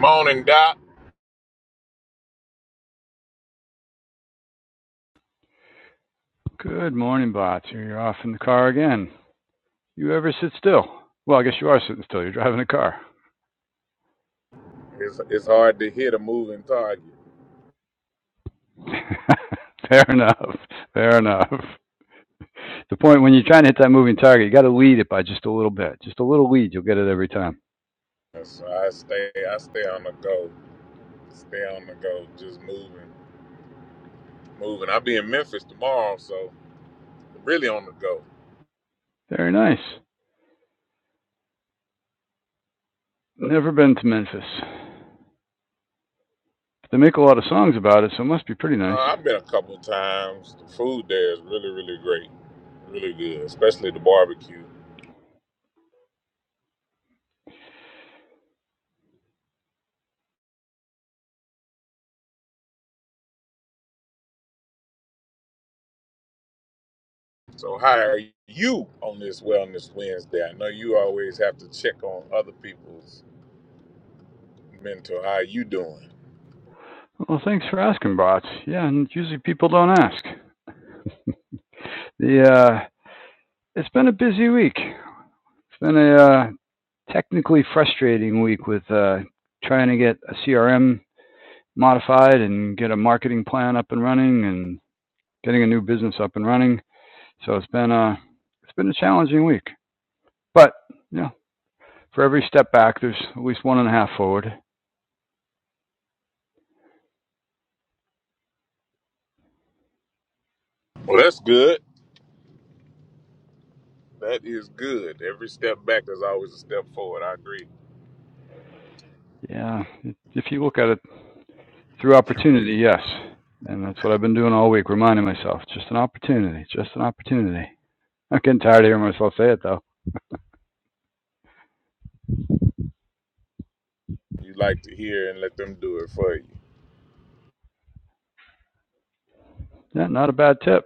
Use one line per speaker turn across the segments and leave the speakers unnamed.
Morning, Doc.
Good morning, bots. Here you're off in the car again. You ever sit still? Well, I guess you are sitting still. You're driving a car.
It's, it's hard to hit a moving target.
Fair enough. Fair enough. The point when you're trying to hit that moving target, you got to lead it by just a little bit. Just a little lead, you'll get it every time.
So I stay I stay on the go. Stay on the go, just moving, moving. I'll be in Memphis tomorrow, so really on the go.
Very nice. Never been to Memphis. They make a lot of songs about it, so it must be pretty nice.
Uh, I've been a couple times. The food there is really, really great, really good, especially the barbecue. So how are you on this Wellness Wednesday? I know you always have to check on other people's mental. How you doing?
Well, thanks for asking, bots. Yeah, and usually people don't ask. The uh, it's been a busy week. It's been a uh, technically frustrating week with uh, trying to get a CRM modified and get a marketing plan up and running and getting a new business up and running. So it's been a it's been a challenging week, but you know, for every step back, there's at least one and a half forward.
Well, that's good. That is good. Every step back is always a step forward. I agree.
Yeah, if you look at it through opportunity, yes, and that's what I've been doing all week, reminding myself just an opportunity, just an opportunity. I'm getting tired of hearing myself say it though.
you like to hear and let them do it for you.
Yeah, not a bad tip.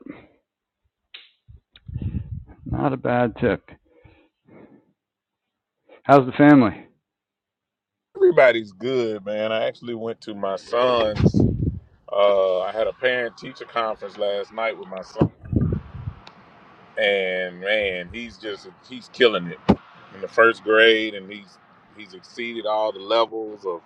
Not a bad tip. How's the family?
Everybody's good, man. I actually went to my son's. Uh, I had a parent teacher conference last night with my son, and man, he's just he's killing it in the first grade, and he's he's exceeded all the levels of.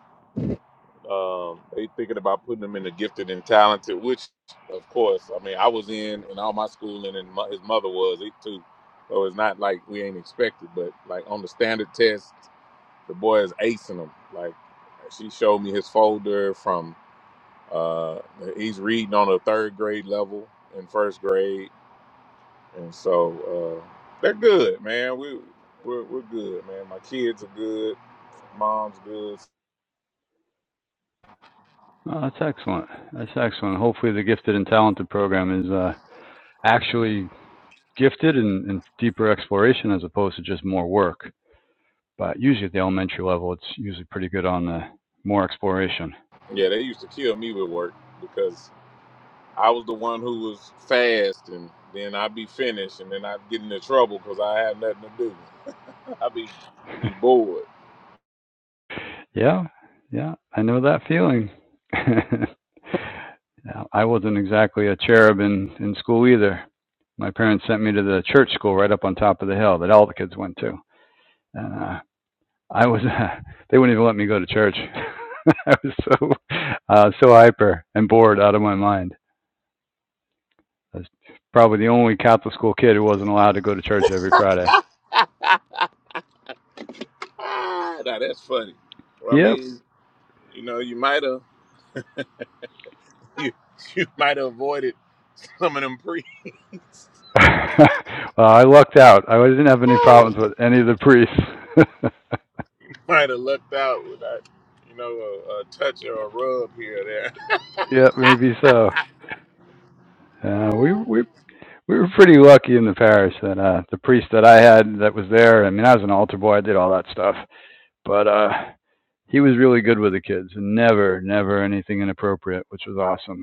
Um, they thinking about putting him in the gifted and talented, which of course, I mean, I was in and all my schooling, and my, his mother was it too. So it's not like we ain't expected, but like on the standard test. the boy is acing them. Like she showed me his folder from uh he's reading on a third grade level in first grade, and so uh they're good, man. We we're, we're good, man. My kids are good, mom's good.
Oh, that's excellent. That's excellent. Hopefully, the gifted and talented program is uh, actually gifted and, and deeper exploration as opposed to just more work. But usually at the elementary level, it's usually pretty good on the more exploration.
Yeah, they used to kill me with work because I was the one who was fast, and then I'd be finished, and then I'd get into trouble because I had nothing to do. I'd be be bored.
Yeah, yeah, I know that feeling. Yeah, I wasn't exactly a cherub in, in school either. My parents sent me to the church school right up on top of the hill that all the kids went to. And uh, I was they wouldn't even let me go to church. I was so uh, so hyper and bored out of my mind. I was probably the only Catholic school kid who wasn't allowed to go to church every Friday.
Ah, now that's funny. Well, I
Yep.
mean, you know, you might have. You you might have avoided some of them priests.
well, I lucked out. I didn't have any problems with any of the priests.
might have lucked out without, you know, a, a touch or a rub here or
yep, maybe so. Uh, we we we were pretty lucky in the parish that uh, the priest that I had that was there. I mean, I was an altar boy. I did all that stuff, but uh, he was really good with the kids and never never anything inappropriate, which was awesome.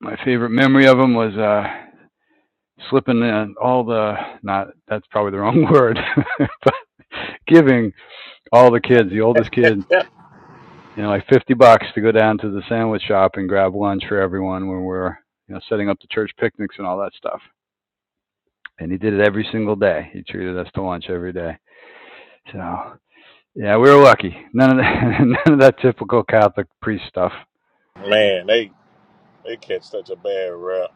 my favorite memory of him was uh, slipping in all the not that's probably the wrong word, but giving all the kids, the oldest kid,
there.
you know, like fifty bucks to go down to the sandwich shop and grab lunch for everyone when we we're you know setting up the church picnics and all that stuff. And he did it every single day. He treated us to lunch every day. So yeah, we were lucky. None of that, none of that typical Catholic priest stuff.
Man, they they catch such a bad rep.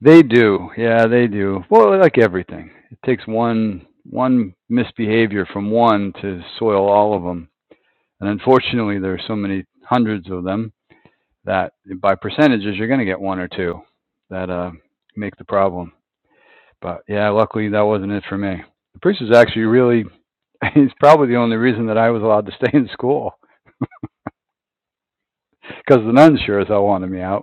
They do. Yeah, they do. Well, like everything, it takes one one misbehavior from one to soil all of them. And unfortunately, there are so many hundreds of them that by percentages, you're going to get one or two that uh, make the problem. But yeah, luckily that wasn't it for me. The priest is actually really, he's probably the only reason that I was allowed to stay in school because the nuns sure as hell wanted me out.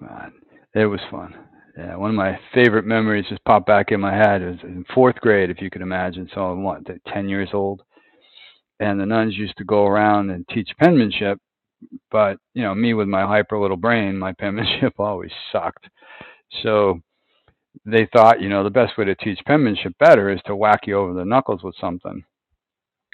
Man, it was fun. Yeah, one of my favorite memories just popped back in my head. It was in fourth grade, if you can imagine. So I'm what, 10 years old. And the nuns used to go around and teach penmanship, but you know, me with my hyper little brain, my penmanship always sucked. So they thought, you know, the best way to teach penmanship better is to whack you over the knuckles with something,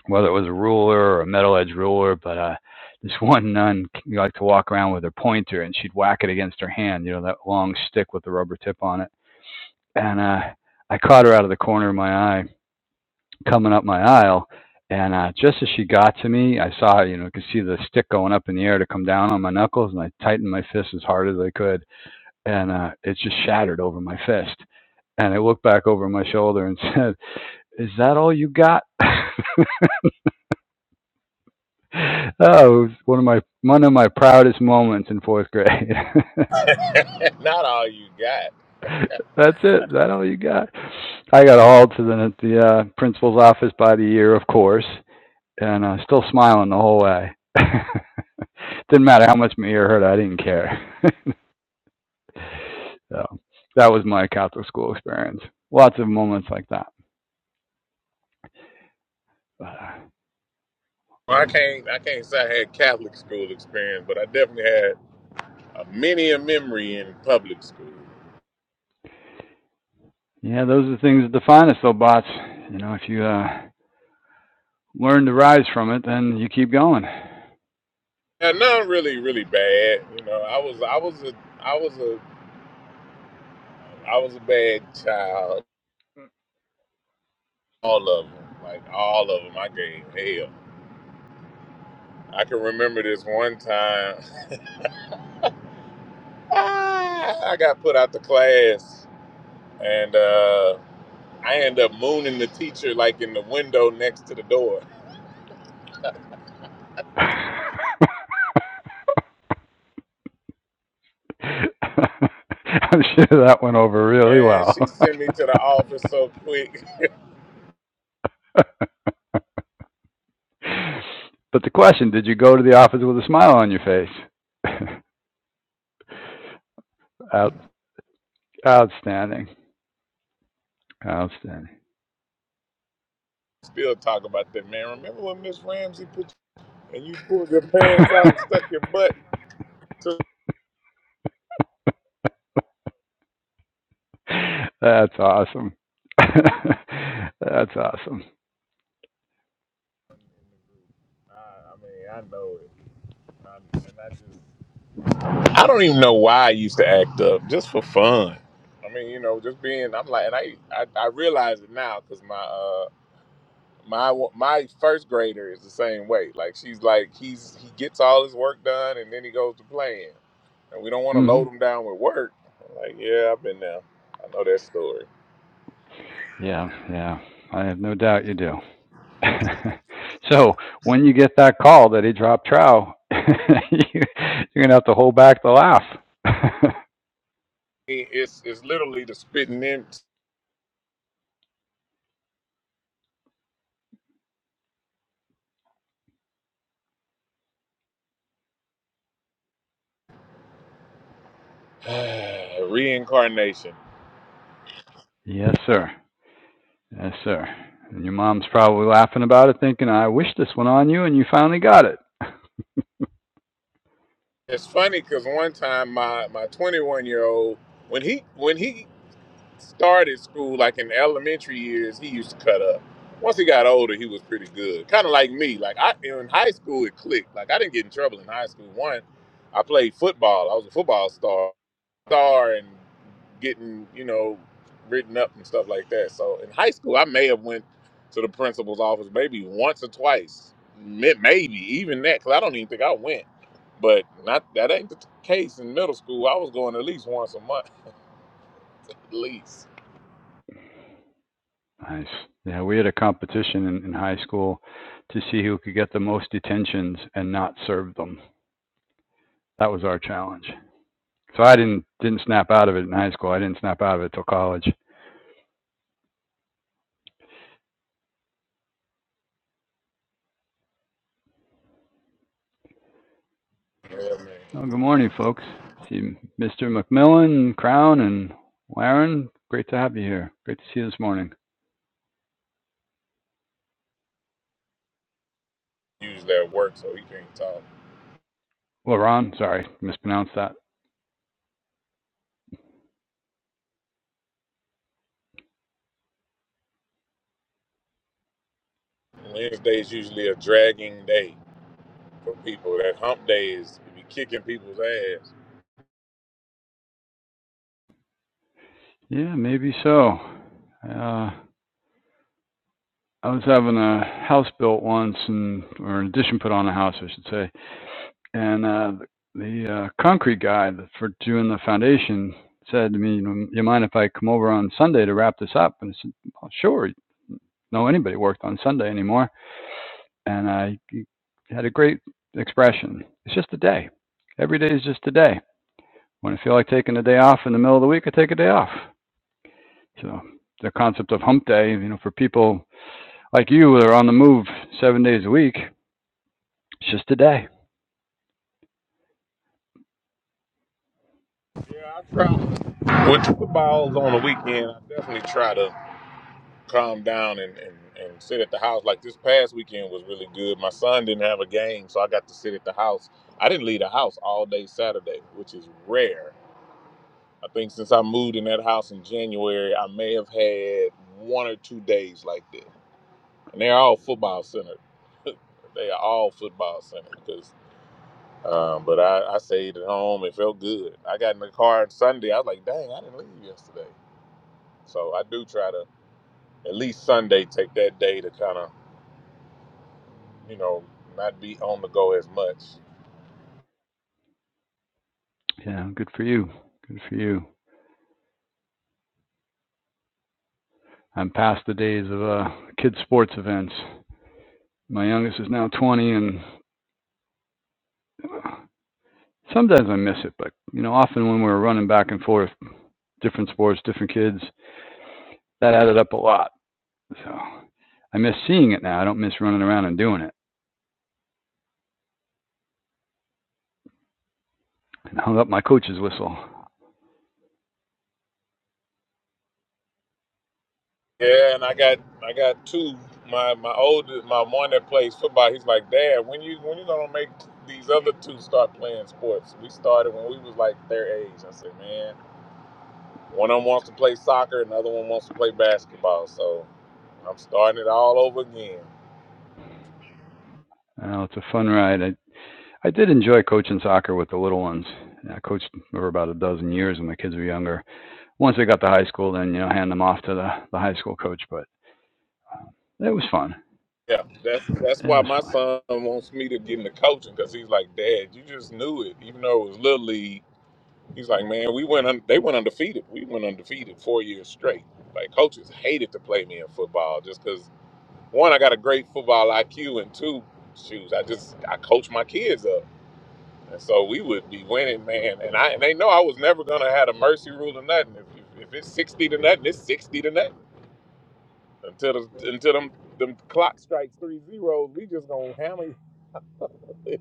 whether it was a ruler or a metal edge ruler. But uh, this one nun liked to walk around with her pointer, and she'd whack it against her hand, you know, that long stick with the rubber tip on it and uh, I caught her out of the corner of my eye coming up my aisle. And uh, just as she got to me, I saw, you know, i could see the stick going up in the air to come down on my knuckles, and I tightened my fist as hard as I could, and uh, it just shattered over my fist. And I looked back over my shoulder and said, "Is that all you got?" oh, it was one of my one of my proudest moments in fourth grade.
Not all you got.
That's it. Is That all you got? I got hauled to the the uh, principal's office by the year, of course, and uh, still smiling the whole way. Didn't matter how much my ear hurt, I didn't care. so that was my Catholic school experience. Lots of moments like that. But, uh,
Well, I can't I can't say I had Catholic school experience, but I definitely had a many a memory in public school.
yeah, those are the things that define us, though, bots. You know, if you uh, learn to rise from it, then you keep going.
And none really really bad. You know, I was I was a I was a I was a bad child. All of them, like all of them, I gave hell. I can remember this one time. I got put out the class, and uh, I end up mooning the teacher like in the window next to the door.
I'm sure that went over really
Man,
well.
she sent me to the office so quick.
but the question did you go to the office with a smile on your face? Out, outstanding. Outstanding.
Still talk about that, man. Remember when Miss Ramsey put you and you pulled your pants out and stuck your butt to?
That's awesome. That's awesome.
I, I mean, I know it. I, and I just I don't even know why I used to act up just for fun. I mean, you know, just being. I'm like, and I I, I realize it now because my uh my my first grader is the same way. Like she's like he's he gets all his work done and then he goes to playing, and we don't want to
hmm
load him down with work. I'm like, yeah, I've been there. I know that story.
Yeah, yeah. I have no doubt you do. so when you get that call that he dropped trow, you, you're gonna have to hold back the laugh.
It- It's it's literally the spitting in reincarnation.
yes, sir. Yes, sir. And your mom's probably laughing about it, thinking, "I wish this one on you," and you finally got it.
It's funny because one time my my 21 year old when he when he started school, like in the elementary years, he used to cut up. Once he got older, he was pretty good. Kind of like me. Like I in high school, it clicked. Like I didn't get in trouble in high school. One, I played football. I was a football star, star, and getting you know written up and stuff like that. So in high school, I may have went to the principal's office maybe once or twice, May- maybe even that. Cause I don't even think I went. But not that ain't the case in middle school. I was going at least once a month, at least.
Nice. Yeah, we had a competition in, in high school to see who could get the most detentions and not serve them. That was our challenge. So I didn't didn't snap out of it in high school. I didn't snap out of it till college.
Yeah, man.
Well, good morning, folks. See Mr. McMillan, Crown, and Warren. Great to have you here. Great to see you this morning.
usually at work, so he can't talk.
Laron, sorry, mispronounced that.
Wednesday is usually a dragging day for people. That hump day is you be kicking people's ass.
Yeah, maybe so. Uh, I was having a house built once, and or an addition put on a house, I should say. And uh, the uh, concrete guy for doing the foundation said to me, "You "You mind if I come over on Sunday to wrap this up?" And I said, "Well, "Sure." know anybody worked on Sunday anymore. And I had a great expression. It's just a day. Every day is just a day. When I feel like taking a day off in the middle of the week, I take a day off. So the concept of hump day, you know, for people like you that are on the move seven days a week, it's just a day.
Yeah, I try. With footballs on the weekend, I definitely try to calm down and, and, and sit at the house. Like this past weekend was really good. My son didn't have a game, so I got to sit at the house. I didn't leave the house all day Saturday, which is rare. I think since I moved in that house in January, I may have had one or two days like this. and they're all football centered. they are all football centered because. Um, but I, I stayed at home. It felt good. I got in the car on Sunday. I was like, dang, I didn't leave yesterday. So I do try to at least Sunday take that day to kind of you know not be on the go as much.
Yeah, good for you. Good for you. I'm past the days of uh, kids' sports events. My youngest is now 20, and sometimes I miss it. But you know, often when we are running back and forth, different sports, different kids, that added up a lot. So I miss seeing it now. I don't miss running around and doing it. And hung up my coach's whistle.
Yeah, and I got I got two. My my oldest, my one that plays football. He's like, Dad, when you when you gonna make these other two start playing sports? We started when we was like their age. I said, man. One of them wants to play soccer, another one wants to play basketball. So I'm starting it all over again.
Oh, it's a fun ride. I I did enjoy coaching soccer with the little ones. I coached over about a dozen years when my kids were younger. Once they got to high school, then you know hand them off to the the high school coach. But it was fun.
Yeah, that's that's
It
why
was
my
fun.
son wants me to get into coaching because he's like, Dad, you just knew it, even though it was little league. He's like, man, we went un- they went undefeated. We went undefeated four years straight. Like coaches hated to play me in football just because one, I got a great football IQ, and two, shoes, I just I coach my kids up. And so we would be winning, man. And I and they know I was never gonna have a mercy rule or nothing. If, if, if it's sixty to nothing, it's sixty to nothing until the, until them them clock strikes three zeros. We just gonna hammer. you.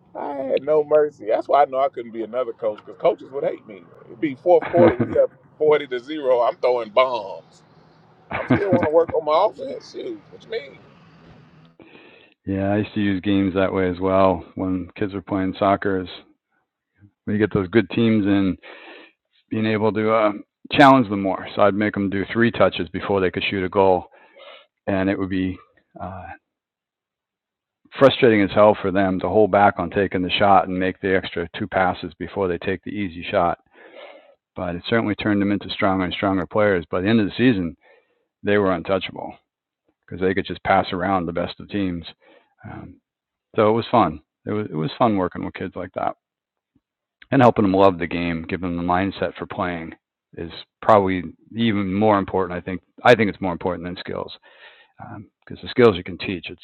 I had no mercy. That's why I know I couldn't be another coach because coaches would hate me. It'd be fourth quarter. We up forty to zero. I'm throwing bombs. I'm still want to work on my offense. Shoot, what you mean?
yeah, I used to use games that way as well when kids were playing soccer. Is when you get those good teams in being able to uh, challenge them more. So I'd make them do three touches before they could shoot a goal, and it would be uh, frustrating as hell for them to hold back on taking the shot and make the extra two passes before they take the easy shot. But it certainly turned them into stronger and stronger players. By the end of the season, they were untouchable because they could just pass around the best of teams. Um, so it was fun. It was it was fun working with kids like that. and helping them love the game, giving them the mindset for playing is probably even more important. I think I think it's more important than skills because um, the skills you can teach. It's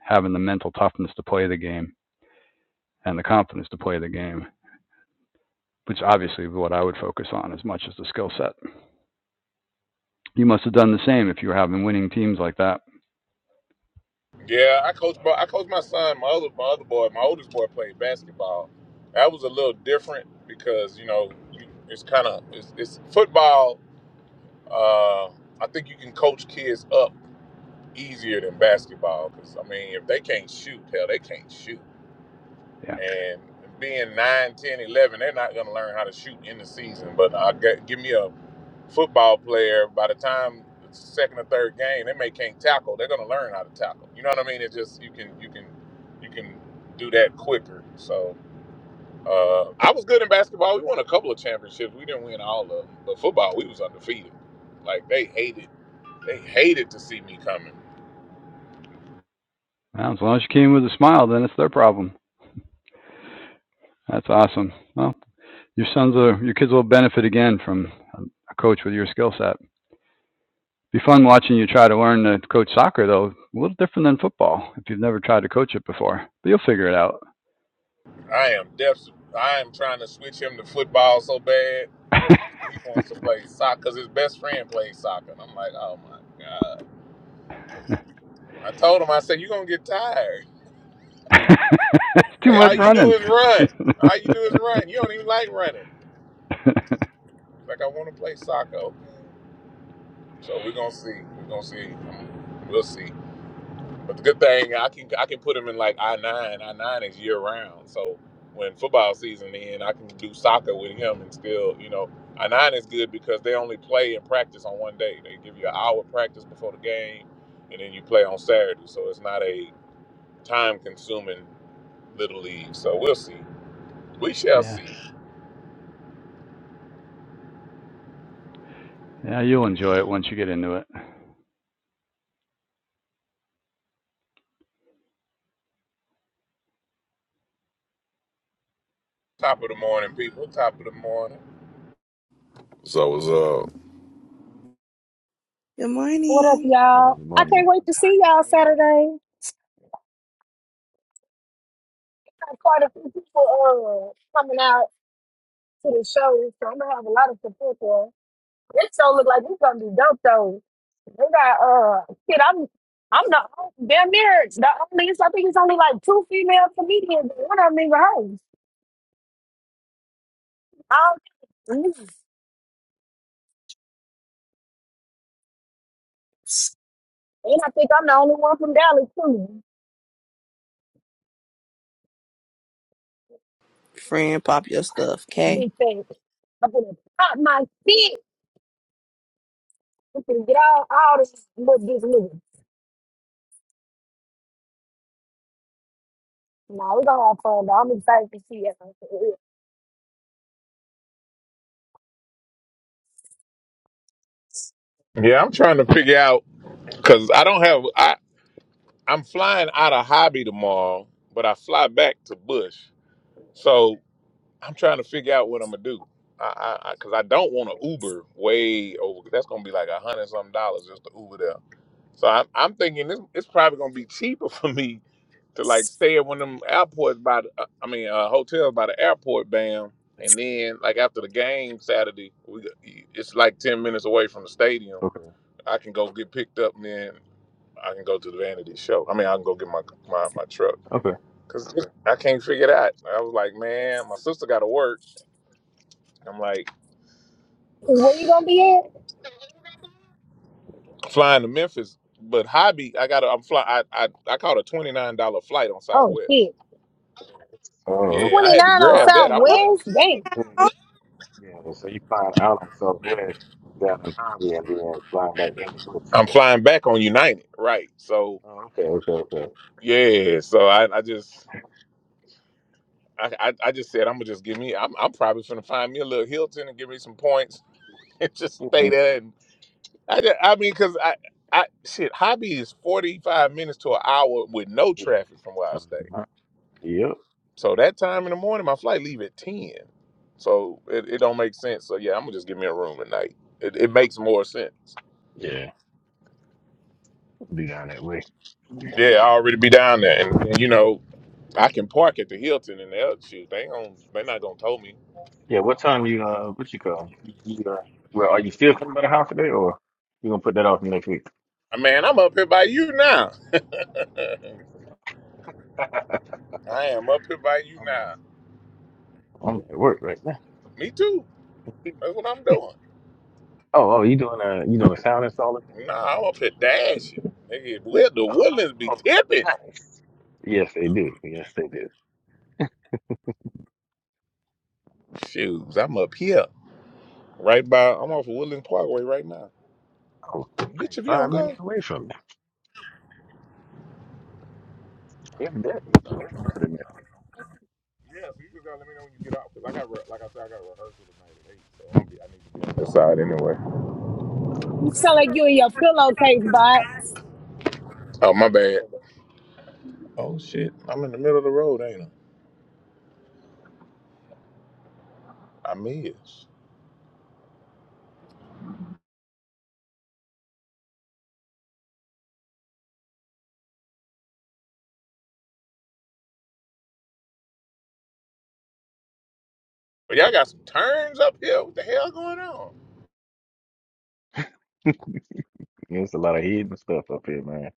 having the mental toughness to play the game and the confidence to play the game, which obviously is what I would focus on as much as the skill set. You must have done the same if you were having winning teams like that.
Yeah, I coached. my- I coached my son. My other, my other boy, my oldest boy, played basketball. That was a little different because you know you- it's kind of it's, it's football. Uh, I think you can coach kids up easier than basketball because I mean if they can't shoot, hell, they can't shoot.
Yeah.
And being nine, ten, eleven, they're not going to learn how to shoot in the season. But I get, give me a football player, by the time the second or third game, they may can't tackle. They're going to learn how to tackle. You know what I mean? It's just you can you can you can do that quicker. So uh, I was good in basketball. We won a couple of championships. We didn't win all of them, but football we was undefeated. Like they hated they hated to see me coming.
Well, as long as you came with a smile, then it's their problem. That's awesome. Well, your sons are your kids will benefit again from um, a coach with your skill set. be fun watching you try to learn to coach soccer though. A little different than football if you've never tried to coach it before. But you'll figure it out.
I am def I am trying to switch him to football so bad He wants to play soccer because his best friend plays soccer. And I'm like, oh my God. I told him, I said, you're going to get tired.
it's too
Say,
much
all you do
running.
is run. All you do is run. You don't even like running. He's Like, I want to play soccer. Okay. So we're going to see. We're going to see. Um, We'll see. But the good thing I can I can put them in like I nine. I nine is year round. So when football season ends, I can do soccer with him and still, you know, I nine is good because they only play and practice on one day. They give you an hour practice before the game, and then you play on Saturday. So it's not a time consuming little league. So we'll see. We shall
yeah.
see.
Yeah, you'll enjoy it once you get into it.
Top of the morning, people. Top of the morning.
So what's up?
Good
What up,
morning.
y'all?
Morning,
I
morning.
can't wait to
How
see y'all
you doing?
Saturday. I have quite a few people uh, coming out to the show, so I'm gonna have a lot of support there. This show look like it's gonna be dope though. We got uh, shit. I'm I'm the on- damn near the only. I think it's only like two female comedians. and One of them even hoes. I don't- mm. And I think I'm the only one from Dallas too.
Friend, pop your stuff, okay?
Big thing. I'm gonna pop my shit. I'm gonna get all all this little this nigga. No, we gonna have fun though. I'm excited to see it.
Yeah, I'm trying to figure out because I don't have I. I'm flying out of hobby tomorrow, but I fly back to Bush. So I'm trying to figure out what I'm gonna do. I, I, I cause I don't want to Uber way over. That's gonna be like a hundred something dollars just to Uber there. So I'm, I'm thinking this, it's probably gonna be cheaper for me to like stay at one of them airports by the, uh, I mean, uh, hotels by the airport, bam. And then like after the game Saturday, we, go- it's like 10 minutes away from the stadium.
Okay,
I can go get picked up and then I can go to the vanity show. I mean, I can go get my, my, my truck.
okay.
Cause I can't figure it out. I was like, man, my sister got to work. I'm like
Where you gonna be at?
flying to Memphis, but hobby. I got. to I'm fly. I I, I caught a twenty nine dollar flight on
Oh
Southwest.
shit.
Oh,
Yeah,
okay.
I
29
So
had to
you
on
grab
find
South
that. I was
out
like,
so
Wednesday.
hey, yeah. So you find out on Southwest down in Harvey, and then flying back in the bush.
I'm
So
flying back on United, right? So
oh, okay, okay, okay.
yeah, so I I just. I, I, I just said I'm gonna just give me I'm I'm probably gonna find me a little Hilton and give me some points and just
hmm
stay there and I, ju- I mean cause I I shit hobby is 45 minutes to an hour with no
Yeah.
traffic from where I stay
Uh-huh. Yep.
So that time in the morning, my flight leave at ten. So it, it don't make sense. So yeah, I'm gonna just give me a room at night. It, it makes
Okay.
more sense.
Yeah. Be down that way.
Yeah, I already be down there, and, and, you know I can park at the Hilton and the other shit. They don't. They not gonna tow me.
Yeah. What time you uh? What you call? You, you, uh, well, are you still coming by the house today, or you gonna put that off next week?
Uh, Man, I'm up here by you now. I am up here by you
I'm at
now.
I'm at work right now.
Me too. That's what I'm doing.
Oh, oh, you doing a you doing a sound install?
Nah, I'm up here dashing. Nigga, where the
Oh,
woodlands be tipping?
nice. Yes, they do. Yes, they do.
Shoes, I'm up here. Right by, I'm off of Woodlands Parkway right now.
Oh, you're
Bitch,
like
if you
five
don't go.
minutes away from me. If that, you're probably closer than that.
Yeah, so you just gotta let me know when you get out, cause I got re- like I said, I got a rehearsal tonight at eight, so I'm gonna be, I need to be on the side anyway.
Yeah,
You sound like you in your pillowcase box.
Oh, my bad. Oh, shit. I'm in the middle of the road, ain't I? I missed. But y'all got some turns up here. What the hell going on?
okay. There's a lot of hidden stuff up here, man.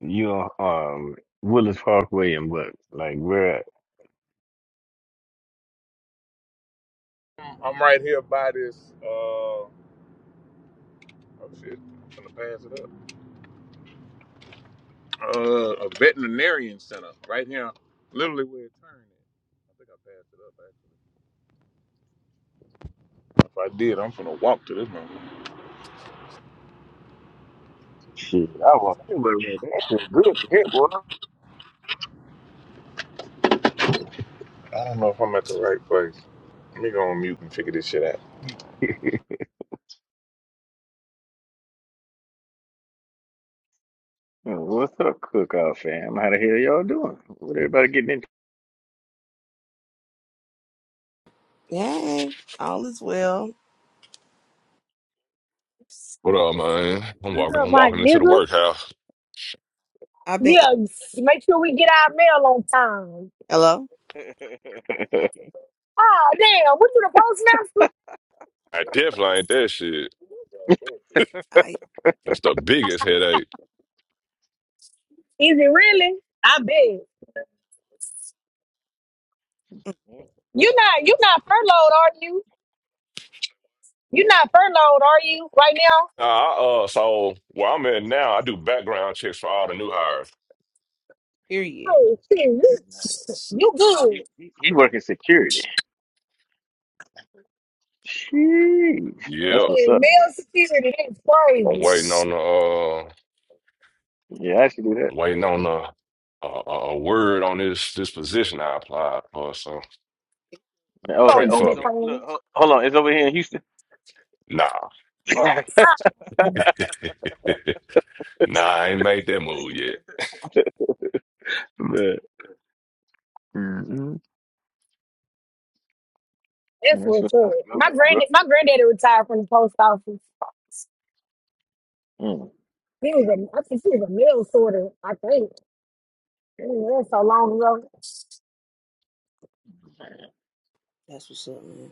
You know, um, Willis Parkway and what? Like, where?
I'm I'm right here by this, uh, oh, shit. I'm gonna pass it up. Uh, a veterinarian center right here, literally where it turned at. I think I passed it up, actually. If I did, I'm gonna walk to this moment.
Shit, I walk anywhere, man. That's been good here, boy.
I don't know if I'm at the right place. Let me go on mute and figure this shit out.
What's up, cookout fam? How the hell y'all doing? What everybody getting
Hey, all is well.
What up, man? I'm walking.
Up,
I'm
my
walking into the
nigga.
workhouse.
I've been
Yeah, s- make sure we get our mail on time.
hello.
into?
Oh damn, what you the postmaster?
I definitely ain't that shit.
I
That's the biggest headache.
Is it really? I bet. You not you not furloughed, are you? You not furloughed, are you, right now?
Nah, I, uh, so where I'm at now, I do background checks for all the new hires.
period.
Oh shit. You you good.
he, he, he working security. Sheesh. That's
Yep,
what's
Man,
up, bro.
mail security, that's
I'm waiting
crazy.
on the. Uh,
Yeah, I should do that.
I'm waiting on the. Uh, a a word on this this position I applied for. So
You
Oh, it,
pray
gonna
oh,
get
for
it's
it,
me.
o- look.
friend.
ho- Hold on, it's over here in Houston.
Nah,
Oh,
nah, I ain't made that move yet.
Man, mm
That's
That's
what's
what's
up.
up. Good
My
luck, bro.
granddad, my granddaddy retired from the post office.
Mm.
He was a, I think he was a mail sorter. I think I mean, that's so long ago. Shit,
That's what's up, man.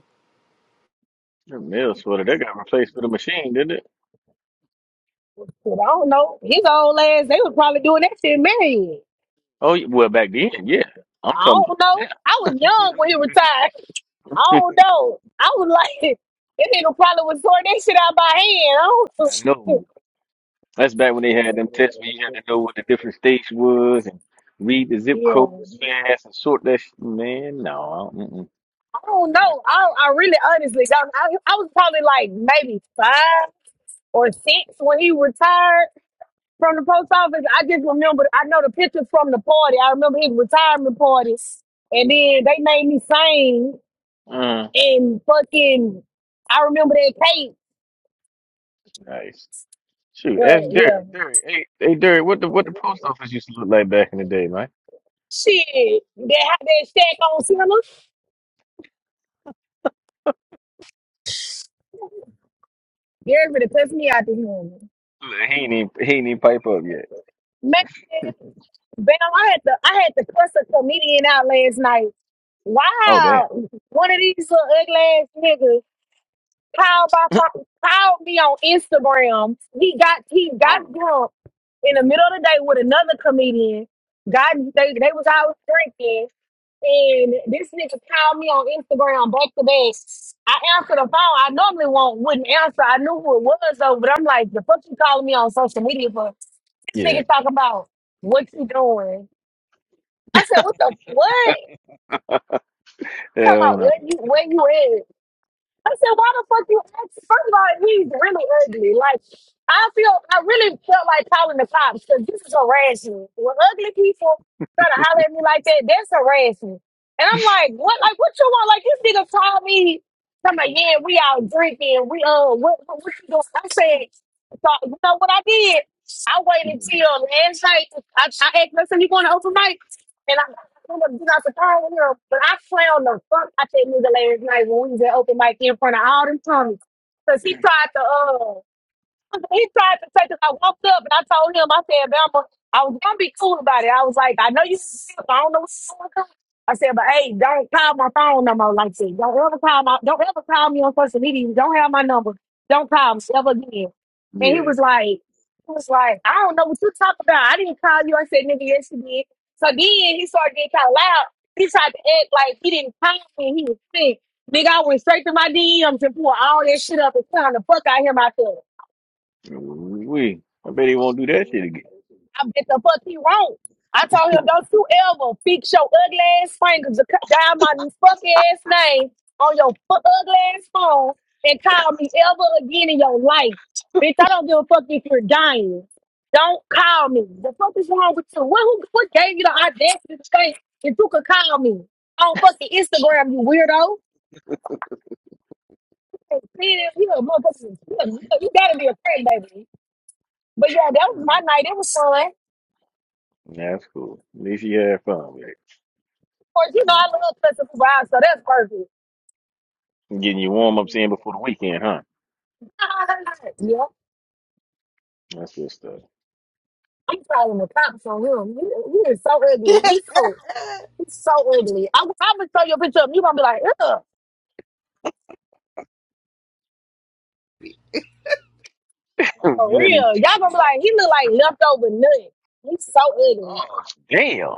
That mail sorter, that got replaced with a machine, didn't it?
I don't know. His old ass, they was probably doing that shit married.
Oh, yeah, well, back then, yeah. I'm
I
talking
don't
about
know.
now.
I was young when he retired. I don't know. I was like, that nigga probably was sorting that shit out by hand.
I know. That's back when they
I
had them tests where you had
don't.
to know what the different states was and read the zip
yeah.
codes fast and sort that. Sh- Man, no, I don't- mm-mm.
I don't
I-
know. I, I really honestly don't. I, I was probably like maybe five or six when he retired from the post office. I just remember, I know the pictures from the party. I remember his retirement parties. And then they made me sing
Mm,
and fucking, I remember that cake.
nice. Shoot,
But
ask
yeah,
Derek. Derek, hey, hey, Derek, what the what the post office used to look like back in the day, man?
shit, They had that shack on summer. cinema. Everybody pissed me out to him.
Look, He ain't even, he ain't even pipe up yet.
Man, Bam, I had to, I had to cuss a comedian out last night
Oh damn.
Wow, one of these little ugly ass niggas called by fu- called me on Instagram. He got he got
Oh,
drunk in the middle of the day with another comedian. Got they they was out drinking, and this nigga called me on Instagram back to back. I answered the phone. I normally won't wouldn't answer. I knew who it was though, but I'm like, the fuck you calling me on social media for? This
Yeah.
nigga talk about what you doing. I said, what the what? Talking about
Hell
where you where you at? I said, why the fuck you ask? First of all, he's really ugly. Like, I feel, I really felt like calling the cops because this is harassment. When ugly people try to holler at me like that, that's harassment. And I'm like, what? Like, what you want? Like, this nigga called me. I'm like, yeah, we out drinking. We, uh, what, what, what you doing? I said, so, you know what I did? I waited
no.
till last night. I, I asked myself, you going to open mic? I'm gonna get out the car with him, but I clowned the fuck out that nigga last night when we was at open mic in front of all them comics. Cause he tried to uh he tried to take it. I walked up and I told him, I said, Bama, I was gonna be cool about it. I was like, I know you sick, I don't know what's going on. I said, but hey, don't call my phone no more like that. Don't ever call my don't ever call me on social media. You don't have my number. Don't call me ever again. And he
Yeah.
was like, he was like, I don't know what you talking about. I didn't call you. I said, nigga, yes you did. So then he started getting kind of loud. He tried to act like he didn't call me. and He was sick. Nigga, I went straight to my DMs and pulled all that shit up and found the fuck out of him out there.
We. I bet he won't do that shit again.
I bet the fuck he won't. I told him, don't you ever fix your ugly ass finger to cut down my fucking ass name on your fu- ugly ass phone and call me ever again in your life. Bitch, I don't give a fuck if you're dying. Don't call me. The fuck is wrong with you? What, who, what gave you the audacity to think if you could call me on fucking Instagram, you weirdo? Hey, Man, you a motherfucker. You a- you gotta be a friend, baby. But yeah, that was
mm.
my night. It was fun.
That's cool. At least you had fun with
Of course, you know I love Festival Vibes, so that's perfect.
it. Getting your warm ups in before the weekend, huh?
Yeah,
That's good stuff.
I'm calling the cops on him. He, he is so ugly. He's so he's so ugly. I'm, I'm gonna show you a picture of him. You gonna be like, ugh,
Oh,
for
man, that ain't even
real. Y'all
tripping
gonna be
me out,
like, he
bro.
look like leftover nut. He's so ugly.
Oh damn.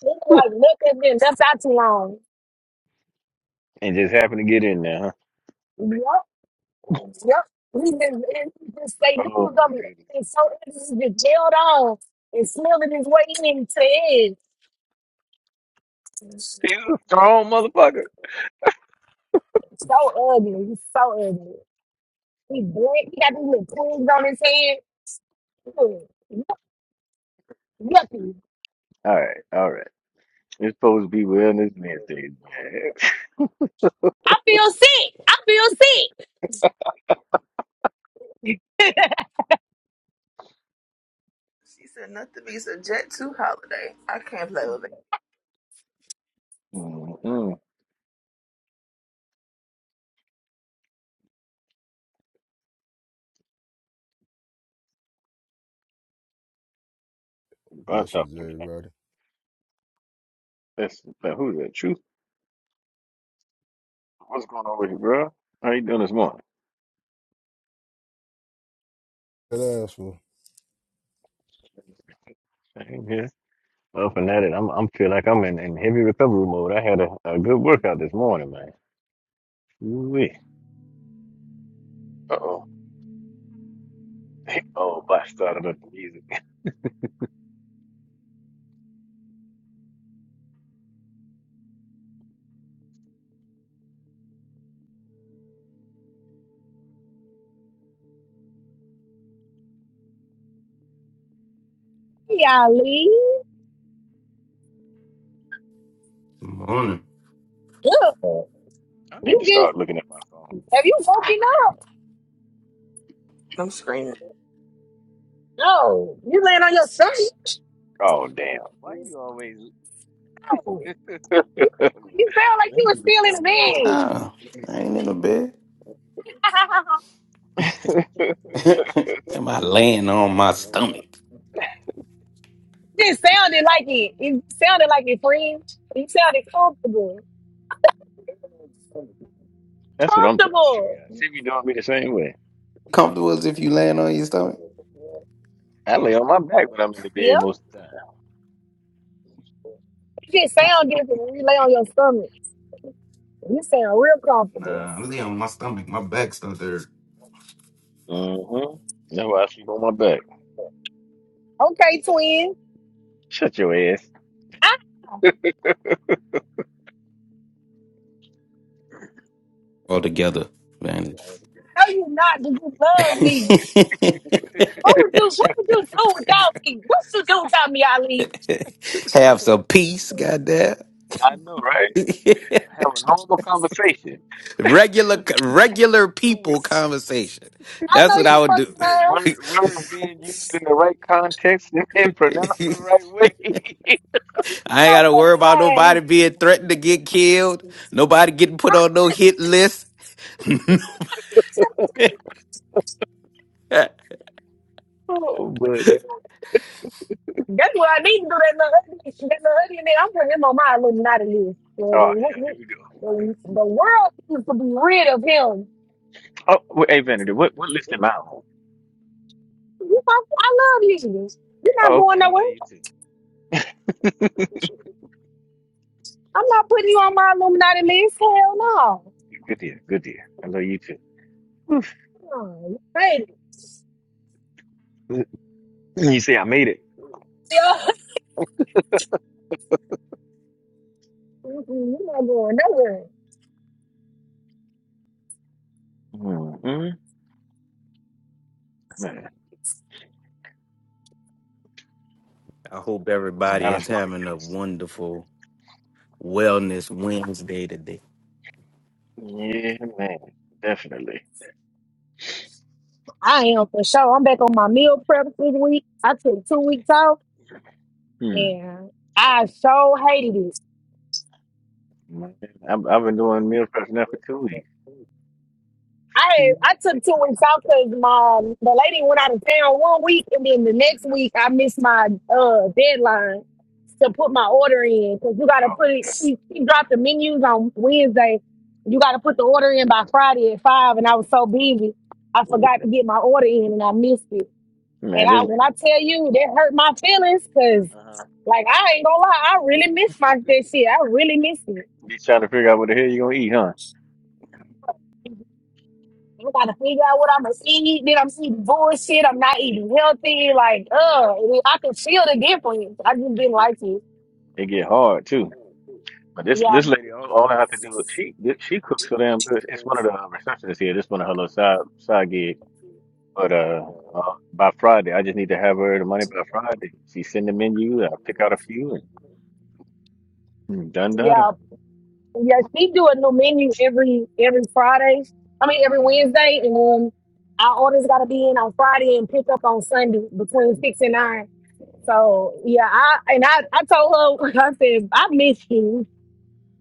He look like nut that's been left out too long.
And just happened to get in there,
Yep, yep. He just, and he just say he
huh? Oh
was
my
gonna be
goodness,
ugly, so ugly. He just gelled on and smelling his way in to it.
he's a strong motherfucker.
So ugly. He's so ugly. He black. He got these little pins on his head. Ooh, yuck, yucky.
All right, all right. It's supposed to be Wellness Wednesday, man.
I feel sick. I feel sick.
she said nothing be subject to holiday. I can't play with it.
Mm-mm. Bunch of
Blessings,
niggas. Like,
everybody.
That's but who's that? Truth. What's going on with you, bro? How you doing this morning?
That ass for
Same here. Well, from that, I'm I'm feel like I'm in, in heavy recovery mode. I had a, a good workout this morning, man. Ooh-wee. Uh-oh. Oh, Oh, but I started up the music.
Golly.
Good Morning.
Ugh.
I need
You
to
get,
start looking at my phone.
have you woken up?
I'm screaming.
No. You laying on your stomach?
Oh, damn. Why you always
No. You, you sound like you
ready
were
to be
still in
telling me
the
Ah, I ain't in a bed.
bed.
out?
Am I laying on my stomach?
It sounded like it. It sounded like it, friend. You sounded comfortable.
That's what I'm trying to figure
Comfortable.
out. See if you doing me the same way.
Comfortable as if you laying on your stomach?
I lay on my back when I'm in the
Yeah.
bed most of the time.
You just sound different when you lay on your stomach. You sound real comfortable.
Nah, I lay on my stomach. My back's not there.
Mm-hmm. That's why I sleep on my back.
Okay, twin.
Shut your ass.
I know
All together, man.
you not, but you
I
love
know,
me.
right?
What would you what would you do without me? What you do without me, Ali?
Have some peace, goddamn.
I know, right? Have a normal conversation
regular, regular
with
people conversation.
I
That's
know
what
you
I would
fucking
do.
with
lying.
word, words being used in the right context and, and pronounced the
I ain't
right way.
You so
gotta worry
fucking
about nobody
lying.
being threatened to get killed. Nobody getting put on no hit list.
oh, buddy.
That's what I need to do that little hoodie. That little hoodie and then I'm putting him on my Illuminati list. The,
Oh, yeah. Here
the,
we go.
the, the world needs to be rid of him.
Oh, wait, hey, Vanity, what what list am I on?
You know, I love you. You're
Oh,
not going
okay. I love
nowhere.
you too.
I'm not putting you on my Illuminati list. Hell
Oh,
no.
good dear, good dear. I love you too. Oof.
Come on, you crazy.
You see, I made it.
Mm-mm, You're not going nowhere.
Mm-hmm. Man,
I hope
and
everybody
I done
is
started
having a
getting.
wonderful Wellness Wednesday today.
Yeah, man, definitely.
I am for sure. I'm back on my meal prep this week. I took two weeks off
Hmm.
and I so hated it.
Man, I've, I've been doing meal prep now for two weeks.
I
Mhm.
I took two weeks off because my the lady went out of town one week and then the next week I missed my uh deadline to put my order in because you gotta put
Oh,
it
okay.
she, she dropped the menus on Wednesday. You gotta put the
Mhm.
order in by Friday at five and I was so busy I forgot
Yeah.
to get my order in and I missed it. And
Man,
I
this
when
lady
I tell you that hurt my feelings, cause
uh-huh.
like I ain't gonna lie, I really miss my that shit. I really miss it.
be trying to figure out what the hell you gonna eat, huh?
I gotta figure out what I'm gonna eat. Then I'm eating bullshit. I'm not eating healthy. Like,
Yeah.
uh, I can feel the difference. I just
They
didn't
get
like it.
it get hard too. But this
Yeah,
this lady, all, all I have to do is she this- she cooks so damn good. It's one of the uh, receptionists here. This one of her little side side gig. But uh, uh, by Friday, I just need to have her the money by Friday. She send the menu. I pick out a few and mm, done dada.
yeah, yeah. She do a new menu every every Friday. I mean every Wednesday, and then our orders gotta be in on Friday and pick up on Sunday between six and nine. So yeah, I and I I told her I said I miss you.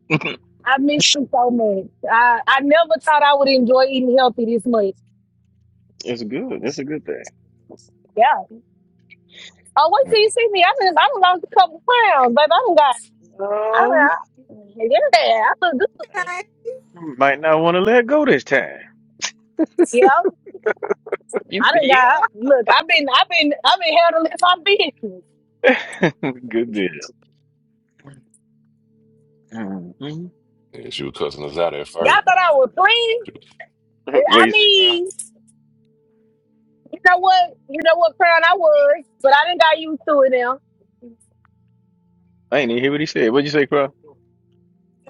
I miss you so much. I, I never thought I would enjoy eating healthy this much.
it's good. It's a good
Yeah. Oh, wait till you
thing.
see me. I mean, I done lost a couple pounds, but I done got, I
Right.
done, yeah, I look good.
Okay.
Might not want to let go this time.
Yeah,
You
I done
see,
got,
yeah.
look, I've been, I've been, I've been handling my business.
Good deal. Mm-hmm. Ain't
And she was cussing us out at
Y'all
first.
no
thought I
wrong
was
with
clean?
She was
that. what
I
you say, Crow?
mean, you know what? You know what crown I was, but I didn't got used to it now.
I ain't even hear what he said. What'd you say, Crow?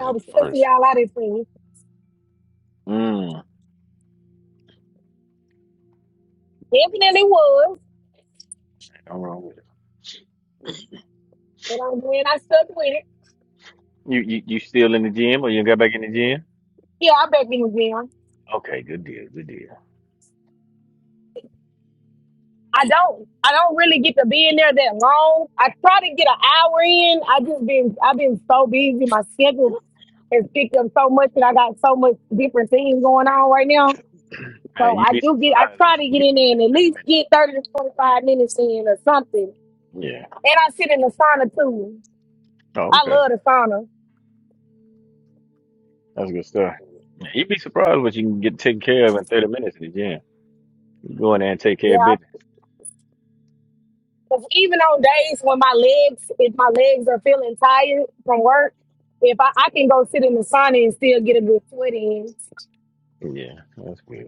I
us
was
at
cussing
first.
y'all out at things.
Mm, ain't
Definitely was,
no wrong with it.
but I'm glad I stuck with it.
You, you you still in the gym or you got back in the gym?
Yeah, I back in the gym.
Okay, good deal, good deal.
I don't. I don't really get to be in there that long. I try to get an hour in. I just been. I've been so busy. My schedule has picked up so much, and I got so much different things going on right now.
Man,
So
you'd
I
be
do get. I
surprised what
try
you
to
can
get
get
in there
in in
and at
30
least
minutes.
get thirty to twenty-five minutes in or something.
Yeah.
And I sit in the sauna too.
Oh,
I
okay.
love the sauna.
That's good stuff. Man, you'd be surprised what you can get taken care of in 30 minutes in the gym. You go in there and take care of
Yeah.
business.
'Cause even on days when my legs, if my legs are feeling tired from work, if I, I can go sit in the sauna and still get a good sweat in.
Yeah, that's good.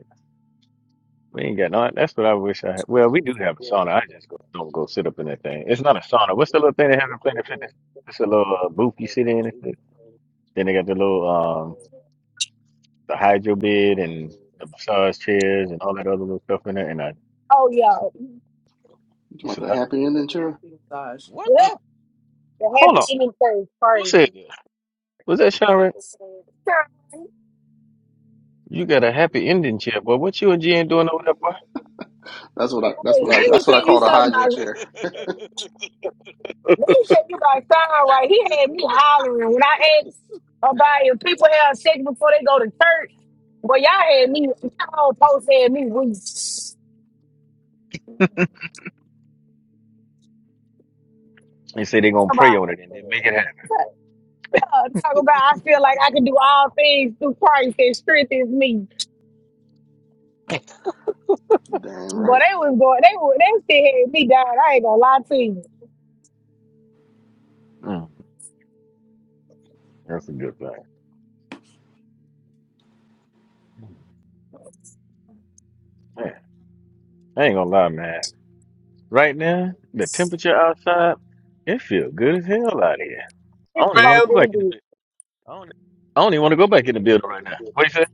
We ain't got no. That's what I wish I had. Well, we do have a sauna. I just go, don't go sit up in that thing. It's not a sauna. What's the little thing they have in Planet Fitness? It's a little uh, booth you sit in. It's the- Then they got the little um the hydro bed and the massage chairs and all that other little stuff in there. And I,
Oh yeah.
it's
Like the
another one.
happy ending chair?
Gosh, Mm.
What?
The
Hold
happy
on.
ending thing is
Who said
crazy.
that? Was that Sharon?
Girl,
You got a happy ending chair, boy. What you and Jen doing over there, boy?
That's what I that's
Hey,
what
let
I
me
that's what I
tell
call
you
the
something
hydro
about
chair.
let me tell you about Sean right. He had me hollering when I asked about if people have sex before they go to church. Well, y'all had me y'all post had me weak. Somebody
They say they gonna pray on it and then make it happen.
uh, talk about I feel like I can do all things through Christ that strengthens me.
Damn
But
right.
they was going they were they still had me down. I ain't gonna lie to you.
Mm, that's a good thing. Man, I ain't gonna lie, man. Right now, the temperature outside, it feel good as hell out here. I
It's
don't even want to
cold
go
Bam!
in the
back in
bed.
the bit. I don't, I don't even want to go back in the building right now. What you say?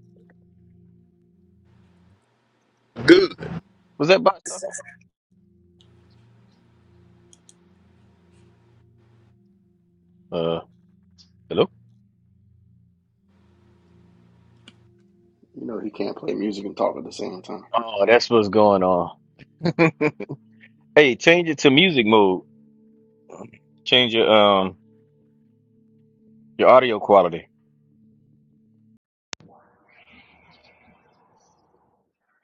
Good.
Was that box talking? Uh, hello?
You know he can't play music and talk at the same time.
Oh, that's what's going on. Hey, change it to music mode. Change your um your audio quality.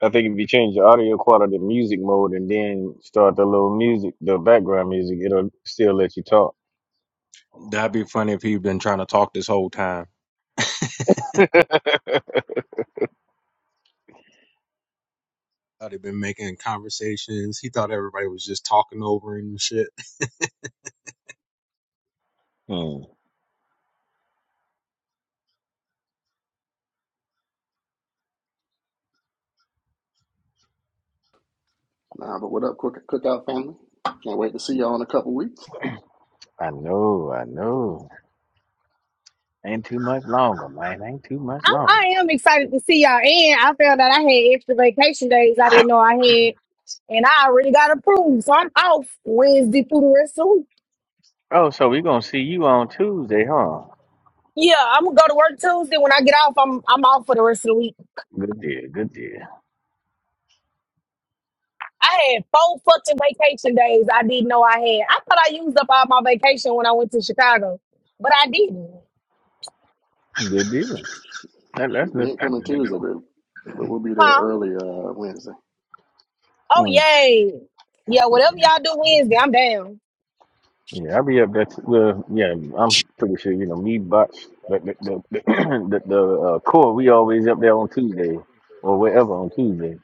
I think if you change the audio quality to music mode and then start the little music, the background music, it'll still let you talk.
That'd be funny if he'd been trying to talk this whole time. Thought he'd been making conversations. He thought everybody was just talking over him and shit.
Hmm.
Nah, but what up, cook cookout family? Can't wait to see y'all in a couple weeks.
I know, I know. Ain't too much longer, man. Ain't too much
I'm,
longer.
I am excited to see y'all. And I found out I had extra vacation days I didn't know I had. And I already got approved. So I'm off Wednesday through the rest of the week.
Oh, so we gonna see you on Tuesday, huh?
Yeah, I'm gonna go to work Tuesday. When I get off, I'm I'm off for the rest of the week.
Good deal, good deal,
I had four fucking vacation days I didn't know I had. I thought I used up all my vacation when I went to Chicago, but I didn't.
good deal. That, that's
Shoot, we
that's
ain't
that's
coming
good to
Tuesday, but but we'll be there
Huh?
early uh Wednesday.
Oh
know.
yay. Yeah,
Mm.
whatever y'all do Wednesday, I'm down.
Yeah, I'll be up there. T- well, yeah, I'm pretty sure you know me, bots. The the the, the, the uh, core, we always up there on Tuesday or wherever on Tuesday.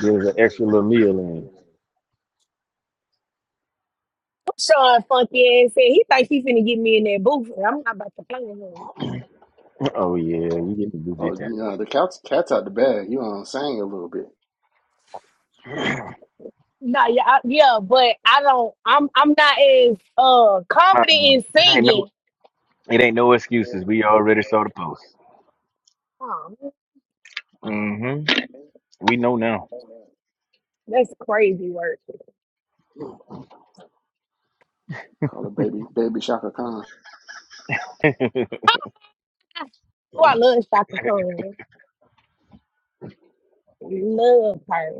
There's an extra little meal in.
Sean funky ass said he think he finna get me in that booth. and I'm not about to play with him.
Oh yeah, we get to do this
Oh,
time.
you know, the cat's cat's out the bag. You on sang a little bit.
No, yeah, I, yeah, but I don't. I'm I'm not as uh confident in
Uh, it ain't no,
singing.
it ain't no excuses. We already saw the post.
Oh,
hmm We know now.
that's crazy work.
Call it baby baby Shaka Khan.
Oh, I love Shaka Khan. Love her.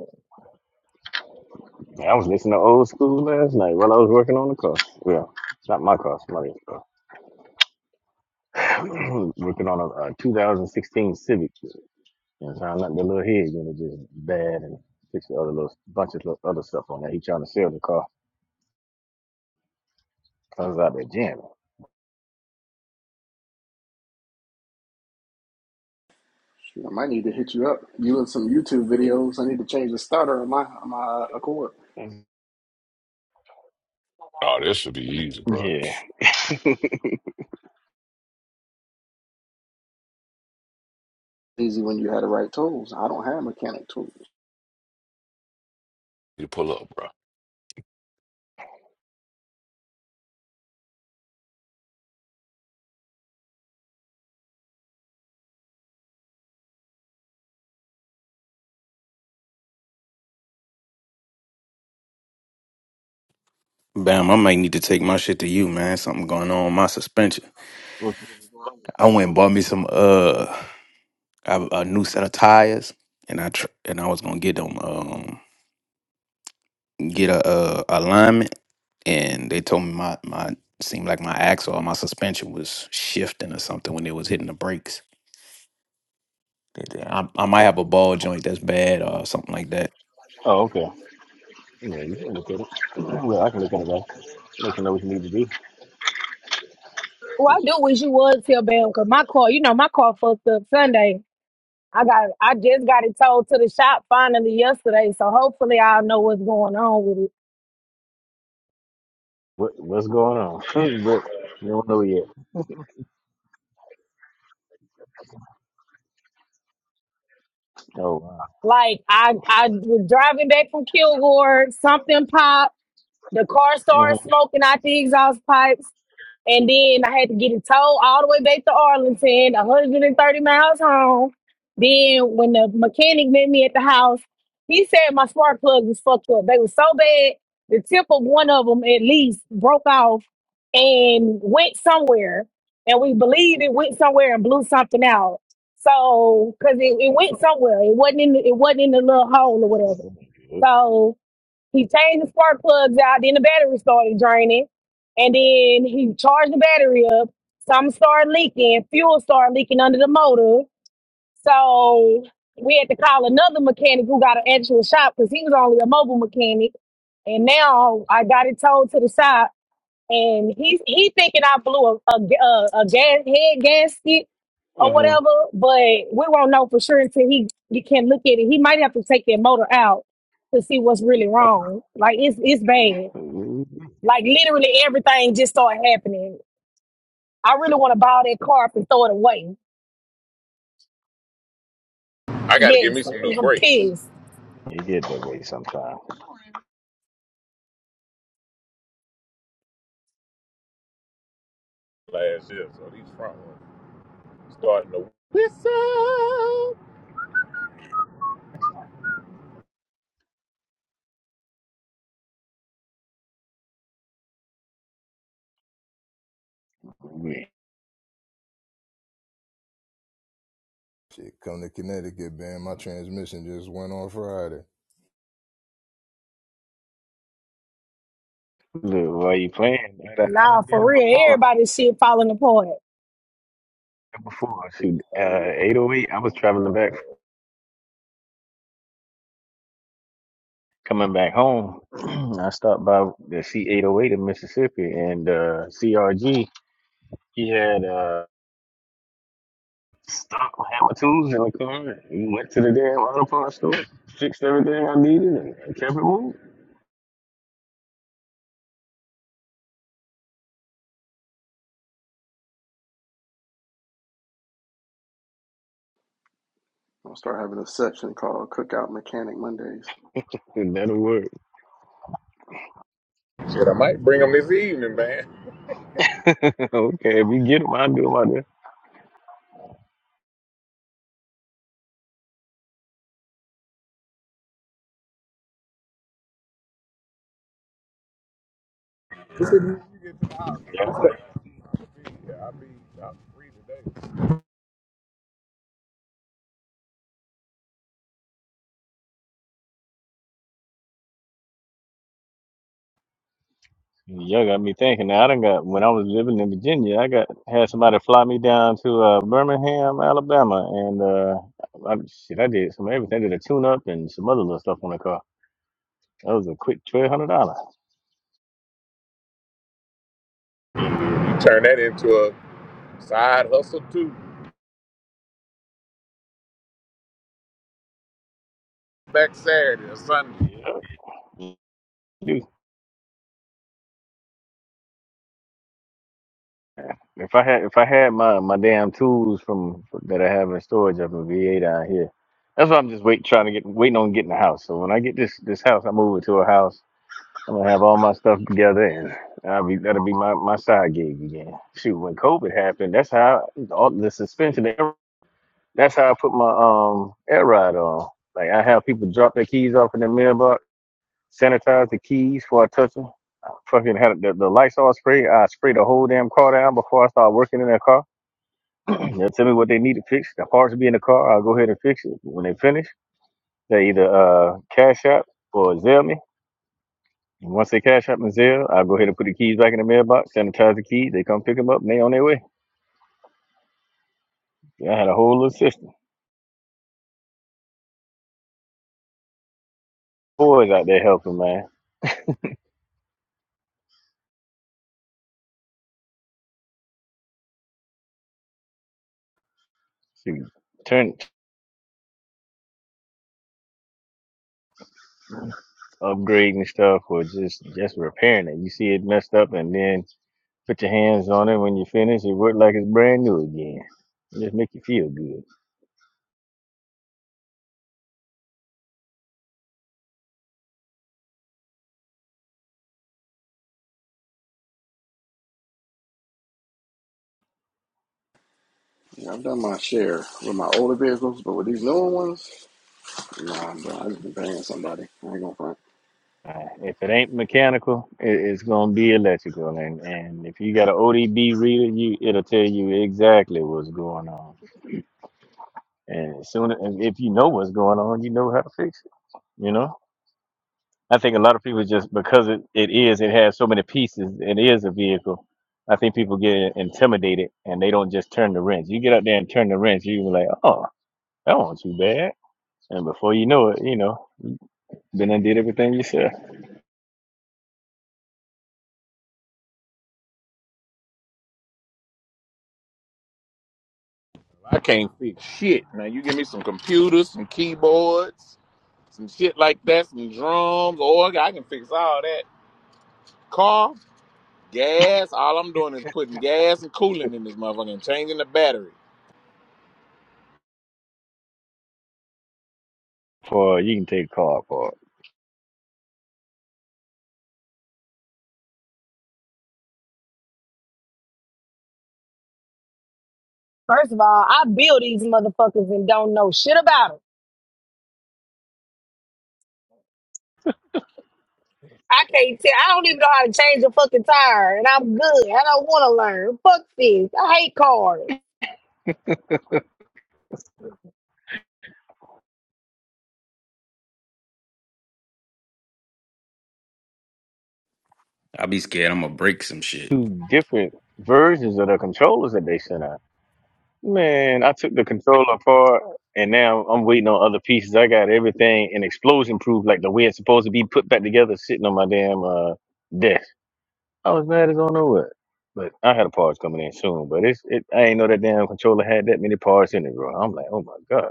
Man, I was listening to old school last night while I was working on the car. Yeah, it's not my car, somebody's car. working on a, a 2016 Civic. And found out the little head unit just bad and fix the other little bunch of little other stuff on there. He trying to sell the car. I was out there
Shoot, I might need to hit you up. You and some YouTube videos. I need to change the starter on my on my uh, Accord.
jamming.
Oh, this should be easy, bro.
Yeah.
Easy when you had the right tools. I don't have mechanic tools.
You pull up, bro.
Bam, I might need to take my shit to you, man. Something going on with my suspension.
What's-
I went and bought me some uh a, a new set of tires, and I tr- and I was gonna get them um get a, uh alignment, and they told me my my seemed like my axle or my suspension was shifting or something when it was hitting the brakes. I, I might have a ball joint that's bad or something like that.
Oh, okay. Yeah, you can look at it. Well, I can look at it, though. Let you know what you need to do.
Well, I do wish you was here, Bam, because my car, you know, my car fucked up Sunday. I got, I just got it towed to the shop finally yesterday, so hopefully I'll know what's going on with it.
What, what's going on? but you don't know yet. Oh,
Like I, I was driving back from Kilgore, something popped. The car started
wow.
smoking out the exhaust pipes. And then I had to get it towed all the way back to Arlington, 130 miles home. Then when the mechanic met me at the house, he said my spark plugs was fucked up. They were so bad, the tip of one of them at least broke off and went somewhere. And we believed it went somewhere and blew something out. So, cause it, it went somewhere. It wasn't in the, it wasn't in the little hole or whatever.
Uh-huh.
So, he changed the spark plugs out, then the battery started draining. And then he charged the battery up. Something started leaking. Fuel started leaking under the motor. So we had to call another mechanic who got an actual shop because he was only a mobile mechanic. And now I got it towed to the shop and he's he thinking I blew a a, a, a gas head gasket or
Uh-huh.
whatever, but we won't know for sure until he you can look at it. He might have to take that motor out to see what's really wrong. Like it's it's bad.
Ooh,
Like literally everything just started happening. I really want to buy that car up and throw it away.
I got to give
Yes,
me some new
I'm
brakes
pissed.
You get that way sometimes.
last year, so these front ones starting to whistle.
We-
shit. Come to Connecticut, man. My transmission just went on Friday.
Look, why you playing? I done, I
Nah,
done did
for
it
real,
before.
everybody's shit falling apart.
Before, shoot, uh, 808, I was traveling back, coming back home. I stopped by the C808 in Mississippi, and uh, CRG, he had uh, stock hammer tools in the car. We went to the damn auto parts store, fixed everything I needed, and kept it moving.
I'll start having a section called Cookout Mechanic Mondays.
And that'll work.
Shit, I might bring them this evening, man.
okay, if you get them, I'll do them out
This is when you get to the house.
there.
I'm saying, I'll be, I'll be free today.
Y'all got me thinking. Now, I done got when I was living in Virginia, I got had somebody fly me down to uh, Birmingham, Alabama, and uh, I, shit, I did some everything. I did a tune up and some other little stuff on the car. That was a quick twelve hundred dollars.
You turn that into a side hustle too. Back Saturday or Sunday.
Yeah, Dude, if I had if I had my my damn tools from that I have in storage up in VA down here, that's why I'm just wait trying to get waiting on getting a house. So when I get this this house, I move it to a house I'm gonna have all my stuff together, and I'll be that'll be my, my side gig again. Shoot, when COVID happened, that's how I, all the suspension. That's how I put my um air ride on. Like I have people drop their keys off in the mailbox, sanitize the keys before I touch them. Fucking had the, the Lysol spray. I sprayed the whole damn car down before I start working in that car. They'll tell me what they need to fix. The parts will be in the car. I'll go ahead and fix it. When they finish, they either uh cash out or zell me. And once they cash out my Zelle, I'll go ahead and put the keys back in the mailbox, sanitize the keys. They come pick them up, and they on their way. Yeah, I had a whole little system. Boys out there helping, man. Shoot, turn upgrading stuff or just just repairing it. You see it messed up, and then put your hands on it. When you finish, it work like it's brand new again. It just make you feel good.
Yeah, I've done my share with my older vehicles, but with these newer ones, nah, bro, I just been paying somebody. I ain't gonna front.
Uh, if it ain't mechanical, it, it's gonna be electrical, and and if you got an ODB reader, you it'll tell you exactly what's going on. And as soon as if you know what's going on, you know how to fix it. You know, I think a lot of people just because it, it is, it has so many pieces, it is a vehicle. I think people get intimidated and they don't just turn the wrench. You get out there and turn the wrench, you be like, oh, that wasn't too bad. And before you know it, you know, then I did everything you said.
I can't fix shit. Now you give me some computers, some keyboards, some shit like that, some drums, org. I can fix all that. Car. Gas, all I'm doing is putting gas and coolant in this motherfucker and changing the battery.
For you can take card for
First of all, I build these motherfuckers and don't know shit about 'em. I can't tell. I don't even know how to change a fucking tire, and I'm good. I don't want to learn. Fuck this. I hate cars.
I be scared I'm gonna break some shit.
two different versions of the controllers that they sent out Man, I took the controller apart and now I'm waiting on other pieces. I got everything in explosion proof, like the way it's supposed to be put back together, sitting on my damn uh desk. I was mad as I don't know what. But I had a parts coming in soon. But it's it I ain't know that damn controller had that many parts in it, bro. I'm like, oh my god.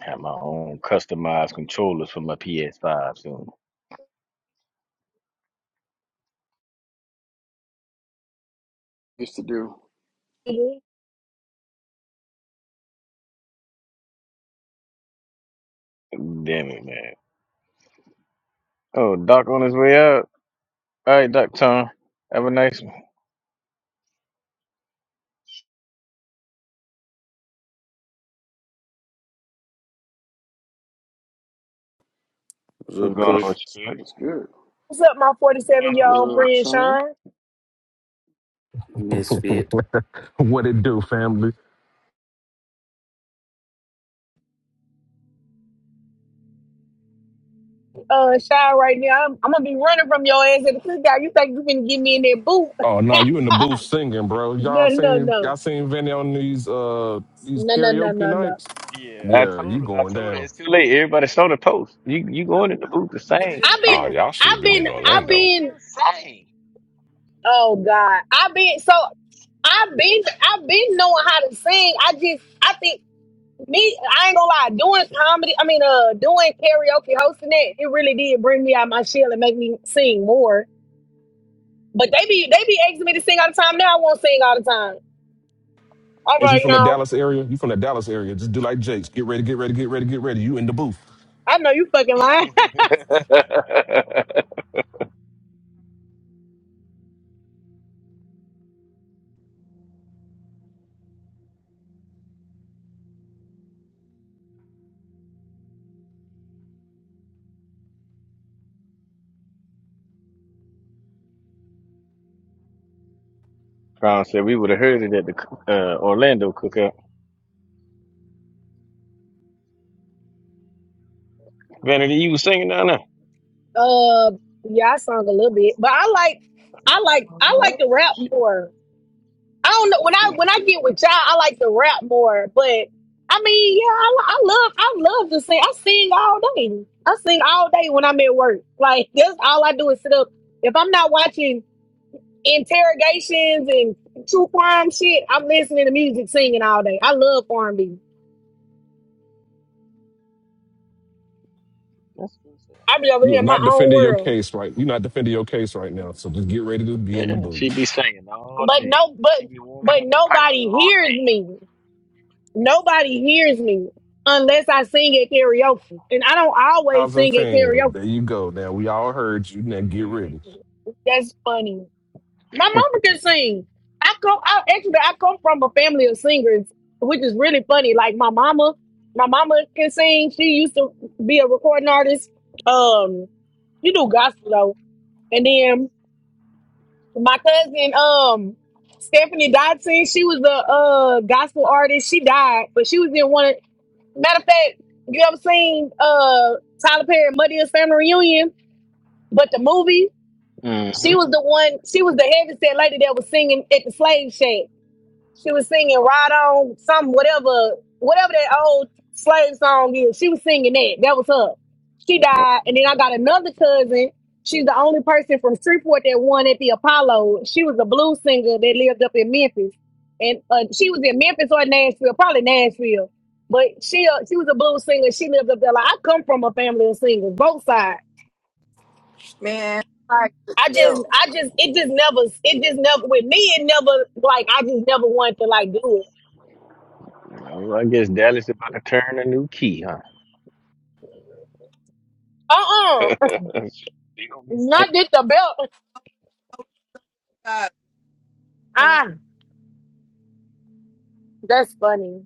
I have my own customized controllers for my PS5 soon.
Used to do.
Mhm.
Damn it, man. Oh, Doc on his way out. All right, Doc Tom. Have a nice one.
What's
What's
up,
going
Kush,
on
Kush?
with you? Doc?
what's good?
What's up, my
What's going
47
What's
year
on,
good,
old
Sean?
old
friend
Sean?
Sean?
Misfit.
what it do, family?
Uh, Sean, right now, I'm, I'm gonna be running from your ass at the cookout. You think you can get me in that boot?
Oh no, you in the booth singing, bro. Y'all
no, no,
seen
no,
y'all seen Vinny on these uh these
no, no, no,
karaoke
no, no.
nights?
I
Yeah,
told
you going down.
you late. Everybody saw the post. You you going in the booth the same.
I've been,
Oh, y'all should have
I've
been
been,
in
I've
Orlando.
been. Oh God, I've been so. I've been, I've been knowing how to sing. I just, I think me, I ain't gonna lie, doing comedy, I mean, uh, doing karaoke, hosting that, it really did bring me out my shell and make me sing more. But they be they be asking me to sing all the time. Now I won't sing all the time. All
Is you
right,
from the
now
Dallas area? You from the Dallas area. Just do like Jake's. Get ready, get ready, get ready, get ready. You in the booth.
I know you fucking lying.
Crown said we would have heard it at the coo- uh, Orlando cookout. Vanity, you was singing down there.
uh, yeah, I sung a little bit, but I like I like I like to
Oh,
rap
shit.
more. I don't know when I when I get with y'all, I like to rap more. But I mean, yeah, I, I love I love to sing. I sing all day. I sing all day when I'm at work. Like that's all I do is sit up. If I'm not watching interrogations and true crime shit, I'm listening to music, singing all day. I love R&B.
That's what's up.
I be over
You
here
are
in my
not
own
defending your
world.
case right. You're not defending your case right now. So just get ready to be in the
Yeah, she
booth.
be singing all
But
day.
no,
She
but
be
but
warming up the pipes
nobody
all
hears
day.
me. Nobody hears me unless I sing at karaoke, and I don't always
Thousand
sing at
fans.
karaoke.
There you go. Now we all heard you. Now get
Mm
ready.
hmm
That's funny. My mama can sing. I come I actually I come from a family of singers, which is really funny. Like my mama, my mama can sing. She used to be a recording artist. Um, she do gospel though. And then my cousin, um, Stephanie Dodson, she was a uh gospel artist. She died, but she was in one of matter of fact, you ever seen uh Tyler Perry Muddy and Family Reunion, but the movie,
Mm hmm
she was the one, she was the heavy set lady that was singing at the slave shack She was singing "Ride on some whatever whatever that old slave song is. She was singing that. That was her. She died, and then I got another cousin. She's the only person from Streetport that won at the Apollo. She was a blues singer that lived up in Memphis, and uh, she was in Memphis or Nashville, probably Nashville. But she uh, she was a blues singer. She lived up there. Like I come from a family of singers, both sides.
Man, like
I just
Bill.
I just it just never it just never with me it never like I just never wanted to like do it.
Oh, well, I guess Dallas about to turn a new key, huh?
Uh uh
That's- She gonna be
Not
singing.
did the belt.
God, come on.
Ah, that's funny.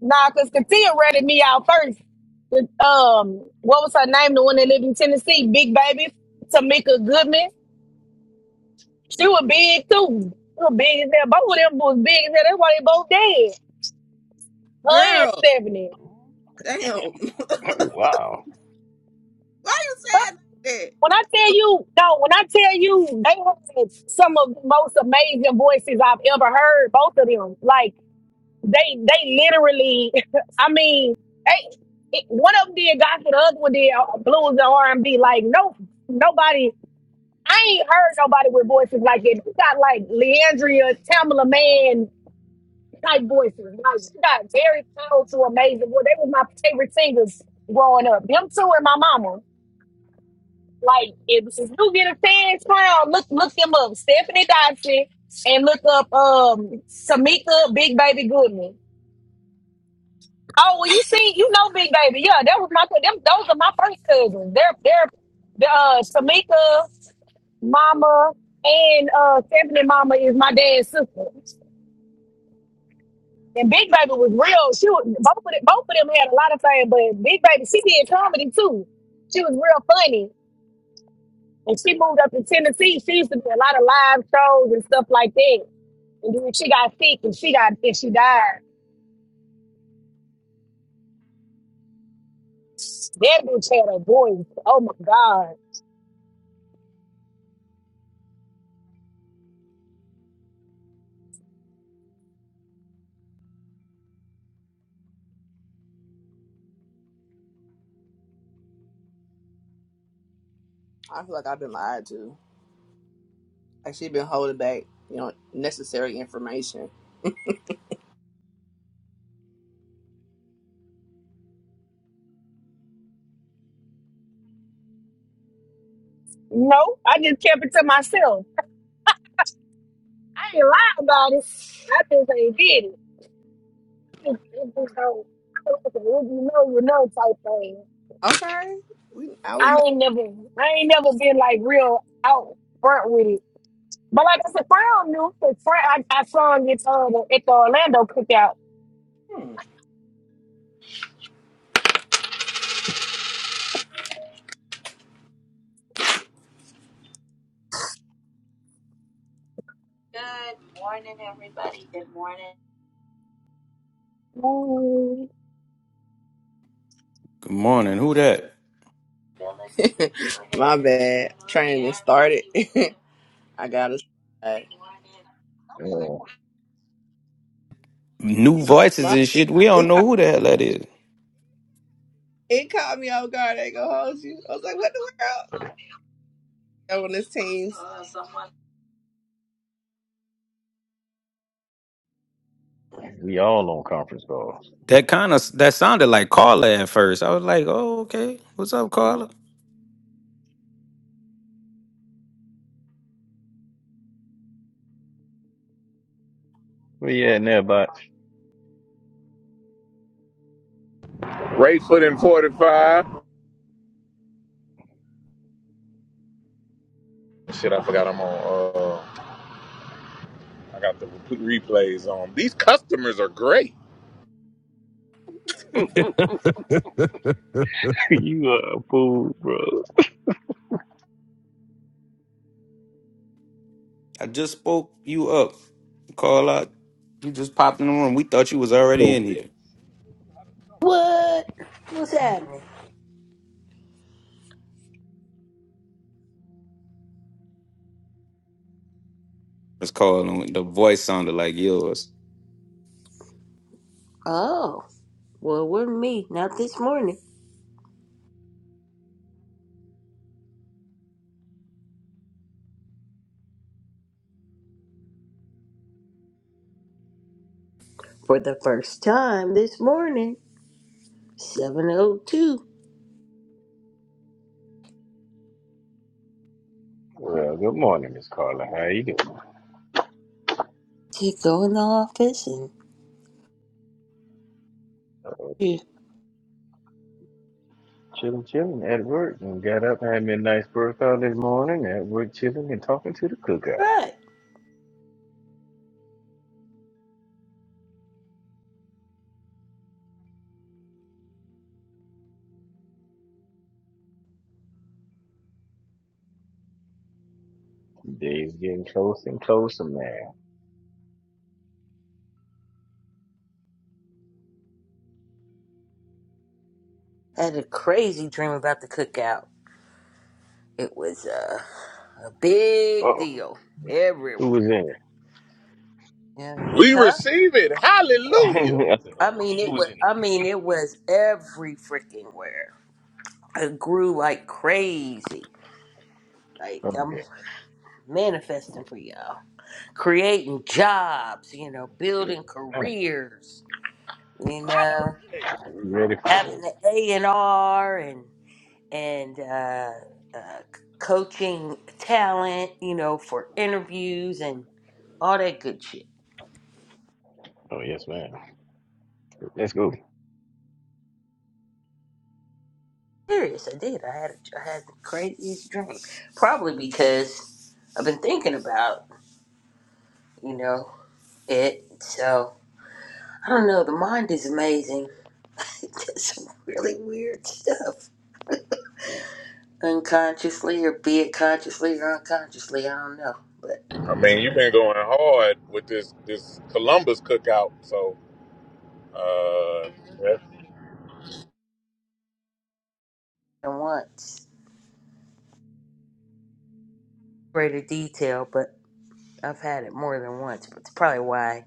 Nah, because Katia ratted me out first. The, um, what was her name? The one that lived in Tennessee, Big Baby Tamika Goodman. She was big too. She was big as hell. Both of them was big as hell. That's why they both dead. Her and
Girl,
Stephanie.
damn. Why you
Wow.
Huh?
sad like that?
When I tell you, no, when I tell you, they had some of the most amazing voices I've ever heard. Both of them, like. They they literally, I mean, hey, it, one of them did gospel, the other one did uh, blues and R and B. Like no, nobody. I ain't heard nobody with voices like that. You got like Leandria, Tamala Man type voices. Like she got very powerful, amazing. Well, they was my favorite singers growing up. Them two and my mama. Like if you get a fan's crown, look look them up. Stephanie Dodson and look up um Tamika Big Baby Goodman. Oh, well, you see, you know, Big Baby. Yeah, that was my. Them, those are my first cousins. They're they're the uh, Samika mama and uh, Stephanie mama is my dad's sister. And Big Baby was real. She was both of them, both of them had a lot of fame, but Big Baby she did comedy too. She was real funny. And she moved up to Tennessee. She used to do a lot of live shows and stuff like that. And then she got sick and she got and she died. That bitch had a voice. Oh my God.
I feel like I've been lied to. Like she been holding back, you know, necessary information.
No, I just kept it to myself. I ain't lie about it. I just ain't did it. It just it just don't. I don't know, If you know, you know, type thing.
Okay. We now we know.
I ain't never, I ain't never been like real out front with it. But like I said, Frown knew. Frown, I, I saw him at on the, at the Orlando cookout.
Hmm. Good morning, everybody. Good morning.
Ooh,
Good morning. Who that?
My bad. Training started. I got to slide.
Yeah.
New voices
My
and shit. We don't
it
know
caught,
who the hell that is.
it caught me off guard. I ain't gonna hold you. I was like, what the world? Yo, on this team.
We all on conference call.
That kind of that sounded like Carla at first. I was like, "Oh, okay. What's up, Carla?"
Where you at now, bot?
Right foot in 45. Shit, I forgot I'm on. Uh, I got the re- replays on. These customers are great.
you a fool, bro.
I just spoke you up, Carla. You just popped in the room. We thought you was
The
already in here.
wit.
What? What's happening?
It's Carla. The voice sounded like yours.
Oh, well, it wasn't me. Not this morning. For the first time this morning, 7.02, to
Well, good morning, Miss Carla. How you doing?
go in the office and...
Uh,
Yeah.
chilling, chilling at work. And got up, had me a nice workout this morning. At work, chilling and talking to the cookout.
Right.
Day's getting closer and closer, man.
Had a crazy dream about the cookout. It was uh, a
Uh
big
oh,
deal
who
everywhere.
was in it?
Yeah.
We
Huh?
receive it. Hallelujah.
I said, uh
I
oh,
mean,
who
it
was
was.
in it?
I mean, it was every freaking where. It grew like crazy. Like I'm
Okay,
manifesting for y'all. creating jobs, you know,
yes,
building
ma'am.
careers, you know,
You ready? For-
having the A and R and and uh, uh, coaching talent, you know, for interviews and all that good shit.
oh yes, ma'am. Let's go.
Serious, I did. I had a, I had the craziest dream, probably because I've been thinking about you know it. So I don't know. The mind is amazing. It does some really weird stuff. unconsciously or be it consciously or unconsciously. I don't know, but
I
it's
mean,
a-
you've been going hard with this this Columbus cookout, so uh, yeah.
than once greater detail. But I've had it more than once. But it's probably why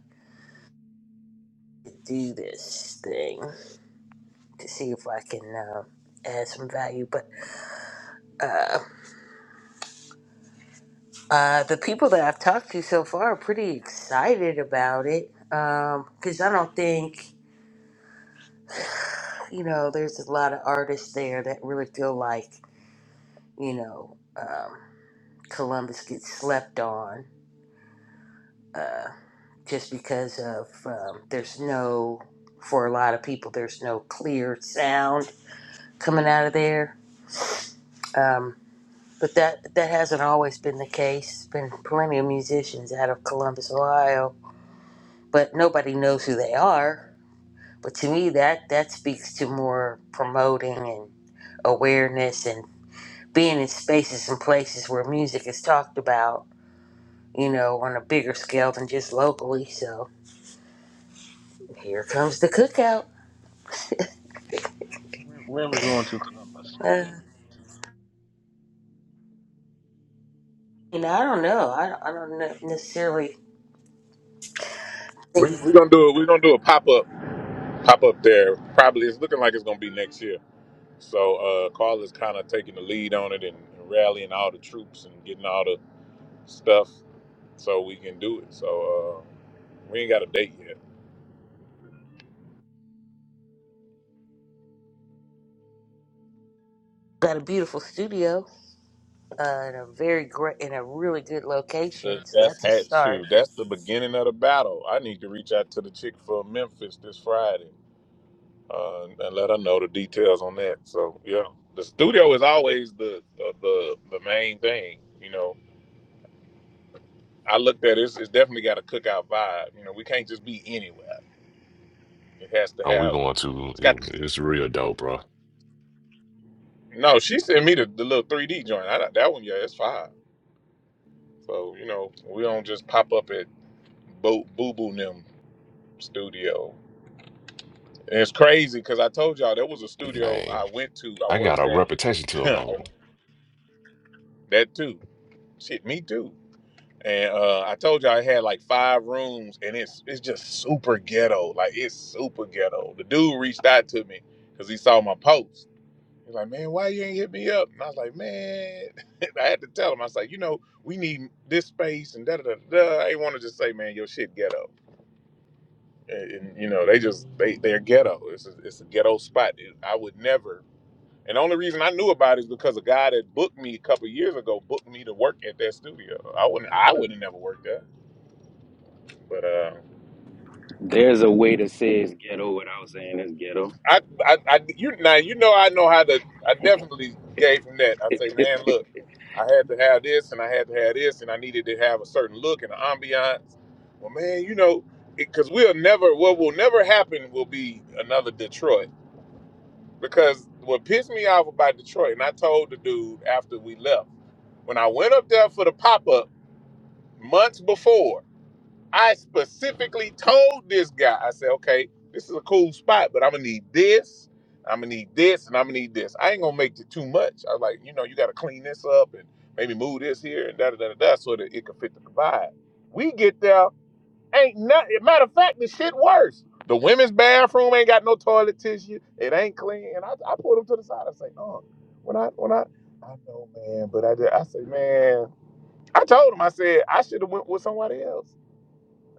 I do this thing to see if I can uh, add some value. But uh, uh, the people that I've talked to so far are pretty excited about it because I don't think you know there's a lot of artists there that really feel like you know um, Columbus gets slept on uh, just because of um, there's no for a lot of people there's no clear sound coming out of there um, but that that hasn't always been the case there's been plenty of musicians out of columbus ohio but nobody knows who they are but to me that that speaks to more promoting and awareness and being in spaces and places where music is talked about you know on a bigger scale than just locally so here comes the cookout
Where where are we going to Columbus?
Uh, You know, I don't know. I, I don't ne- necessarily think
we,
we've
we're gonna do it. We're gonna do a pop up pop up there. Probably it's looking like it's gonna be next year. So uh, Carla's kind of taking the lead on it and, and rallying all the troops and getting all the stuff so we can do it. So uh, we ain't got a date yet.
got a beautiful studio uh, and a very great in a really good location,
That-
so
That's
that's a
hat
start.
shoe. That's the beginning of the battle. I need to reach out to the chick from Memphis this Friday uh, and let her know the details on that. So yeah, the studio is always the the the, the main thing. You know, I looked at it. It's, it's definitely got a cookout vibe. You know, we can't just be anywhere. It has to
And we
have.
going to,
It's got to
it-
be.
it's real dope, bro.
No, she sent me the, the little 3D joint. I, that one, yeah, it's fine. So, you know, we don't just pop up at Boo Boo Boo and them studio. And it's crazy because I told y'all there was a studio
Man,
I went to, I
I got
worked
a reputation to
at.
uphold.
that too. Shit, me too. And uh, I told y'all I had like five rooms and it's it's just super ghetto. Like it's super ghetto. The dude reached out to me because he saw my post. He's like, man, why you ain't hit me up? And I was like, man, I had to tell him. I was like, you know, we need this space and da da da da. I ain't want to just say, man, your shit ghetto. And, and, you know, they just they they're ghetto. It's a, it's a ghetto spot. It- I would never. And the only reason I knew about it is because a guy that booked me a couple years ago booked me to work at that studio. I wouldn't I wouldn't have never worked there. But uh,
There's a way to say it's ghetto without saying it's ghetto.
I, I, I, you now you know I know how to. I definitely gave him that. I say, man, look, I had to have this, and I had to have this, and I needed to have a certain look and an ambiance. Well, man, you know, because we'll never, what will never happen will be another Detroit. Because what pissed me off about Detroit, and I told the dude after we left, when I went up there for the pop up months before. I specifically told this guy, I said, okay, this is a cool spot, but I'm gonna need this, I'm gonna need this, and I'm gonna need this. I ain't gonna make it too much. I was like, you know, you gotta clean this up and maybe move this here and da da da da da so that it can fit the vibe. We get there, ain't nothing. Matter of fact, the shit worse. The women's bathroom ain't got no toilet tissue. It ain't clean. And I, I pulled him to the side. I say, oh, when I when I I know, man, but I did, I say, man, I told him, I said I should have went with somebody else.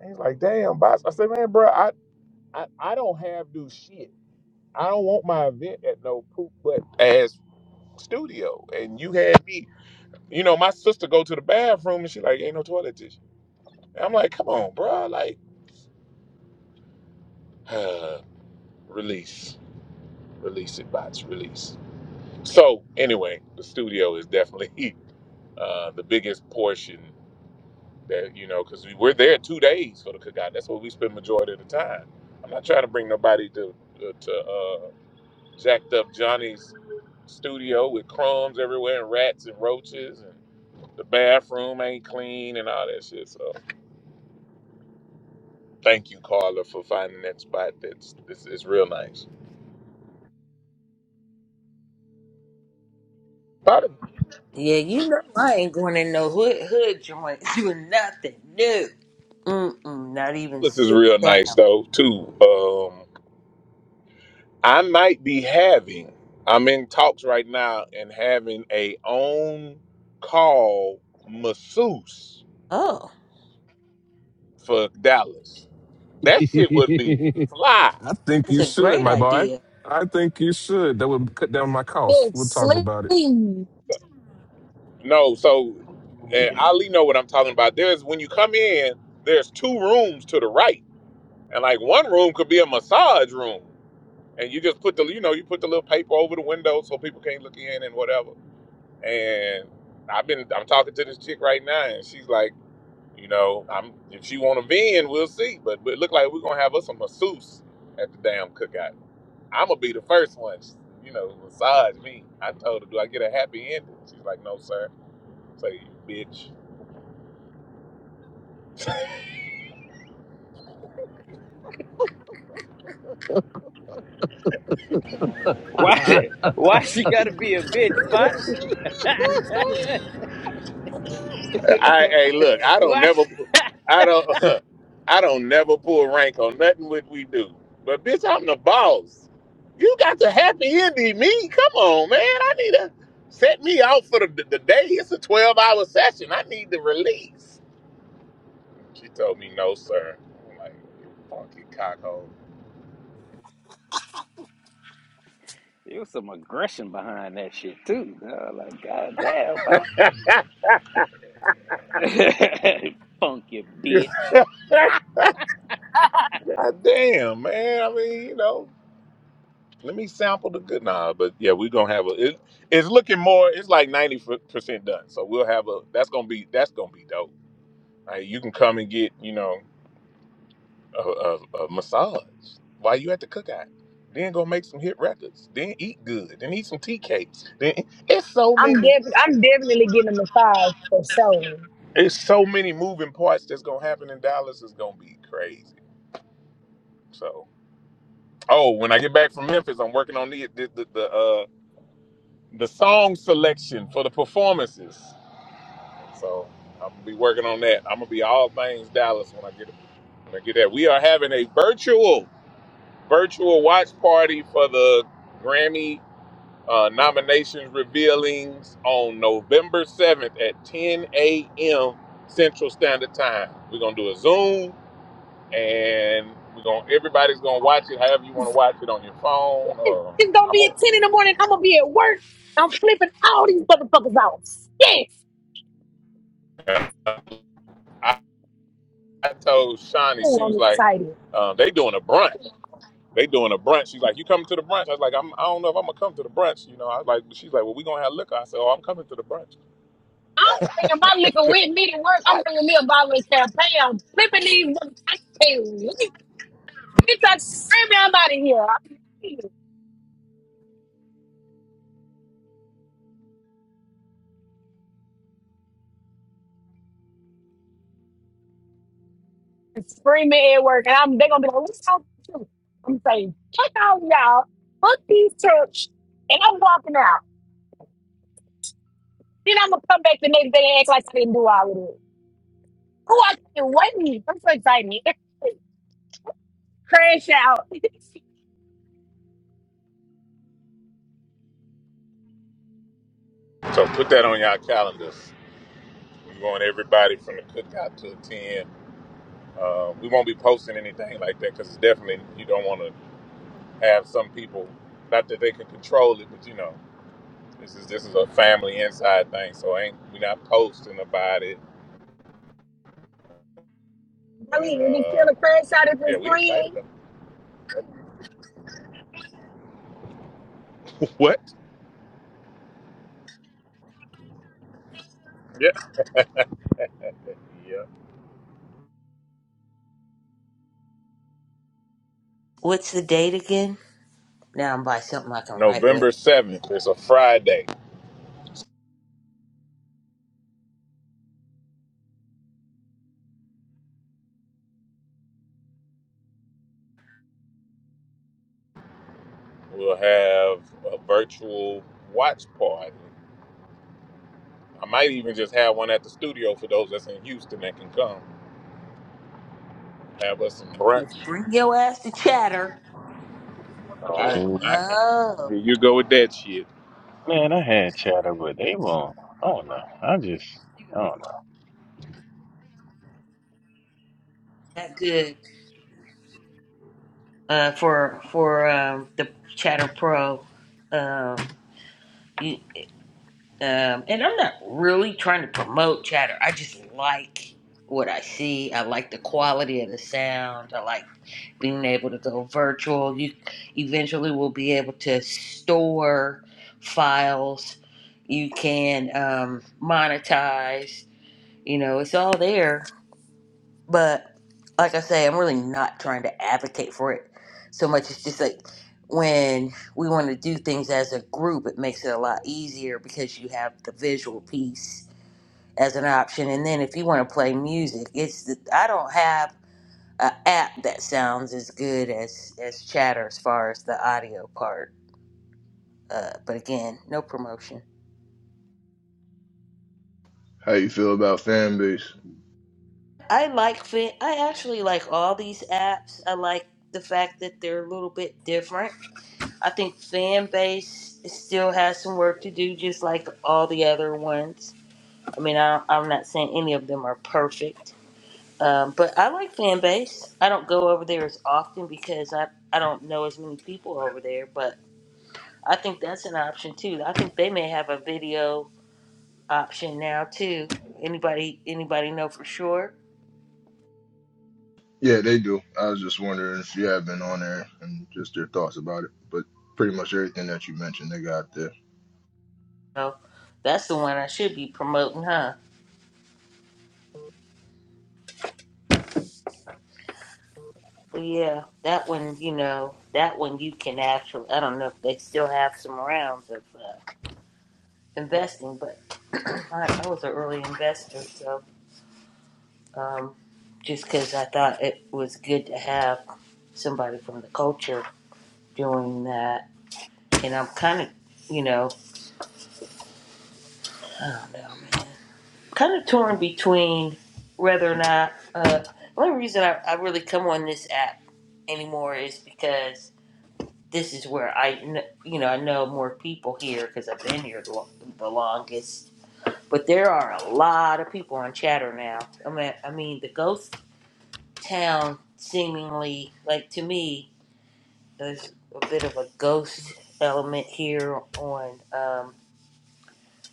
He's like, damn, boss. I said, man, bro, I, I, I don't have do shit. I don't want my event at no poop butt ass studio. And you had me, you know, my sister go to the bathroom and she like, ain't no toilet tissue. And I'm like, come on, bro. Like, release. Release it, bots, release. So anyway, the studio is definitely uh, the biggest portion that, you know, because we were there two days for the cookout. That's where we spend majority of the time. I'm not trying to bring nobody to, to uh, jacked up Johnny's studio with crumbs everywhere and rats and roaches and the bathroom ain't clean and all that shit. So thank you, Carla, for finding that spot. That's this is real nice. Part of
Yeah, you know, I ain't going in no hood hood joint doing nothing. No, Mm-mm, not even
this is
sit
real
down.
nice though too. Um, I might be having. I'm in talks right now and having a own call masseuse
Oh,
for Dallas. That shit would be fly.
I think
that's
you
a
should,
great
my boy.
idea.
I think you should. That would cut down my costs.
good
We'll talk about it.
sleep.
No, so
Ooh,
and
yeah.
Ali know what I'm talking about. There's when you come in, there's two rooms to the right, and like one room could be a massage room, and you just put the you know you put the little paper over the window so people can't look in and whatever. And I've been I'm talking to this chick right now, and she's like, you know, I'm if she want to vend, we'll see, but, but it look like we're gonna have us a masseuse at the damn cookout. I'm gonna be the first one, you know, massage me. I told her, do I get a happy ending? She's like, no, sir. Say, bitch.
Why? Why she gotta be a bitch, bots?
I hey look, I don't
Why?
never I don't I don't never pull rank on nothing what we do. But bitch, I'm the boss. You got the happy ending me. Come on, man. I need to set me out for the, the day. It's a 12 hour session. I need the release. She told me no, sir. I'm like, you funky cockhole.
There was some aggression behind that shit too. I was like, god damn, bot. Funky bitch.
Ah, Damn, man. I mean, you know. Let me sample the good. Nah, but yeah, we're gonna have a. It, it's looking more. It's like ninety percent done. So we'll have a. That's gonna be. That's gonna be dope. Like, you can come and get you know a, a, a massage while you at the cookout. Then go make some hit records. Then eat good. Then eat some tea cakes. Then it's so
I'm
many.
definitely, I'm definitely getting a massage for sure.
It's so many moving parts that's gonna happen in Dallas. It's gonna be crazy. So oh, when I get back from Memphis, I'm working on the the the, the, uh the song selection for the performances. So I'm gonna be working on that. I'm gonna be all things Dallas when I get when I get that. We are having a virtual virtual watch party for the Grammy uh, nominations revealings on November 7th at 10 a.m. Central Standard Time. We're gonna do a Zoom and we're gonna everybody's gonna watch it however you want to watch it on your phone.
It's
Or
it's gonna
I'm
be at 10 in the morning. I'm gonna be at work. I'm flipping all these motherfuckers out. Yes.
gonna, I told Shani,
Oh,
she
I'm
was like,
excited.
um, they doing a brunch. They doing a brunch. She's like, you coming to the brunch? I was like, I'm, I don't know if I'm gonna come to the brunch. You know, I was like, she's like, well, we gonna have liquor. I said, oh, I'm coming to the brunch.
I'm bringing my liquor
'Cause
with me to work. I'm
I-
bringing me a bottle of champagne. I'm flipping these motherfuckers. I can't wait. Get that screaming. out of here. I'm screaming at work. And I'm, they're gonna be like, what's up with you? I'm saying, check out y'all. book these church. And I'm walking out. Then I'm gonna come back the next day and act like I didn't do all of it. Oh, I can't wait. I'm so excited. Crash out.
so put that on y'all calendars. We want everybody from the cookout to attend. Uh, we won't be posting anything like that because it's definitely you don't want to have some people. Not that they can control it, but you know, this is this is a family inside thing. So ain't we not posting about it?
Ali,
And
is it still
uh,
a crash out if
yeah,
it's
we excited
free?
though. What? Yep.
What's the date again? Now I'm by something I can write with.
November 7th is a Friday. We'll have a virtual watch party. I might even just have one at the studio for those that's in Houston that can come. Have us some brunch.
Just bring your ass to chatter,
I
but
Oh,
am not.
buddy.
no,
Here you go with that shit.
Man, I had chatter, but they won't. I don't know. I just, I don't
not good. uh, for for um, the Chatter Pro. Um, you, um, and I'm not really trying to promote Chatter. I just like what I see. I like the quality of the sound. I like being able to go virtual. You eventually will be able to store files. You can um, monetize. You know, it's all there. But like I say, I'm really not trying to advocate for it so much. It's just like when we want to do things as a group, it makes it a lot easier because you have the visual piece as an option. And then if you want to play music, it's the, I don't have an app that sounds as good as as Chatter as far as the audio part. Uh, but again, no promotion.
How you feel about fan base?
I like Fin. I actually like all these apps. I like the fact that they're a little bit different I think fan base still has some work to do, just like all the other ones. I mean, I, I'm not saying any of them are perfect, um, but I like fan base. I don't go over there as often because I, I don't know as many people over there, but I think that's an option too. I think they may have a video option now too. Anybody anybody know for sure?
Yeah, they do. I was just wondering if you have been on there and just your thoughts about it. But pretty much everything that you mentioned, they got there.
So that's the one I should be promoting, huh? Yeah, that one, you know, that one you can actually, I don't know if they still have some rounds of uh, investing, but I, I was an early investor, so um, just because I thought it was good to have somebody from the culture doing that. And I'm kind of, you know, I don't know, man. Kind of torn between whether or not, uh, the only reason I, I really come on this app anymore is because this is where I, you know, I know more people here because I've been here the, the longest. But there are a lot of people on chatter now. I mean, I mean, the ghost town seemingly, like to me, there's a bit of a ghost element here on um,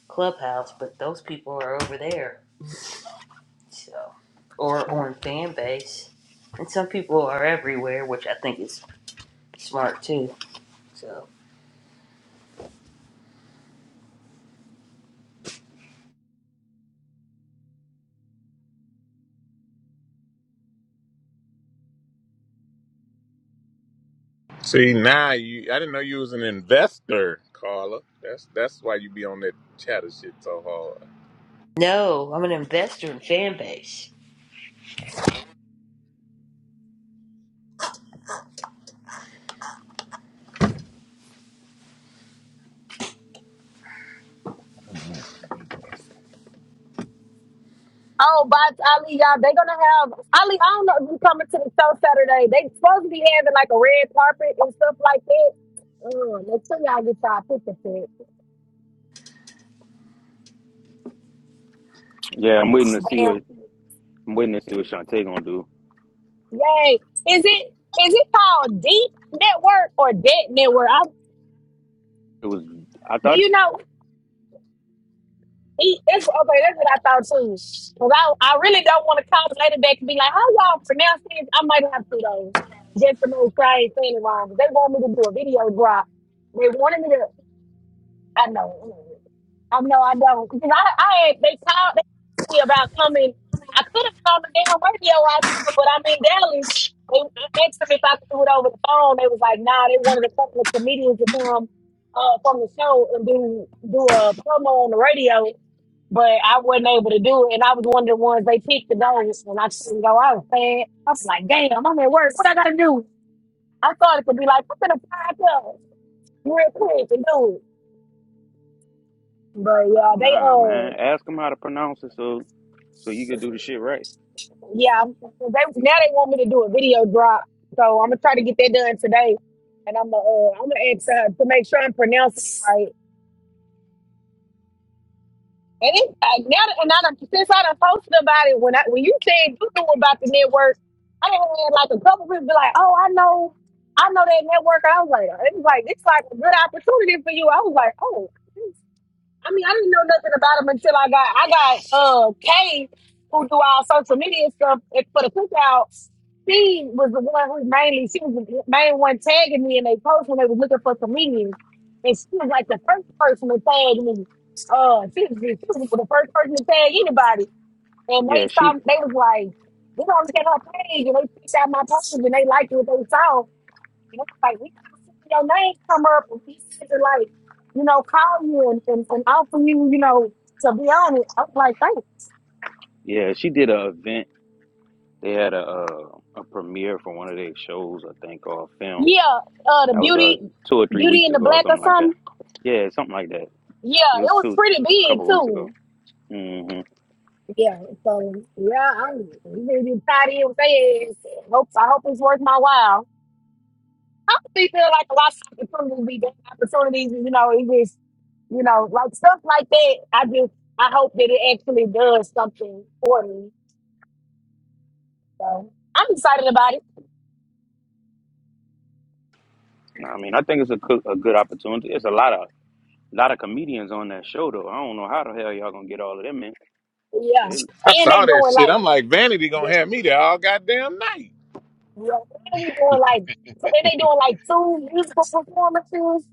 Clubhouse, but those people are over there, so or on Fanbase, and some people are everywhere, which I think is smart too. So
See, now you. I didn't know you was an investor, Carla. That's that's why you be on that chatter shit so hard.
no, I'm an investor in Fanbase. base.
know. Mm-mm.
Oh, but Ali, y'all, they gonna have Ali. I don't know if you coming to the show Saturday. They supposed to be having like a red carpet and stuff like that. Mm, make sure y'all get y'all picture fit.
Yeah, I'm waiting to see
Damn.
what I'm waiting to see what Shantae gonna do.
Yay. Is it is it called Deep Network or Debt Network? I,
It was I
do
thought,
you know? He, that's okay. That's what I thought too. Cause I, I really don't want to call the lady back and be like, "How y'all pronounce this?" I might have to though, just to know if I ain't saying it wrong. 'Cause They want me to do a video drop. They wanted me to. I know. I know. I don't. Because I, I had they called they asked me about coming. I could have called the damn radio out there, but I'm in Dallas. They asked me if I could do it over the phone. They was like, "Nah." They wanted a couple of comedians to come uh, from the show and do do a promo on the radio but I wasn't able to do it. And I was one of the ones they picked the dogs and I couldn't go. I was sad. I was like, damn, I'm at work. What I gotta do? I thought it could be like, I'm gonna pack up real quick and do it. But yeah, they
nah,
uh
man. Ask him how to pronounce it so so you could do the shit right.
yeah, they now they want me to do a video drop. So I'm gonna try to get that done today. And I'm gonna uh, I'm gonna ask her to make sure I'm pronouncing it right And it, I, now that, and I done, since I done posted about it, when I when you said you knew about the network, I done had like a couple people be like, "Oh, I know, I know that network." I was like, "It was like it's like a good opportunity for you." I was like, "Oh." I mean, I didn't know nothing about him until I got I got uh Kay, who do all social media stuff and for the cookouts. She was the one who mainly she was the main one tagging me in they post when they was looking for comedians, and she was like the first person to tag me. Uh, she was, she was the first person to tag anybody, and
Yeah,
they
she
saw they was like, they don't get her page, and they picked out my post and they liked what they saw, and it's like, we kept seeing your name come up, and he said to, like, you know, call you and, and, and offer you, you know, to be on it. I was like, thank
yeah she did a event. They had a uh, a premiere for one of their shows, I think, or a film
you. Yeah, uh, the
That was uh
beauty,
two or three
beauty
weeks
in the
ago or
black or
something like that.
something.
Yeah, something like that.
Yeah,
It was
it was
two
pretty
a couple
big
of weeks ago.
too.
hmm
Yeah, so yeah, I'm really tied in with their ass. Hope I hope it's worth my while. I honestly feel like a lot of opportunities be bad opportunities. You know, it just you know like stuff like that. I just I hope that it actually does something for me. So I'm excited about it.
I mean, I think it's a, coo- a good opportunity. It's a lot of lot of comedians on that show though. I don't know how the hell y'all gonna get all of them in.
Yeah.
Shit.
I
And they
saw that
doing
shit.
like
I'm like, Vanity gonna
yeah,
have me there all goddamn night.
yeah, and we doing like and they doing like two musical performances.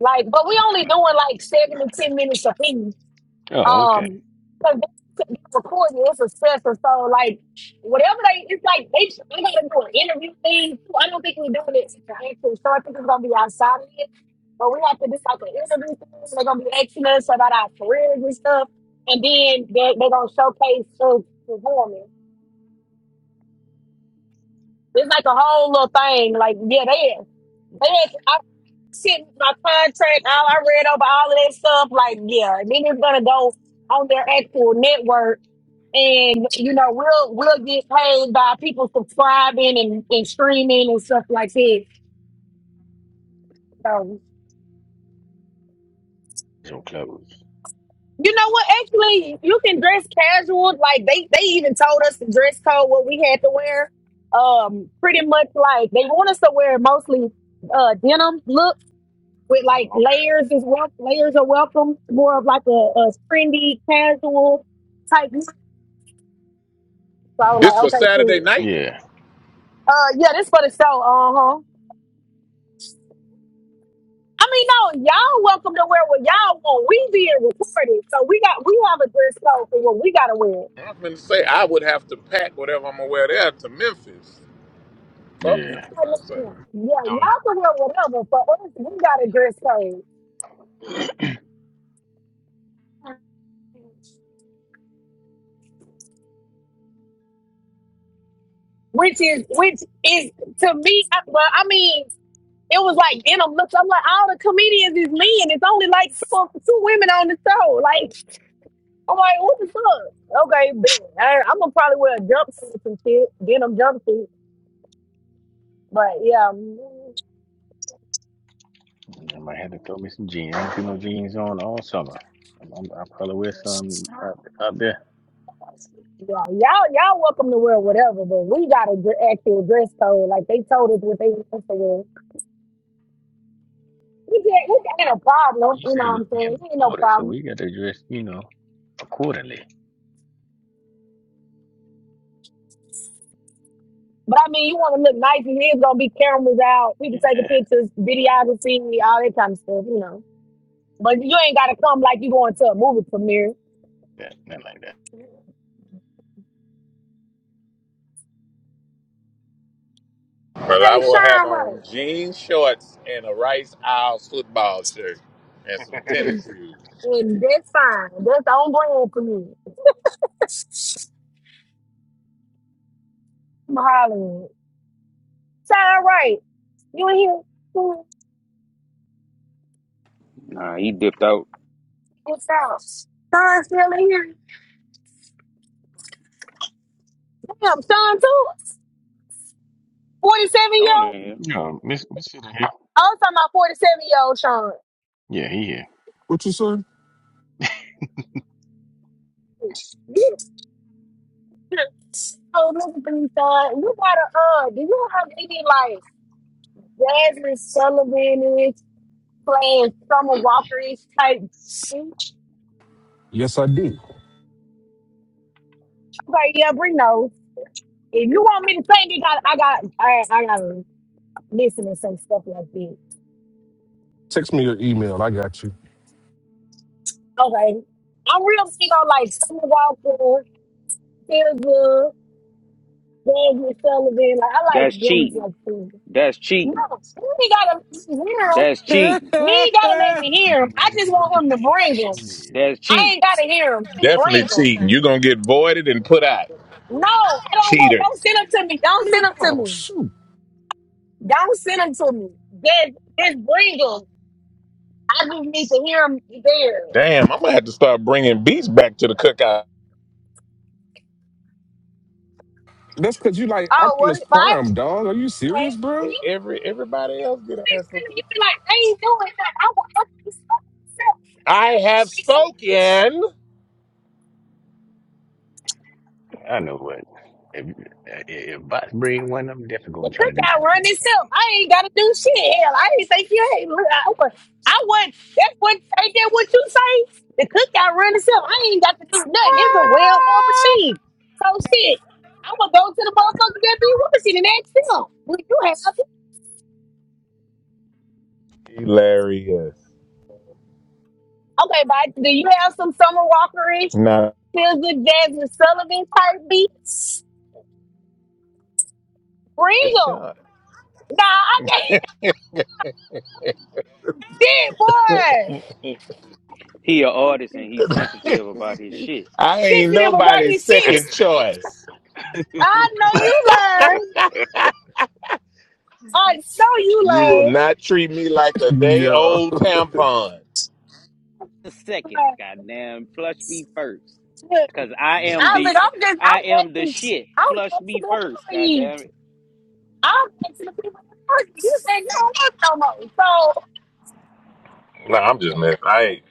Like, but we
Oh
only
wow.
doing like seven to ten minutes apiece.
Oh, okay. Okay.
Um, because they they record it's a stressor. So like whatever they, it's like they they gotta do an interview thing. Too. I don't think we're doing it in Haiti, so I think it's gonna be outside of it. But we have to do like an interview thing. They're gonna be asking us about our careers and stuff, and then they they're gonna showcase us performing. It's like a whole little thing. Like yeah, they they had, I sent my contract out. I read over all of that stuff. Like yeah, and then it's gonna go on their actual network and you know we'll we'll get paid by people subscribing and, and streaming and stuff like that so
So close.
you know what actually you can dress casual like they they even told us the dress code what we had to wear um pretty much like they want us to wear mostly uh denim look with like
Oh, okay.
layers is wel- layers are welcome more of like a, a trendy casual type look. so I was
This
like
for
okay
Saturday
cool
night.
Yeah,
uh yeah this for the show Uh huh. I mean, no, y'all welcome to wear what y'all want. We being recorded, so we got we have a dress code for what we gotta wear.
I'm gonna say I would have to pack whatever I'm gonna wear there to Memphis. From
yeah.
Memphis,
Oh, no,
I say.
no, no. Yeah,
Doing
y'all can wear whatever, but us, we got a dress code, which is which is to me. I- Well, I mean, it was like denim looks. I'm like, all the comedians is men. It's only like two, two women on the show. Like, I'm like, what the fuck? Okay, bet. I, I'm gonna probably wear a jumpsuit, some shit, denim jumpsuit. But yeah.
I might have to throw me some jeans. I don't keep no jeans on all summer. I'm, I'm, I'll probably wear some out, out there.
Yeah, y'all, y'all welcome to wear whatever, but we got a dr- actual dress code. Like they told us what they want to wear. We can't, we ain't a problem.
You
You know
said it
what
was
I'm
being
saying? It ain't no
recorded, so
problem.
we got to dress, you know, accordingly.
But I mean, you want to look nice, and there's gonna be cameras out,
Yeah,
people taking pictures, videography, all that kind of stuff. You know. But you ain't gotta come like you going to a movie premiere.
that, nothing like that.
But I
Hey,
will have
shine right,
on jeans, shorts, and a Rice Owls football shirt and some
and,
tennis shoes.
and that's fine. That's on brand for me. I'm hollering. Shine right. You in here?
Nah, he dipped out.
What's up? Shine still in here? Damn, Sean too. Forty seven year
Sean in
old.
here.
No, Miss Miss Sitter here.
I was talking about forty seven year old Sean.
Yeah, he here.
What you say?
Yeah. Oh, another thing, Sean. You got a uh, do you have any like Jasmine Sullivan-ish, playing Summer Walker-ish type? shit?
Yes, I do.
Okay, yeah, bring those. If you want me to sing, you got I got I I gotta listen to some stuff like this.
Text me your email. I got you.
Okay, I'm real big on like Summer Walker, Feel Good, Jasmine Sullivan. Like I
That's
like them stuff
cheating.
too.
That's
No,
cheating.
he ain't gotta let me hear him.
That's cheating.
He ain't gotta let
I
me hear him. I just
Ooh,
want him to
yes,
bring
sure
him.
is.
That's
I ain't
cheating.
gotta hear him. Just bring
Definitely
him.
cheating. You're gonna get voided and put out.
No, I don't want. Don't
Cheaters.
send him to me. Don't
mean,
send him to
oh
me.
shoot.
Don't send him to me. Just, just bring him. I just need to hear him there.
Damn, I'm gonna have to start bringing beats back to the cookout.
That's cause you like
Oh, what
Optimus
if I?
Prime, dog. Are you
Swear,
serious, bro?
E-
You
Every everybody else get an
be
answer.
you be like, I ain't doing that. I want. to be so-
I have
so- so-
spoken.
I know what. If, if bots bring one, I'm definitely
The
gonna try to do a
cookout
little
run
bit
itself. I ain't gotta do shit. Hell, I didn't say you. Hey, look, I was. I wasn't. That's what. Ain't that what you say? The cookout run itself. I ain't got to do nothing. It's a well-oiled machine. So shit. I would go to the motherfuckers that be watching and ask them. Would you have?
Hilarious.
Okay, but do you have some Summer Walker-ish,
Not
Sizzler, Jasmine Sullivan type beats? Bring
a
'em.
shot.
Nah, I can't. Shit, boy.
He a artist and he's sensitive about his shit.
I ain't
Fixing them about
nobody's
his
second
shit.
choice.
of something.
I know you lying. I know you
You will
lame.
not treat me like a day
Yo.
old tampon.
The second,
Like,
goddamn, flush me first,
look,
cause I am
I was
the,
like, I'm just,
I
I'm
am the
asking,
shit.
I'm
Flush
asking
me
the
first, goddamn
employees.
it.
I'm asking the people in person. You said you don't work no more. So,
No, I'm just messing. I ain't.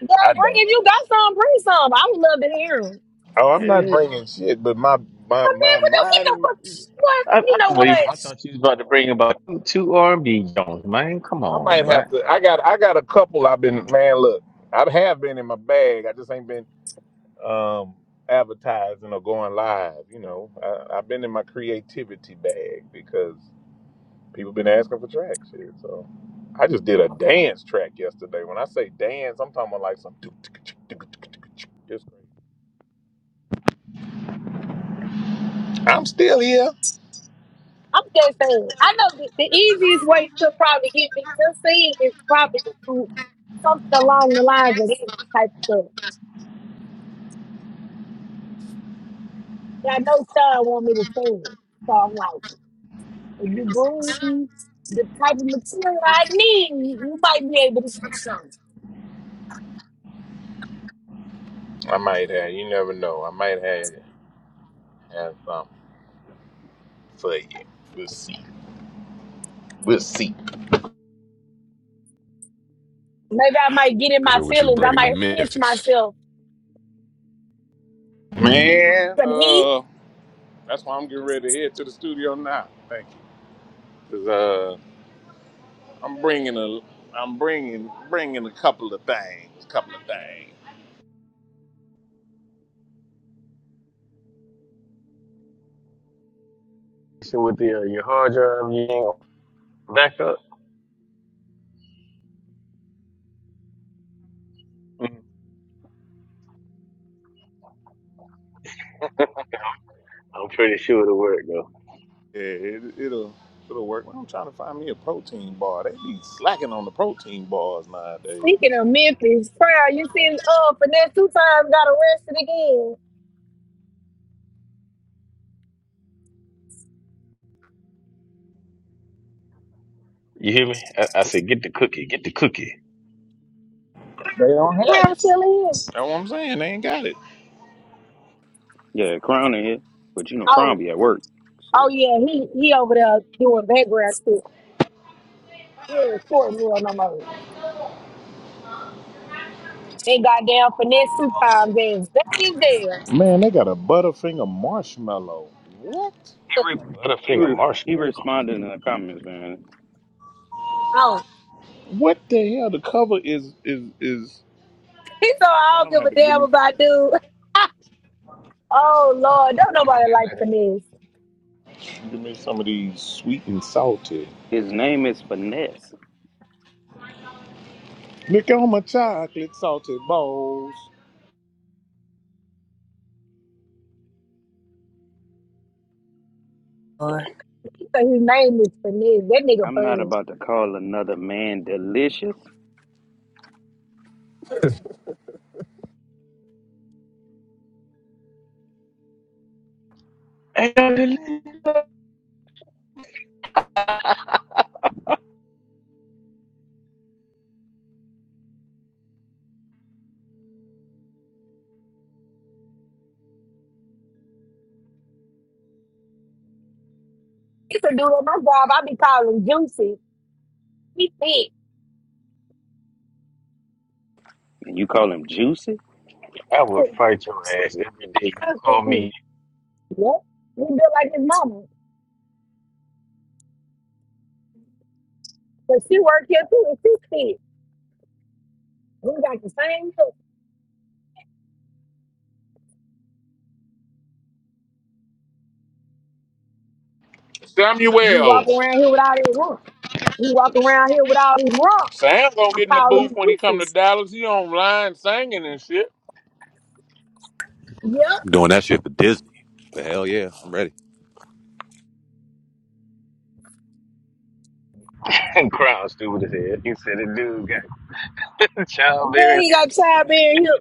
yeah,
I
bring
don't.
if you got some, bring some. I would love to hear 'em.
Oh, I'm not
Hey,
bringing shit, but my my
But man,
my
what the, what
mind
the
and my.
fuck? What,
I, I
you know
thought
what?
you, I thought you was about to bring about two, two R&B Jones, man. Come
I
on,
might
but
have to. I got I got a couple. I've been man. Look, I have been in my bag. I just ain't been um advertising or going live. You know, I, I've been in my creativity bag because people been asking for tracks here. So I just did a dance track yesterday. When I say dance, I'm talking about like some. It's crazy. I'm still here.
I'm just saying. I know the, the easiest way to probably get me to see is probably to do something along the lines of this type of stuff. And I know Sean want me to say it. So I'm like, If you bring the type of material I need, you might be able to fix something.
I might have. You never know. I might have have something for you. We'll see. We'll see.
Maybe I might get in my
Hear what you
feelings. I
bringing to
might pinch
Memphis.
myself.
Man,
From he
uh, that's why I'm getting ready to head to the studio now. Thank you. Cause uh, I'm bringing a, I'm bringing bringing a couple of things. A couple of things.
so with the, uh, your hard drive, you ain't back up. Mm. I'm pretty sure it'll work though.
Yeah, it, it'll it'll work. Well, I'm trying to find me a protein bar. They be slacking on the protein bars nowadays.
speaking of Memphis, prayer, you see, uh, finesse two times got arrested again.
You hear me? I, I said, get the cookie, get the cookie.
They don't have. It.
Crown still in.
That's what I'm saying. They ain't got it.
Yeah, but you don't
Oh,
be at work. So
oh yeah, he he over there doing background stuff. He ain't court real no more. They goddamn finesse two times and back in jail.
Man, they got a Butterfinger marshmallow. What?
he re-
Let a
he
finger
re- he
marshmallow.
read it in the comments, man.
Oh,
What the hell? The cover is is is.
he so I
Man, I'm
don't
gonna
give a
have to give
damn
me
about dude. oh Lord, don't nobody like finesse.
give me some of these sweet and salty.
His name is Finesse.
Look on my chocolate salted balls.
So his name is Finesse. That nigga
I'm not
funny.
about to call another man delicious,
Evelyn,
It's a dude at my job. I be calling Juicy. He thick.
and you call him juicy.
I would
Yep.
fight your ass every day. You call
He
me
built like his mama. But she work here too. And she thick. We got the same look. And He
Samuel,
walk around here with all these rump. He walk around here with all these rump.
Sam gonna
I
get in the
call him
booth when he come to
Juicy.
Dallas. He online singing and shit.
Yep.
Doing that shit for Disney. Hell yeah, I'm ready.
and crown stupid as hell. You said the dude got
Yeah,
childbearing
he got
hips.
childbearing hips.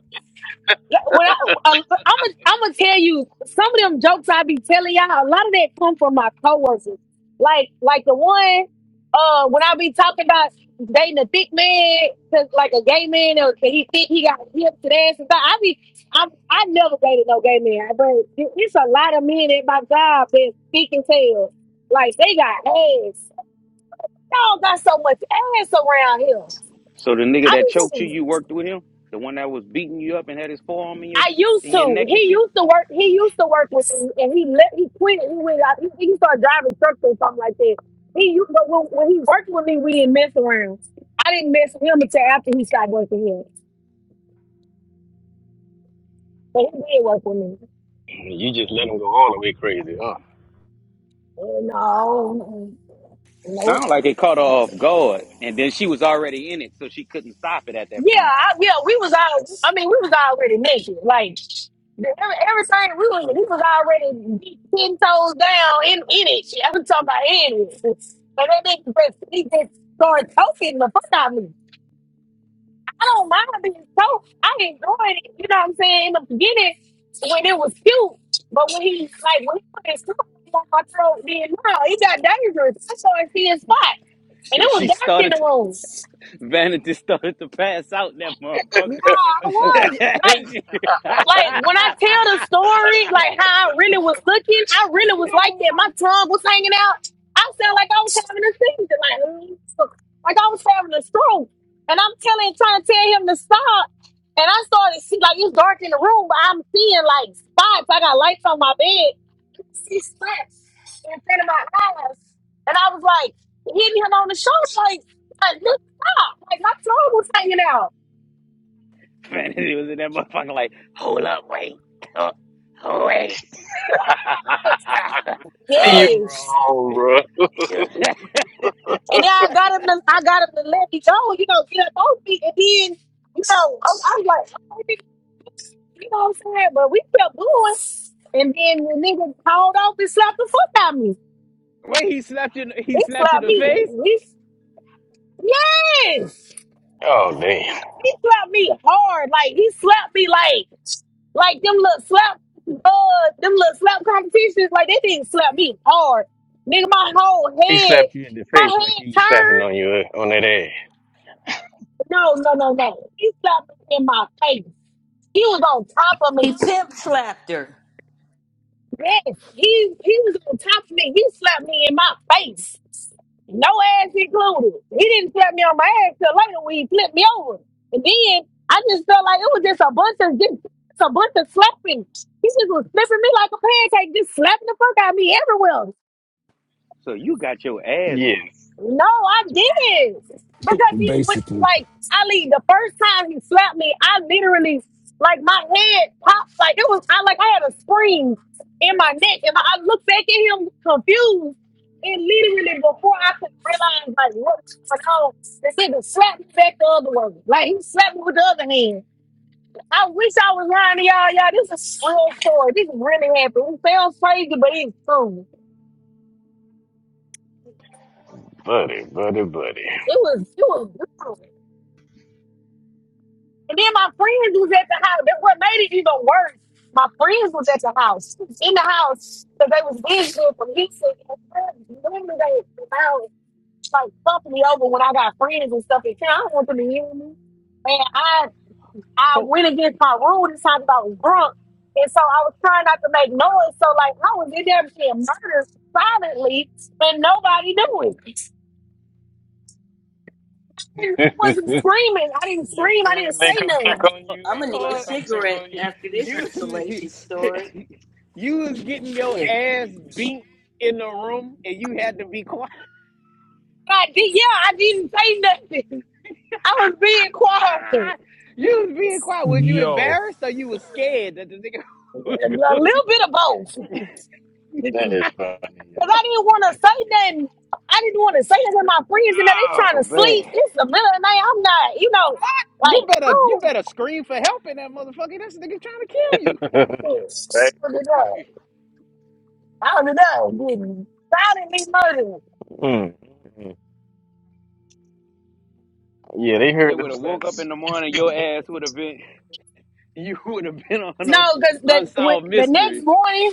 When I, I'm gonna I'm gonna tell you some of them jokes I be telling y'all. A lot of that come from my coworkers. Like like the one uh when I be talking about dating a thick man, 'cause like a gay man, or that he thick, he got hips and ass and stuff. I be I I never dated no gay man, but it- it's a lot of men at my job that thick and tail. Like they got ass. Y'all got so much ass around here.
So the nigga
I
that choked you,
be
you worked with him, the one that was beating you up and had his forearm in your
I used
in your
to.
neck and
He
shit.
used to work. He used to work with me, and he let he quit. He went out. He, he started driving trucks or something like that. He u- but when, when he worked with me, we didn't mess around. I didn't mess with him until after he stopped working here. But he did work with me.
You just let him go all the way crazy, huh?
And uh, no, no,
Sound like it
nope.
caught her off guard, and then she was already in it, so she couldn't stop it at that
Yeah,
point.
I, yeah, we was all. I mean, we was already naked. Like the- every, everything we was, we was already deep, ten toes down in in it. Shit, I'm talking about in it. So that nigga just he just started talking. the fuck out of me. I don't mind being told. I enjoyed it. You know what I'm saying? In the beginning, when it was cute, but when he like when he put his tongue on my throat, then no, it got dangerous. I started seeing spots, and
She,
it
she
was dark in
started
the
to
room.
Vanity started to pass out in that
Nah,
motherfucker.
I was like. like when I tell
She-
the story, like how I really was looking, I really was like that. My tongue was hanging out. I sound like I was having a seizure, like mm, like I was having a stroke. And I'm telling, trying to tell him to stop. And I started see like it's dark in the room, but I'm seeing like spots. I got lights on my bed. I see spots in front of my eyes, and I was like hitting him on the shoulder, like, like look, stop! Like my tongue was hanging out.
Man, he was in that motherfucker like, hold up, wait, oh, oh, wait, oh,
you
Yes.
wrong, bro.
yeah."
And then I got him to I got him to let me go, you know, get up on me. And then, you know, I, I was like, okay, you know what I'm saying? But we kept going. And then the nigga called off and slapped the fuck out of me.
wait. He slapped you. He
He
slapped you in
slapped
the
me.
face.
He, yes!
oh damn.
He slapped me hard. Like he slapped me like like them little slap uh them little slap competitions, like they didn't slap me hard. Nigga, my whole
He
head,
slapped you in the
my
face like he
head
was slapping
turned.
on you uh, on that ass.
No, no, no, no. He slapped me in my face. He was on top of me.
He pimp slapped her.
Yes, he he was on top of me. He slapped me in my face. No ass included. He didn't slap me on my ass till later when he flipped me over. And then I just felt like it was just a bunch of just, just a bunch of slapping. He just was flipping me like a pancake, just slapping the fuck out of me everywhere.
So you got your ass
Yes,
beat.
No, I didn't. Because he was
Basically.
like, Ali, the first time he slapped me, I literally, like, my head popped. Like, it was, I like, I had a spring in my neck. And I looked back at him confused. And literally, before I could realize, like, what was going on, the nigga slapped me back the other way. Like, he slapped me with the other hand. I wish I was lying to y'all. Y'all, this is a real story. This really happened. It sounds crazy, but it's true.
buddy, buddy, buddy.
It was, it was, brutal. And then my friends was at the house. That what made it even worse. My friends was at the house, in the house, because they was visiting from Houston. And Normally they about like fucked me over when I got friends and stuff. And I don't want them to hear me. And I I
Hold
went against my rule this time because I was drunk. And so I was trying not to make noise. So like I was in there being murdered silently and nobody knew it. I wasn't
that
screaming. I didn't scream. I didn't say nothing.
up,
I'm gonna need a
hold- up.
cigarette after this
you
salacious
was-
story.
you was getting your
Here.
ass beat in the room, and you had to be quiet.
I did, yeah, I didn't say nothing. I was being quiet.
You was being quiet. Was you
Yo.
embarrassed or you was scared that the nigga was
A
going?
little bit of both. Because
is funny,
I didn't want to say nothing. I didn't want to say it to my friends, and now they trying to
Oh
sleep.
man.
It's the middle of the night. I'm not, you know,
You
like,
better you
oh,
better scream for help in that motherfucker. This nigga trying to kill you.
yeah. right?
I don't know. Getting silently murdered.
Mm, mm. Yeah, they
They
heard them
would have woke up
slaps.
in the morning. Your ass would have been. You would have been on
No,
a
because the, when-
unsolved
the next
mysteries.
morning,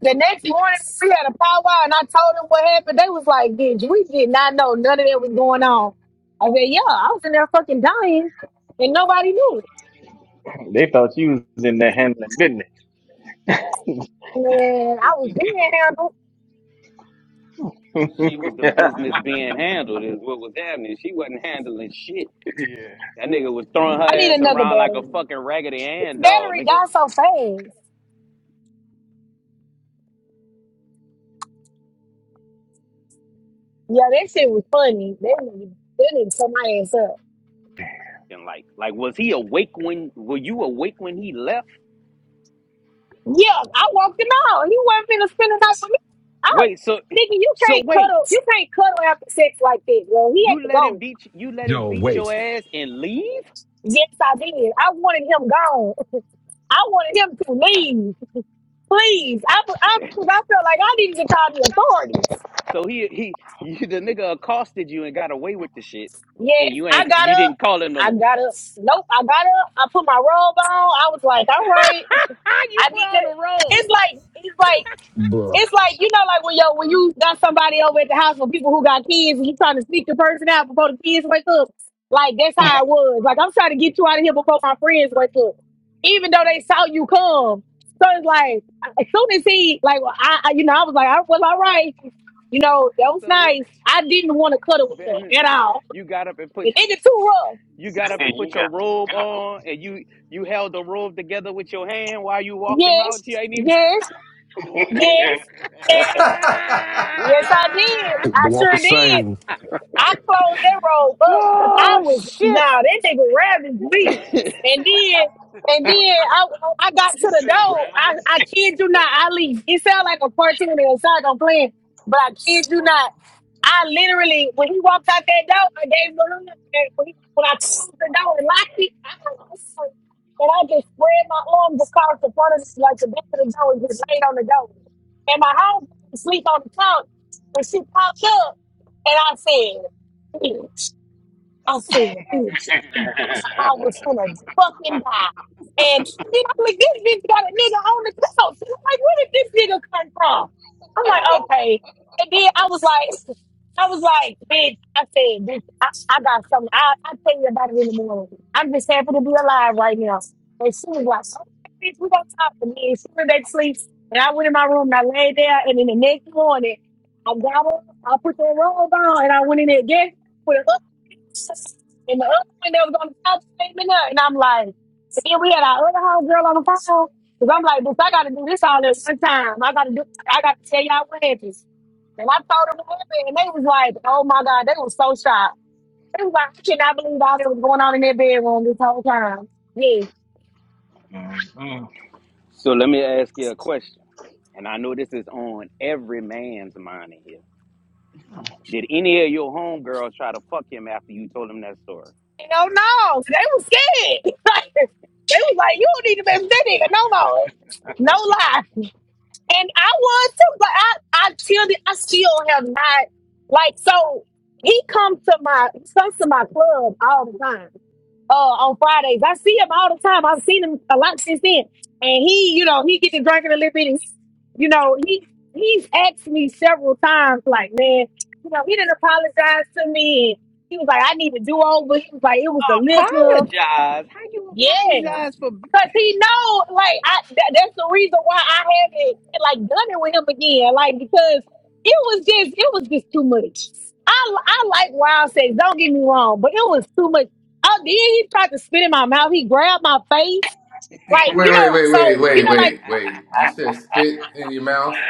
The next morning, we had a powwow, and I told them what happened. They was like, "Bitch, we did not know none of that was going on." I said, "Yeah, I was in there fucking dying, and nobody knew it.
They thought you was in there handling
Man, I was being handled.
business.
She was the
yeah.
business being handled. Is what was happening. She wasn't handling shit. That nigga was throwing
I
her
need
ass
another
around like a
battery.
fucking raggedy
This
Ann doll,
battery
nigga.
died so fast. Yeah, that shit was funny. That nigga, that nigga tore my ass up.
And like, like, was he awake when? Were you awake when he left?
Yeah, I walked him out. He wasn't finna spend the night with me. I,
Wait, so,
nigga, you
so
can't
wait.
cuddle. You can't cuddle after sex like that, bro. He had
You
to
let him
go.
beat you let him
Yo,
beat your
wait.
ass and leave?
Yes, I did. I wanted him gone. I wanted him to leave. Please. I, I, 'cause I felt like I needed to call the authorities.
So he he you, the nigga accosted you and got away with the shit, and
Yes,
you
I
ain't
got
you
up.
didn't call him no
I
more.
got up. Nope, I got up. I put my robe on. I was like, all right,
you
I
put
need to.
on the robe.
It's like, it's like
Bruh.
It's like you know, like when yo, when you got somebody over at the house with people who got kids, and you trying to sneak the person out before the kids wake up. Like that's how it was. Like I'm trying to get you out of here before my friends wake up, even though they saw you come. So it's like as soon as he like, well, I, I you know, I was like, I was all right. You know, that was
So
nice. I didn't want to cuddle with him at
Vanity,
all.
you got up and put
The nigga too rough.
you got up and put your robe on, and you you held the robe together with your hand while you walked him
Yes,
out. She ain't even.
yes, yes, eh, yes. I did.
The
I
walk of
sure did.
shame.
I closed that robe up because I
oh
was
shit!
nah, that nigga ravaged me. And then and then I I got to the door. I, I kid you not, I leave. It sound like a cartoon inside I'm playing, but I kid you not. I literally when he walked out that door, I gave him a look and when, he, when I closed the door and locked it, I was like, and I just spread my arms across the front of the, like the back of the door and just laid on the door. And my home sleep on the couch and she popped up and I said, bitch. I said, bitch, I was gonna fucking die. And then I'm like, this bitch got a nigga on the couch. I'm like, where did this nigga come from? I'm like, okay. And then I was like, I was like, bitch, I said, bitch, I, I got something. I, I'll tell you about it in the morning. I'm just happy to be alive right now. And she was like, okay, bitch, we gonna talk to me. And she went back to sleep. And I went in my room and I laid there. And then the next morning, I got up, I put that robe on, and I went in there again and the other one that was on the couch came in there, and I'm like, and then we had our other homegirl on the phone. Cause I'm like, bitch, I gotta do this all at one time. I gotta do, I gotta tell y'all what happened. And I told them what happened, and they was like, oh my God, they was so shocked. They was like, I cannot believe all that was going on in their bedroom this whole time. Yeah.
So let me ask you a question, and I know this is on every man's mind in here. Did any of your homegirls try to fuck him after you told him that story?
You know, no, they was scared. Like, they was like, you don't need to mess with that nigga. No, no. No lie. And I was too, but I, I still, I still have not like so. He comes to my he comes to my club all the time. Uh, on Fridays, I see him all the time. I've seen him a lot since then, and he, you know, he gets to drinking a little bit, and he, you know, he he's asked me several times, like, man, you know, he didn't apologize to me, and he was like, I need to do over. He was like, it was the liquor.
Apologize? How you
Yes,
apologize for?
cause he know, like I. That, that's the reason why I haven't like done it with him again. Like because it was just, it was just too much. I, I like wild sex. Don't get me wrong, but it was too much. Oh, then he tried to spit in my mouth. He grabbed my face, like
Wait,
you know.
wait, wait,
So
wait,
you
wait,
know, like
wait, wait. You said spit in your mouth?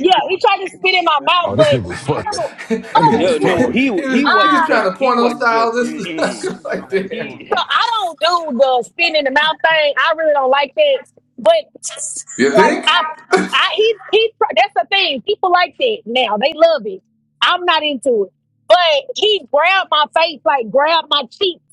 yeah, he tried to spit in my mouth,
Oh, this
but
nigga was
I
fucking.
don't,
he,
I
That nigga was
don't
Dude,
do.
no,
fucking.
he
was,
he
he was
wasn't
trying
just
to
he
porno
wasn't
style
just
this. I
mm-mm.
was like, damn.
So
He
I don't do the spin in the mouth thing. I really don't like that. But
You
like
think?
I, I he he. That's the thing. People like that now. They love it. I'm not into it. But he grabbed my face, like grabbed my cheeks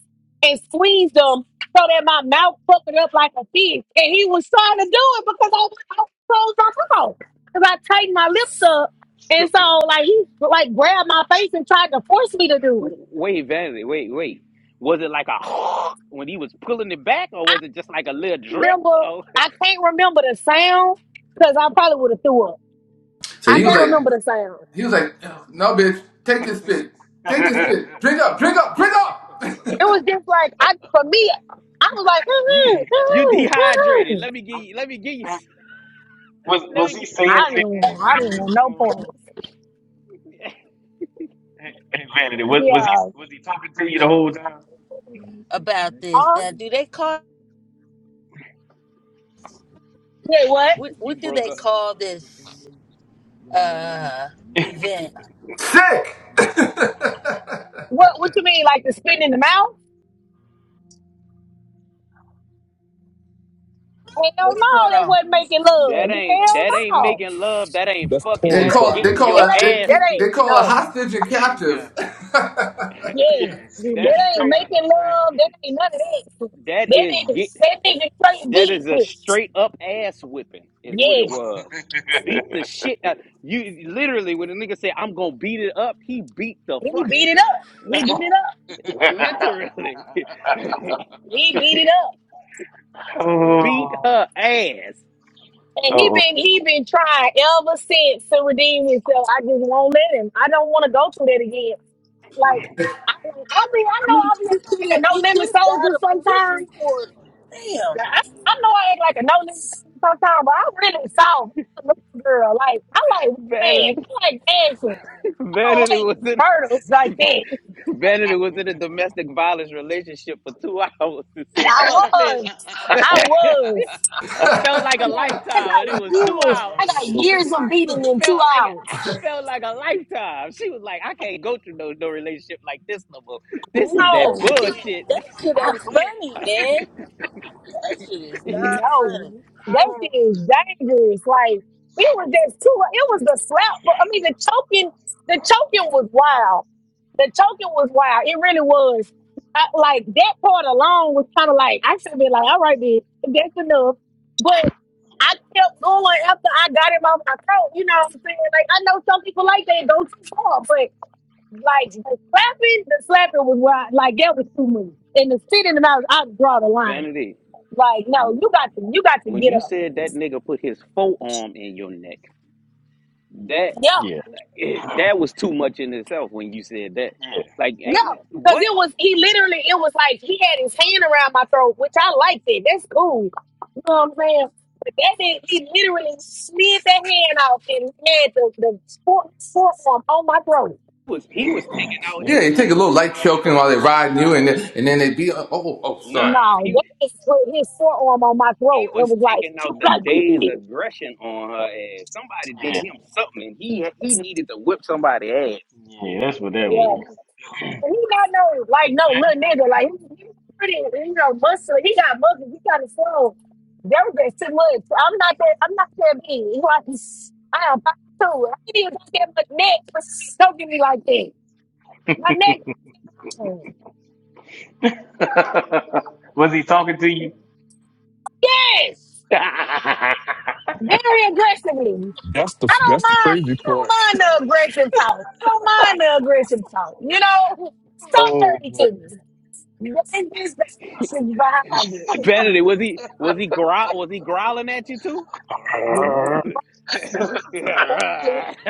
and squeezed them so that my mouth fucking up like a fish. And he was trying to do it because I, I closed my mouth because I tightened my lips up.
so,
And so like he like grabbed my face and tried to force me to do it.
wait, Vanity, wait, wait. Was it like a when he was pulling it back, or was it just like a little drip?
remember.
Oh,
I can't remember the sound because I probably would have threw up.
So
I
he was
can't
like,
remember the sound.
he was like, no, bitch, take this spit. Take this spit. Drink up, drink up, drink up.
It was just like I for me. I was like, mm-hmm,
you you
mm-hmm,
dehydrated.
mm-hmm.
Let me give you. Let me give you. s- Let me. Get,
I didn't want, I didn't want no points. Yeah.
About this
Huh?
now, do they call
Wait, what?
what?
you
What do
broke
they
up.
call this uh event?
Sick.
What? What you mean? Like the spit in the mouth? Hell
What's
no,
going
that
on?
wasn't making
That
love.
ain't
That's
Hell
that ain't
no,
making love. That ain't
that's
fucking.
they
porn
That's
call they
fucking.
getting
call
that
your
a
ain't,
they,
ass
that
beat.
they
ain't
call a
no.
hostage and captive.
Yeah,
That's
that ain't
straight.
making love. That ain't none of that.
That
That
is
nigga,
get.
that nigga straight
That is a
deep.
straight up ass whipping, is what it
Yeah,
was. Beat the shit out. You literally, when the nigga said, I'm gonna beat it up, he beat the
He
fuck,
beat it up. He beat it up.
literally,
He beat it up.
beat
oh,
her ass.
And he been
oh,
he been trying ever since to redeem himself. I just won't let him. I don't want to go through that again. Like I, I mean, I
I
know
mean,
I be
you
acting like
could
a
have
no
you
limit
could have got
soldier
a police
sometimes.
report. Damn,
Like, I, I know I act like a no limit soldier sometimes, but I really soft I'm a little girl. Like I like man.
Vanity,
I like action. I don't
Vanity was
like
in,
murders like that.
Vanity was in a domestic violence relationship for two hours and said,
I
fuck this.
was. I was.
Felt
yeah,
like a
No, I
lifetime, and
got
it was two
years.
hours.
I got years of beating in two
felt like I
hours.
felt like a lifetime. She was like, I can't go through no no relationship like this no more. This is that
that
No,
shit,
bullshit.
that shit ain't funny, man. That shit is not
no,
funny.
that shit is dangerous. Like it was just two. It was the slap, but I mean the choking. The choking was wild. The choking was wild. It really was. I, like that part alone was kind of like I should have been like, all right, then that's enough. But I kept going after I got him off my throat. You know what I'm saying? Like I know some people like that go too far, but. Like the slapping, the slapping was where I, like that was too much. And the sitting and I was I draw the line.
Vanity,
Like, no, you got to you got to
when
get
you
up.
said that nigga put his forearm in your neck, that
yeah,
no,
that was too much in itself when you said that.
yeah,
Like, ain't-
no. Cause
what
it was he literally it was like he had his hand around my throat, which I liked it. That's cool. You know what I'm saying? But that did he literally slid that hand off and had the, the fore- forearm on my throat.
was he was taking out
yeah,
they take a little light choking while they're riding you, and then, and
his?
then they be oh oh oh,
Nah,
sorry.
he
No,
he
that is his forearm on my throat. It
was
was like,
taking out
you
the
got to
day's
get
aggression on her ass. Somebody did him something, and he he needed to whip somebody's ass
yeah. That's what that
it.
And
was.
And He not no like no little nigga. Like he, he pretty, you know, muscular. He got muscles. He kind of slow. That was just too much. I'm not that. I'm not that big. He like I am five two. I ain't even got that much neck. But don't give me like that. My neck, yes, very aggressively.
That's the
I don't
that's the
mind.
crazy
I don't
part.
mind the aggressive talk. I don't mind the aggressive talk. You know, talk
Oh,
dirty to
buddy.
me. This is the actions
Vanity, was he was he growl was he growling at you too?
behind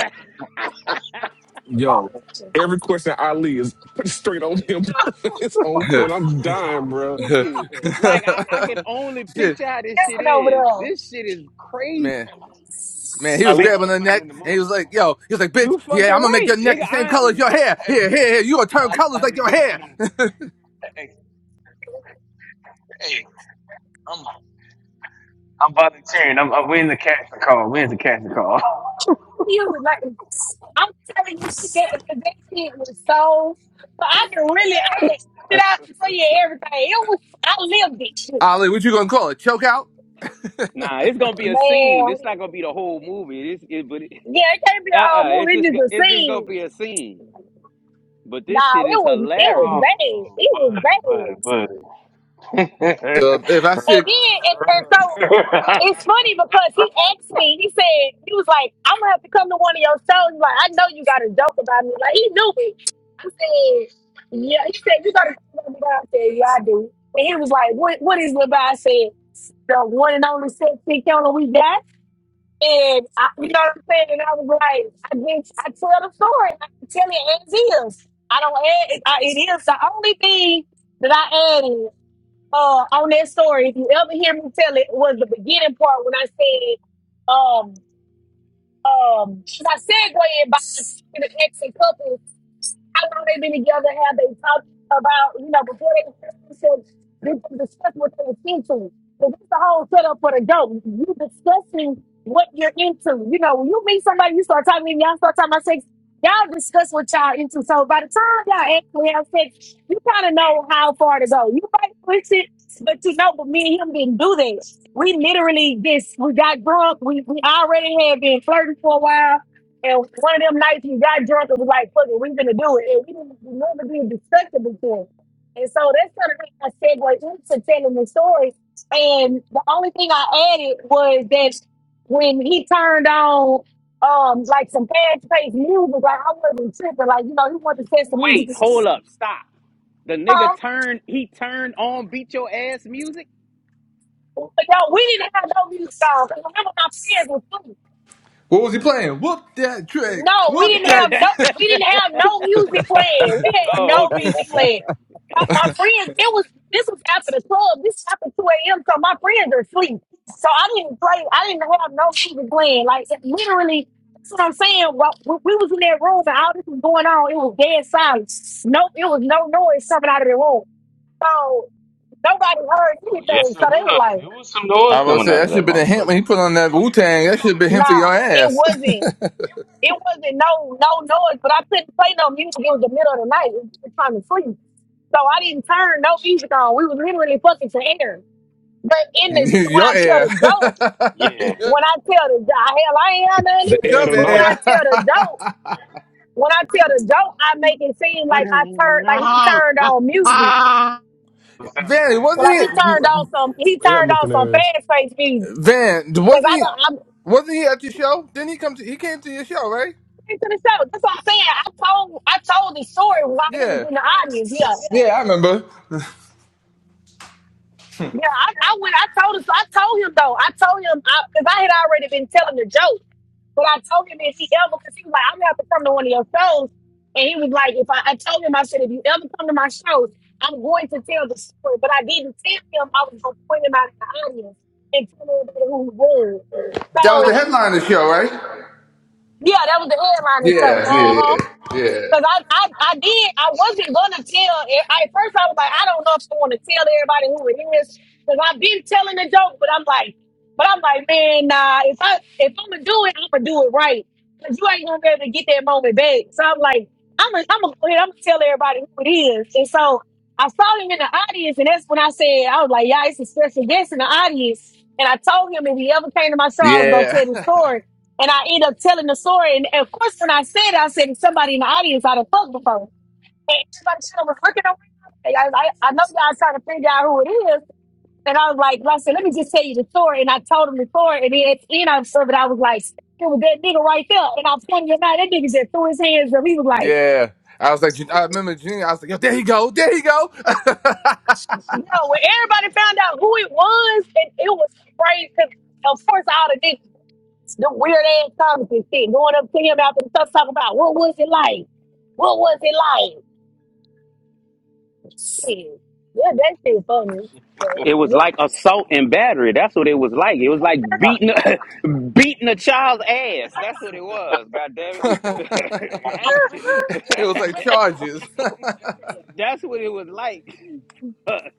Yo,
it.
every question Ali is straight on him. it's on point. I'm dying, bro.
Shit,
like I, I can only picture how this shit
Stand over
is.
there.
This shit is crazy.
man. Man, he
I
was
leave about
grabbing
to
her
put it
neck
in the
and he
movie.
was like, yo, he was like, bitch,
You fucking
yeah, I'm gonna make
right,
your neck
nigga.
the same color as
I'm
your hair. Here, here, here, you gonna turn colors like your hair.
You was like, I'm telling you, she got because that shit was so. But I can really, I can sit out and tell you everything. It was, I lived it. Shit.
Ollie, what you gonna call it? Choke out?
nah. It's gonna be a scene.
Man,
It's not gonna be the whole movie. It's it, but it,
yeah, it can't be a
uh,
whole
uh it's
movie.
just
It's
go-
just a
it's just gonna
scene.
be a scene. But this
Nah,
shit
it
is
was, it was
hilarious.
bad. It was bad.
Buddy,
So
buddy.
if I said,
And then, and, and so It's funny because he asked me, he said, he was like, I'm gonna have to come to one of your shows. He's Like, I know you got a joke about me. Like, he knew me. I said, yeah, he said, you got a joke about me. I said, yeah, I do. And he was like, what, what is it about? I said, the one and only sexy counter we got. And I, you know what I'm saying? And I was like, I think I tell the story. I can tell it as is. I don't add, I, it is the only thing that I added uh, on that story, if you ever hear me tell it, was the beginning part when I said, um, um, as I segue in by talking to ex and couples, how long they been together? Have they talked about you know before they said did they discuss what they were into? But that's the whole setup for the dope. You discussing what you're into. You know, when you meet somebody, you start talking, y'all start talking about sex. Y'all discuss what y'all into. So by the time y'all actually have sex, you kind of know how far to go. You might push it, but you know, but me and him didn't do that. We literally just we got drunk. We we already had been flirting for a while, and one of them nights we got drunk and was like, "Fuck it, we gonna do it." And we didn't we never been disgusted before, and so that's kind of like a segue into telling the story. And the only thing I added was that when he turned on um like some fast paced music, like I wasn't tripping. Like you know, he wanted to set some music.
Wait, hold up, stop. The nigga
Huh?
turned. He turned on beat your ass music.
But yo, we didn't have no music on. Remember, my friends was
what was he playing? Whoop that trick.
No, we
Whoop
didn't have
that
no
trick.
we didn't have no music playing. We had no
oh, okay.
music playing. My, my friends, it was this was after the club. This happened two AM, so my friends are asleep. So I didn't play I didn't have no music playing. Like it literally that's what I'm saying. Well, we, we was in that room and all this was going on. It was dead silence. No, it was no noise coming out of the room. So nobody heard
Oh yes,
anything.
it
So they was
was.
like,
There was some noise
I was gonna
coming
say,
out
that
of
should
that
have been a hint when
motherfucker.
he put on that Wu Tang. That should have been him for
nah,
your
it
ass.
wasn't. it wasn't no no noise, but I couldn't play no music. It was the middle of the night. It was just trying to sleep. So I didn't turn no music on. We was literally fucking to air. But in the when I
your
tell the
ass.
dope,
yeah,
when I tell the do- hell, I ain't had none
The air
either.
Come
But when
tonight,
I
here.
tell the dope, when I tell the dope, I make it seem like I turned like he turned on music.
Vanny,
So
wasn't
like he
it?
turned on some he
air
turned on
looking
some
ass,
fast face music.
Van,
Cause
wasn't
I
he?
don't I'm
Wasn't he at your show? Didn't he come to? He came to your show, right?
into the show. That's what I'm saying. I told I told the story while he was
Yeah.
in the audience. Yeah.
Yeah, I remember.
Yeah, I, I went. I told him. So I told him though. I told him because I, 'cause I had already been telling the joke, but I told him if he ever, because he was like, "I'm gonna have to come to one of your shows," and he was like, "If I," I told him, I said, "If you ever come to my shows, I'm going to tell the story," but I didn't tell him I was gonna point him out in the audience and tell everybody who he was.
That was the
So
headline of the show, right?
yeah, that was the headline. And so,
Yeah,
uh
yeah,
huh. Cause I,
yeah,
I, I did. I wasn't gonna tell. e- I, at first, I was like, I don't know if I want to tell everybody who it is. Cause I've been telling the joke, but I'm like, but I'm like, man, nah. If I, if I'm gonna do it, I'm gonna do it right. Cause you ain't gonna be able to get that moment back. So I'm like, I'm gonna, I'm gonna go ahead. I'm gonna tell everybody who it is. And so I saw him in the audience, and that's when I said, I was like, yeah, it's a special guest in the audience. And I told him if he ever came to my show, I was gonna
yeah,
tell the story. And I end up telling the story. And of course, when I said it, I said to somebody in the audience I'd have fucked before. And everybody sort of was looking around. And I, I, I know y'all trying to figure out who it is. And I was like, well, I said, let me just tell you the story. And I told him the story. And then at the end of it, I was like, it was that nigga right there. And I pointed him out. That nigga just threw his hands up. He was like,
yeah. I was like, I remember Junior. I was like, yo, there you go, there you go.
no, when everybody found out who it was, and it was crazy. 'Cause Of course, all the niggas, the weird ass comments and shit, going up to him after the stuff, talking about what was it like? What was it like? Hey, yeah, that shit funny. But
It was
what?
like assault and battery. That's what it was like. It was like beating a, beating a child's ass. That's what it was. God damn it.
it was like charges.
that
That's what it was like.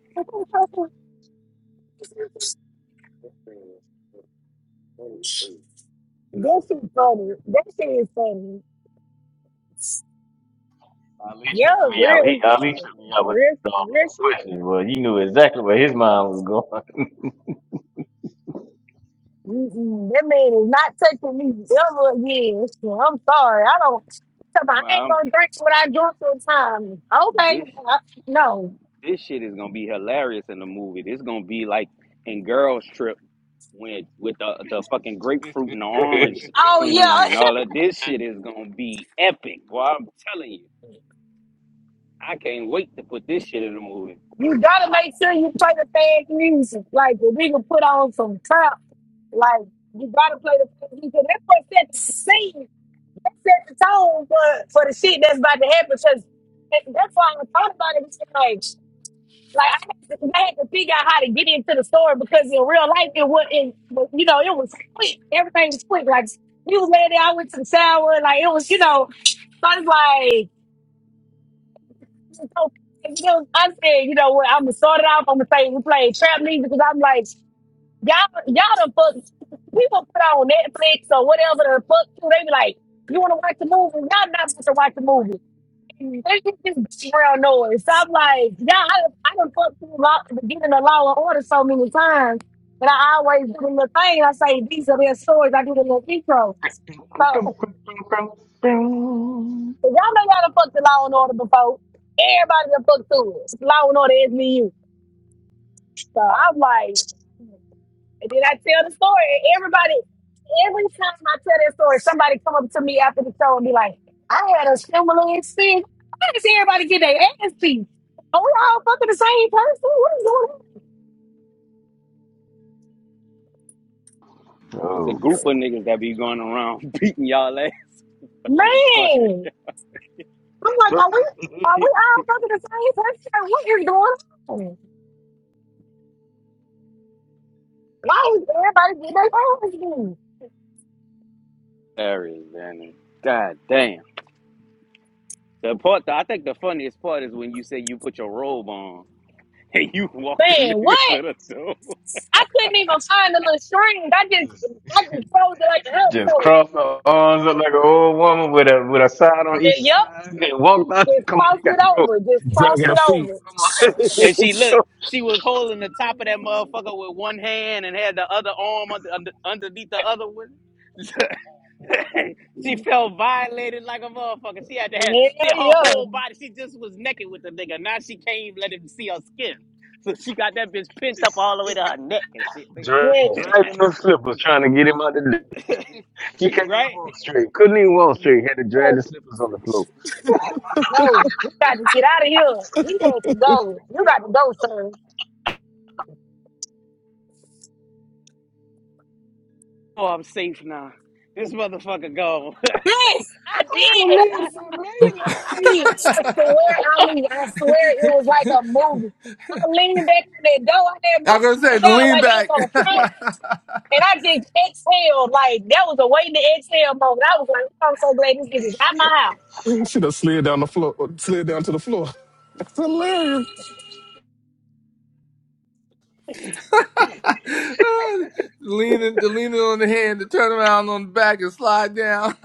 shit funny. That shit is funny.
Ali tripped
Yeah,
me out. He
real,
Ali tripped me out with
real,
all
real
those
shit.
questions. Well, you knew exactly where his mind was going.
Mm-mm, that man is not touching me ever again. I'm sorry. I don't. I ain't
Mom,
gonna drink what I drink for time. Okay.
this
I- no.
this shit is gonna be hilarious in the movie. This gonna be like in Girls Trip when with the the fucking grapefruit and the orange
Oh yeah.
scene and all that. This shit is gonna be epic. Boy, I'm telling you, I can't wait to put this shit in the movie.
You gotta make sure you play the fans music. Like if we can put on some trap, like you gotta play the fans music. That's what set the scene. That set the tone for, for the shit that's about to happen. Because that- that's why I was talking about it. It's just like, like I had, to, I had to figure out how to get into the store because in real life it wasn't. You know, it was quick. Everything was quick. Like you was laying there, I went to the shower. Like it was, you know. So it's like so because I said, you know what, I'm gonna start it off. I'm gonna say we played trap music because I'm like, y'all, y'all done fuck. People put on Netflix or whatever the fuck too. They be like, you want to watch the movie? Y'all not supposed to watch the movie. They just just background noise. So I'm like, y'all, I, I done fucked through law, getting the law and order so many times. And I always do the little thing. I say these are their stories. I do the little intro. So y'all know y'all done fucked the law and order before. Everybody done fucked through it. Law and order is SVU. So I'm like, and then I tell the story. and Everybody, every time I tell that story, somebody come up to me after the show and be like, I had a similar experience. Why does everybody get their ass beat? Are we all fucking the same person? What is going on?
It's a
oh,
group of
man.
niggas that be going around beating y'all ass. they fucking
Man. I'm like, are we are we
shit.
all fucking the same person? What is going on? Why is everybody getting their ass beat?
Hilarious, man. God damn. The part, I think the funniest part is when you say you put your robe on and you walk the
Man,
nigga
what?
to the door.
I couldn't even find the little string. I just I just closed it like a
She just
household.
crossed her arms up like an old woman with a with a side on each
Yup.
side and walked out.
Just
Come on,
cross
you got
it
to go.
over. Just
You
cross
dragging her
it
got to go.
feet.
over.
And
Come
she
on.
looked,
Should
she was holding the top of that motherfucker with one hand and had the other arm under, under, underneath the other one. she felt violated like a motherfucker. She had to have she
Hell
her
yeah.
whole body. She just was naked with the nigga. Now she can't even let him see her skin. So she got that bitch pent up all the way to her neck and shit,
Dra-
Yeah.
nigga.
dragging those slippers, trying to get him out of the. He can't even
right?
walk straight. Couldn't even walk straight. Had to drag the slippers on the floor.
No, we got to get out of here. You got to go. You got to go, sir.
Oh, I'm safe now. This motherfucker gone.
Yes, I did.
Oh man,
I swear, I swear, Ali, I swear it was like a movie. I leaned back in that door, I had my
I'm gonna say
arms
the
out
lean
like I was
back,
on a phone, and I just exhaled. Like, that was a waiting to exhale moment. I was like, I'm so glad this nigga's out my house.
have slid down the floor, slid down to the floor. That's hilarious.
leaning, the leaning on the hand, the turn around on the back and slide down.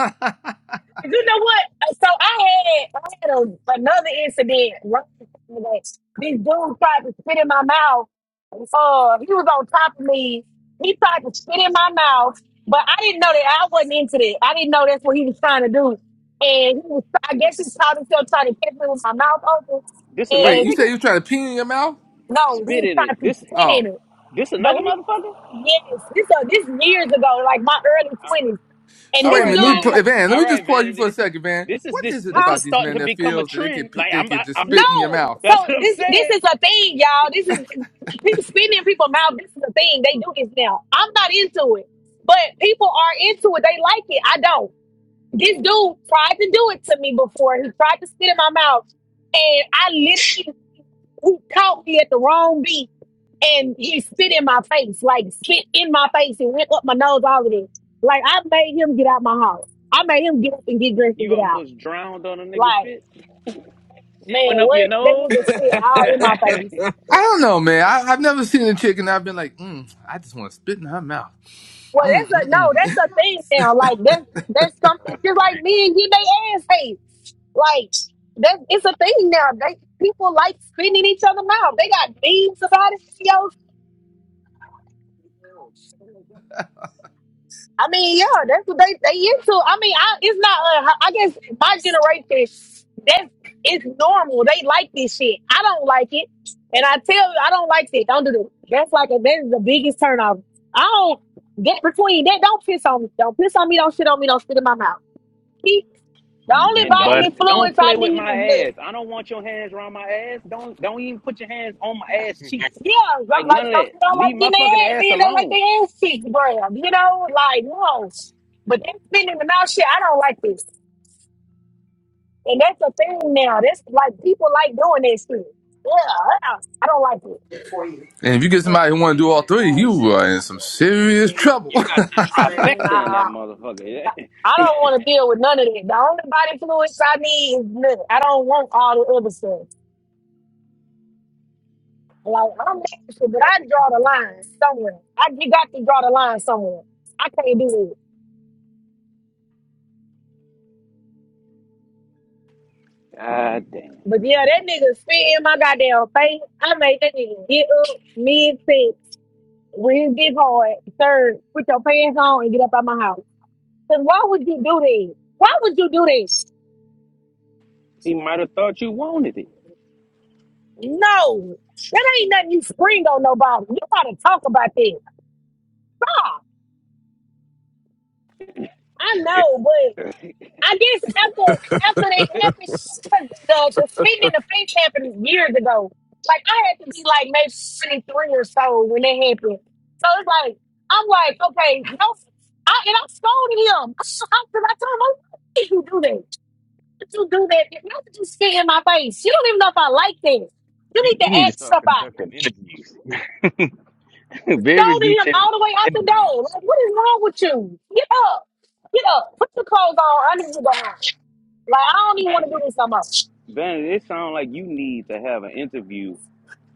You know what? So I had I had a, another incident right after that. This dude tried to spit in my mouth. Uh, he was on top of me. He tried to spit in my mouth, but I didn't know that I wasn't into that. I didn't know that's what he was trying to do. And he was, I guess he caught himself trying to catch me with my mouth open.
this another
Wait,
And
you said
nigga?
you were trying to pee in your mouth?
no, he
Spit
was
in it.
trying to
This
spit
Oh.
in it.
this
But
another
he,
motherfucker?
yes, this uh, this years ago, like my early twenties. And
So
All
this
wait a
right,
minute, let me,
dude,
Vanity.
pu- Van. Let
All
me
right,
just pause you
Vanity.
for a
This is
second, Van.
this is
What
this
is it
this
huh?
is
about these
starting
men
to
that
become a
feels that they
trend.
could pe-
Like
they
I'm
could just
I'm
spit in your
No,
mouth?
so
that's what I'm
this this
saying.
is a thing, y'all. This is pe- spitting in people's mouth. This is a thing. They do this now. I'm not into it, but people are into it. They like it. I don't. This dude tried to do it to me before. He tried to spit in my mouth, and I literally he caught me at the wrong beat, and he spit in my face, like spit in my face, and went up my nose. All of this. Like I made him get out my house. I made him get up and get dressed and
You
get out.
almost drowned on a nigga's
Like
spit. Shit
man,
went up
what
your
that
nose.
nigga spit all in my face.
and
I don't know, man. I, I've never seen a chick and I've been like, mm, I just want to spit in her mouth.
Well,
Mm,
that's a
mm,
no.
mm.
That's a thing now. Like that. That's something.
that's
Just like
crazy.
men get their ass hate. Like that. It's a thing now. They people like spitting in each other mouth. They got memes about it. Yo. I mean, yeah, that's what they they into. I mean, I it's not. Uh, I guess my generation, that's it's normal. They like this shit. I don't like it, and I tell you, I don't like it. Don't do that. That's like a, that is the biggest turnoff. I don't get between that. Don't piss on me. Don't piss on me. Don't shit on me. Don't spit in my mouth. Keep the only
Mm, But
bodily
it's-
don't
so-
don't
fluids I
play
well,
with
need
my
is lip.
ass. I don't want your hands around my ass. Don't don't even put your hands on my ass cheeks.
Yeah, lo-
Like
like
none of
some
that.
people don't
Leave
like
my
getting
fucking
their ass,
ass
men don't like
alone.
their ass cheeks grabbed. You know, like no. But that spitting in the mouth shit, I don't like this. And that's the thing now. That's like people like doing that shit. Yeah, I don't like
And if you get somebody who want to do all three, you are in some
it.
serious trouble.
You got the trifecta in that
Nah,
motherfucker.
I don't want to deal with none of that. The only body fluids I need is blood. I don't want all the other stuff. Like I'm extra, but
yeah,
I
I
draw the
mean,
line somewhere. I you got to draw the line somewhere. I can't do it.
Yeah. Ah damn.
But yeah, that nigga spit in my goddamn face. I made that nigga get up mid six when it get hard. Third, put your pants on and get up out my house. Then why would you do this? Why would you do this?
He might have thought you wanted it.
No, that ain't nothing you spring on nobody. You gotta talk about this. Ah, I know, but I guess after after that happened, sh- the the spinning the pink happened years ago. Like I had to be like maybe twenty three or so when that happened. So it's like I'm like, okay, no, I and I scolded him. I, I, I told him, why would you do that? Don't you do that? if Not just spit in my face. You don't even know if I like this. You
you,
need to
you need to
ask
start
somebody.
conducting interviews, very
Stoning him
detailed
all the way out the door.
interviews.
Like, what is wrong with you? Get up. Get up. Put your clothes on. I need you to home. Like, I don't even want
Ben,
to do this no more.
ben, it sounds like you need to have an interview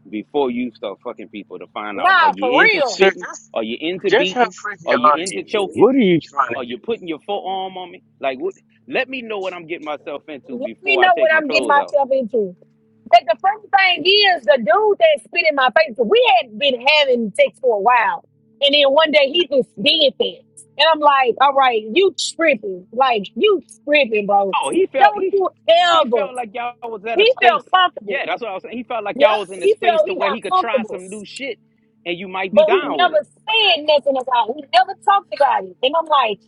before you start fucking people to find out
Nah,
are
for
you into
real.
spitting?
Sure.
Are you into beating? Are you into choking?
What are you trying to
Are
do?
you putting your forearm on me? Like, what? Let me know what I'm getting myself into
Let me
before I
know what
take my
I'm getting
clothes out.
myself into. But the first thing is the dude that spit in my face. We had been having sex for a while, and then one day he just did that, and I'm like, "All right, you tripping? Like you tripping, bro?
Oh, he felt
Don't
he
you
he
ever?"
felt like y'all was at a
He
space.
felt comfortable.
Yeah, that's what I was saying. He felt like
Yep,
y'all was in a
he
space
felt
to
he
where
got
he could try
comfortable,
some new shit, and you might be
but he
down with
never
it.
said nothing about it. He never talked about it, and I'm like,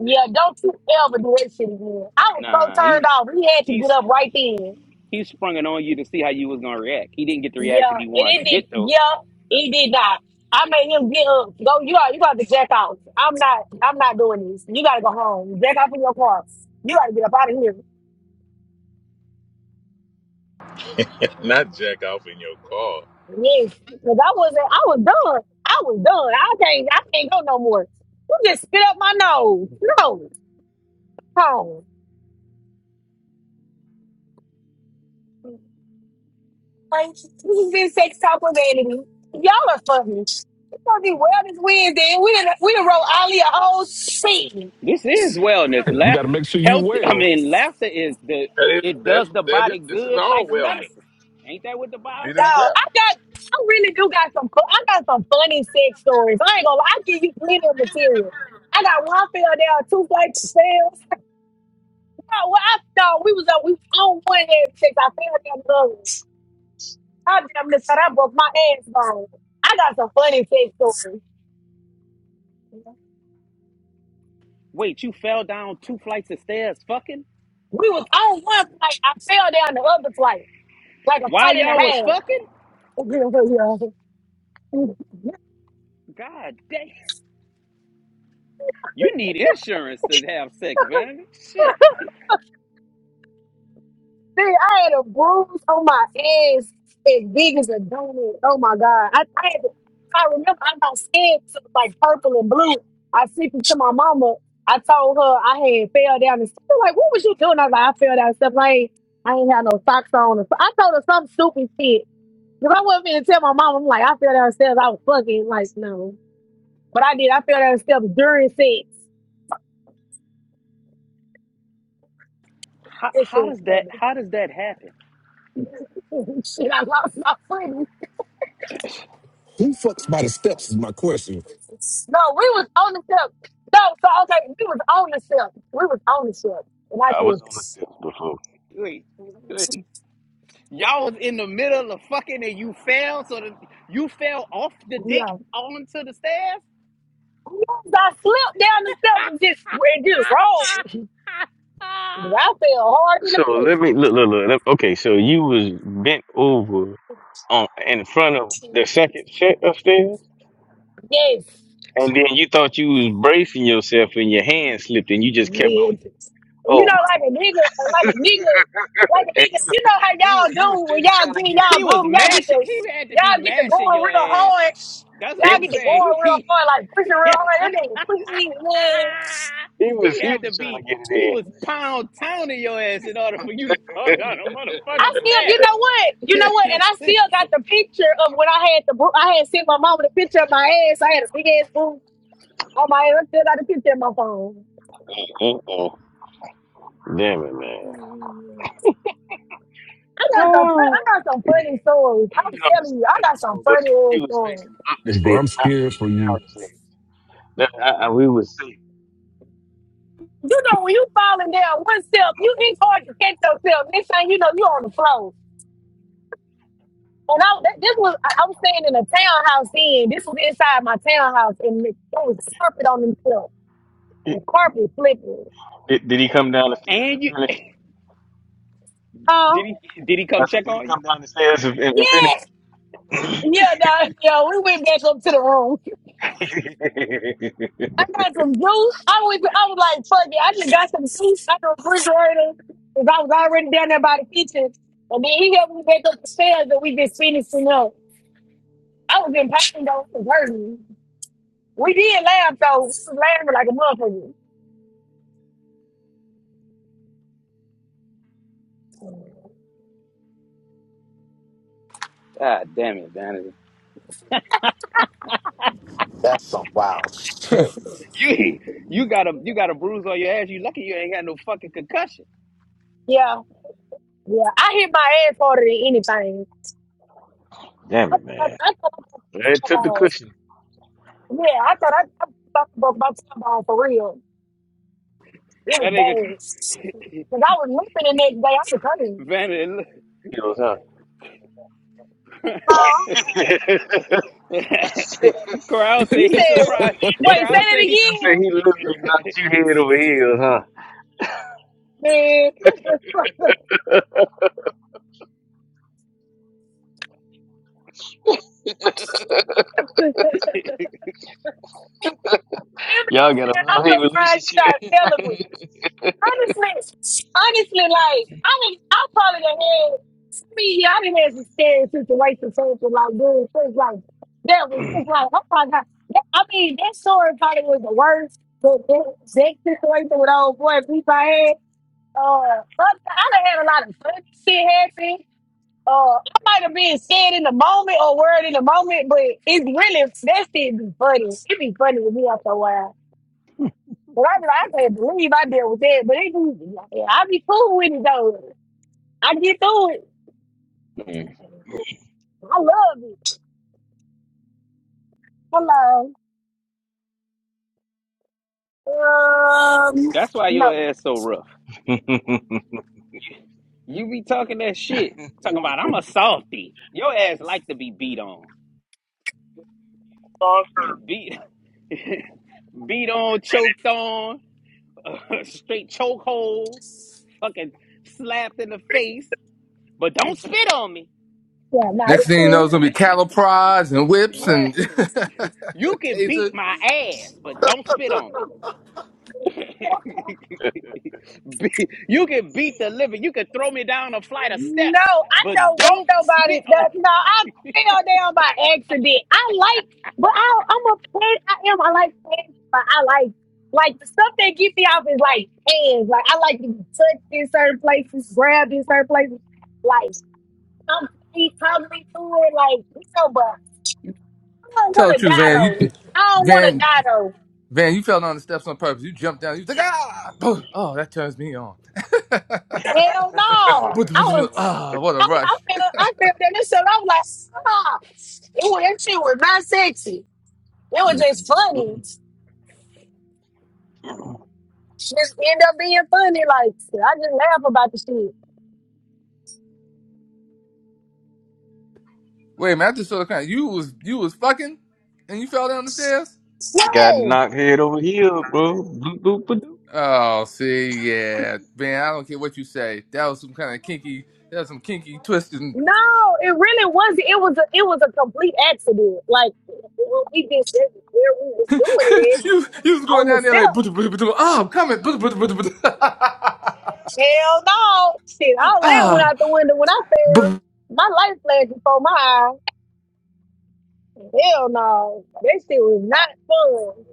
"Yeah, don't you ever do that shit again?" I was so
Nah, he
turned off. He had to get
he's
up right then.
he sprung it on you to see how you was gonna react. He didn't get the
Yeah,
reaction
and
he wanted to get
it did.
though.
Yeah, he did not. I made him get up. Go, you are you got to jack out. I'm not. I'm not doing this. You got to go home. Jack off in your car. You got to get up out of here.
Not jack off in your car.
Yes, because I wasn't. I was done. I was done. I can't. I can't go no more. You just spit up my nose. No, home. Like this has been sex talk with vanity. Y'all are funny. It's gonna be well this Wednesday. and We done we done wrote Ali a whole scene.
This is wellness.
We
Laugh,
got to make sure you
health. I
well.
mean, laughter is the
That is
it
that
does the
that is
body
this is
good
all
like
wellness.
medicine. Ain't that what the Bible
It is
says?
Dog,
well.
I got, I really do got some, fu- I got some funny sex stories. I ain't gonna, lie, I give you plenty of material. I got one fell down, two flights of stairs. No, well, I thought we was on, we was on one head sex. I fell down the other. I damn near said I broke my ass bone. I got some funny sex stories.
Wait, you fell down two flights of stairs fucking
We was on one flight, I fell down the other flight, like a
while
flight
y'all was
and
fucking?
a half.
God damn. You need insurance to have sex, man. Shit.
See, I had a bruise on my ass as big as a donut. Oh my God. I, I had to, I remember I got skin to like purple and blue. I sent it to my mama. I told her I had fell down and stuff. Like, what was you doing? I was like, I fell down and stuff. Like, I ain't I ain't had no socks on. or so- I told her some stupid shit. Because I wasn't going to tell my mama, I'm like, I fell downstairs. I was fucking like, no. But I did. I fell downstairs during sex.
How,
That shit
how
was
does that
funny.
how does that happen?
shit, I lost my friend.
Who fucks by the steps is my question.
No, we was on the ship. No, so okay, we was on the ship. We was on the ship. And I
I was on the
just
steps before.
Wait, wait. Y'all was in the middle of fucking and you fell so that you fell off the dick
yeah.
onto the stairs?
Yes, I slipped down the steps and just and just rolled. I fell hard in the
So let me
bush.
look, look, look. let- Okay, so you was bent over on in front of the second set upstairs,
Yes.
and then you thought you was bracing yourself, and your hand slipped, and you just kept going.
Man. And you
Oh
know,
my!
like a nigga, like a nigga, like a
And
nigga,
he was
you know
he
how
was,
y'all
he was
do when
steady
y'all
trying to
get
get
in
it.
y'all
He was
broom, y'all get
mashing
the
he had to be
y'all get the
mashing
going
your
real
ass.
hard.
That's what
He
Y'all
I'm
get the
was.
saying.
going real
He
hard, like pushing
he,
real hard. That nigga pushing, man.
he had to be, he was pound pounding your ass in order for you to fuck out a
I
motherfucking
still,
stat.
you know what, you know what, and I still got the picture of when I had the, bru- I had sent my mom the picture of my ass. I had a big ass boob on my ass. I still got the picture in my phone.
Uh-oh. Damn it, man.
I got some, fun,
Oh.
I got some funny stories.
I've
I'm
been on the
telling you, I
stairs
got some
before, but
funny
he
ass stories.
up the
And bro,
stairs.
I'm scared for you.
That, I, I, we was safe.
You know, when you falling down one step, you it's hard to catch yourself. Next thing you know, you on the floor. And I, th- this was, I, I was staying in a townhouse then. This was inside my townhouse, and it, there was carpet on the floor, and carpet flipping.
Did, did he come down the stairs and
And you
finish?
Oh.
did he did he
I
come
said,
check
did he
on you?
come down the stairs and, and finish?
Yeah. Yeah, nah, yo, we went back up to the room. I got some juice. I was, I was like, fuck it. I just got some juice out of the refrigerator because I was already down there by the kitchen. And then he helped me back up the stairs and we just finished, you know. I was in pain though. It was hurting. We did laugh though. We was laughing like a motherfucker.
God damn it, Danny.
That's some wild shit.
You you got a you got a bruise on your ass. You lucky you ain't got no fucking concussion.
Yeah, yeah. I hit my ass harder than anything.
Damn it,
I,
man.
I thought
It took the
about,
cushion.
yeah, I thought I, I thought about my time for real. It was
That
bad.
nigga
Cause I was limping the next day. I was hurting.
Vanity
Heels, huh?
Huh?
Corral
You
said he
said,
surprised.
wait, say
Corral
that
said he's
Say
again.
he knocked you head over heels, huh?
Man, you said, I'm surprised you got celibate. Honestly, honestly, like, I mean, I probably done had, I mean, yeah, I didn't have some scary situations, something like doing things like that was just like, oh my God. That, I mean, that story probably was the worst, but that, that situation with old boy, people I had. Uh, sometimes I done had a lot of funny shit happen. Uh, I might have been scared in the moment or worried in the moment, but it's really that shit be funny. It be funny with me after a while. But I be like, I can't believe I dealt with that. But it be, yeah, I be cool with it though. I get through it. I love it. Hello. Um,
that's why your
no,
ass so rough.
Mm.
You be talking that shit. Talking about I'm a softy. Your ass like to be beat on. Beat. beat on, choked on, straight chokehold, fucking slapped in the face, but don't spit on me.
yeah, no,
Next
it's
thing you know,
cool.
it's gonna be cattle prods and whips and
right? You can beat
taser.
my ass, but don't spit on me. Be- you can beat the living. You can throw me down a flight of
No,
steps,
I
but
don't want
don't
nobody.
spit on. me.
That, no, I fell down by accident. I like, but I, I'm a fan. I am. I like fans, but I like like the stuff that get me off is like hands. Like I like to be touched in certain places, grabbed in certain places. Like I'm feet probably to it. Like you know, but I don't
Tell
want
the
to
truth,
die
Van. You,
though. I don't want to
Van,
die though.
Van, you fell down the steps on purpose. You jumped down. You was like, ah, Boom. oh, that turns me on.
Hell no. I was.
Ah, what a
I, I
rush.
felt. I felt that. So I was like, stop. it was. That shit was not sexy. It was just funny. Just end up being funny. Like I just laugh about the shit.
Wait a minute, I just saw the kind. You was you was fucking, and you fell down the stairs.
Got
Dang.
knocked head over heel, bro. Bloop, bloop, bloop.
Oh, see, yeah, man, I don't care what you say. That was some kind of kinky. That was some kinky twisted And
No, it really wasn't. It was a it was a complete accident. Like we just where we was doing it
you you was
at
going
on the
down there
step.
like, ah, oh, I'm coming.
Hell no. Shit, all of that went
Ah,
out the window when I fell. My life flashed before my eyes. Hell no. That shit was not fun.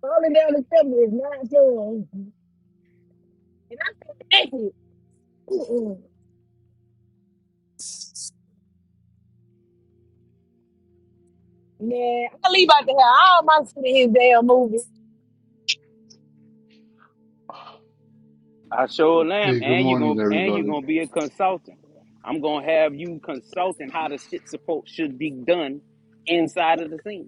Falling down the step was not fun. And I feel naked. Yeah, I leave out the hell. All my not mind his damn movies.
I sure lamb,
Hey, good
and you are
morning,
gonna and you are
everybody.
gonna be a consultant. I'm gonna have you consulting how the shit support should be done inside of the scene.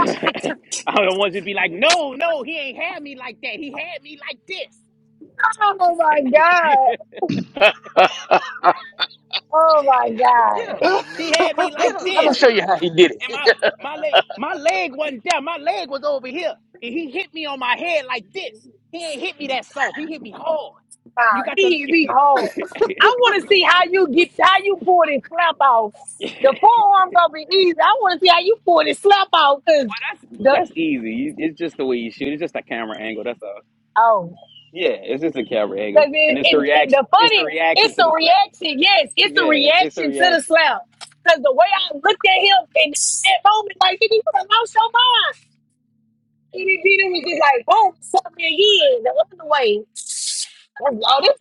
I don't want to be like, no, no, he ain't had me like that. He had me like
oh my
this.
god! Oh my
Get
god!
up, little nigga.
he had me
Get
like
up. Let me
this.
show you how he did
And
it.
my my leg, my leg wasn't down. My leg was over here. And he hit me on my head like this. He ain't hit me that soft. He hit me hard.
Wow,
You got the
he be
well,
hard. I want to see how you get how you pull this slap off. The forearm gonna be easy. I want to see how you pull this slap off because
that's
the
that's easy. You- It's just the way you shoot. It's just a camera angle. That's all.
oh.
Yeah, it's just a camera angle,
Cause it,
and it's the
it, it,
reaction.
the
It's the
funny,
reaction
it's
to
a
the slap.
reaction. Yes, it's a
Yeah, it's the
reaction to the
reaction.
slap. Cause the way I looked at him in that moment, like nigga, you done lost your mind. And then it was just like boom, something again the other way. I'm like,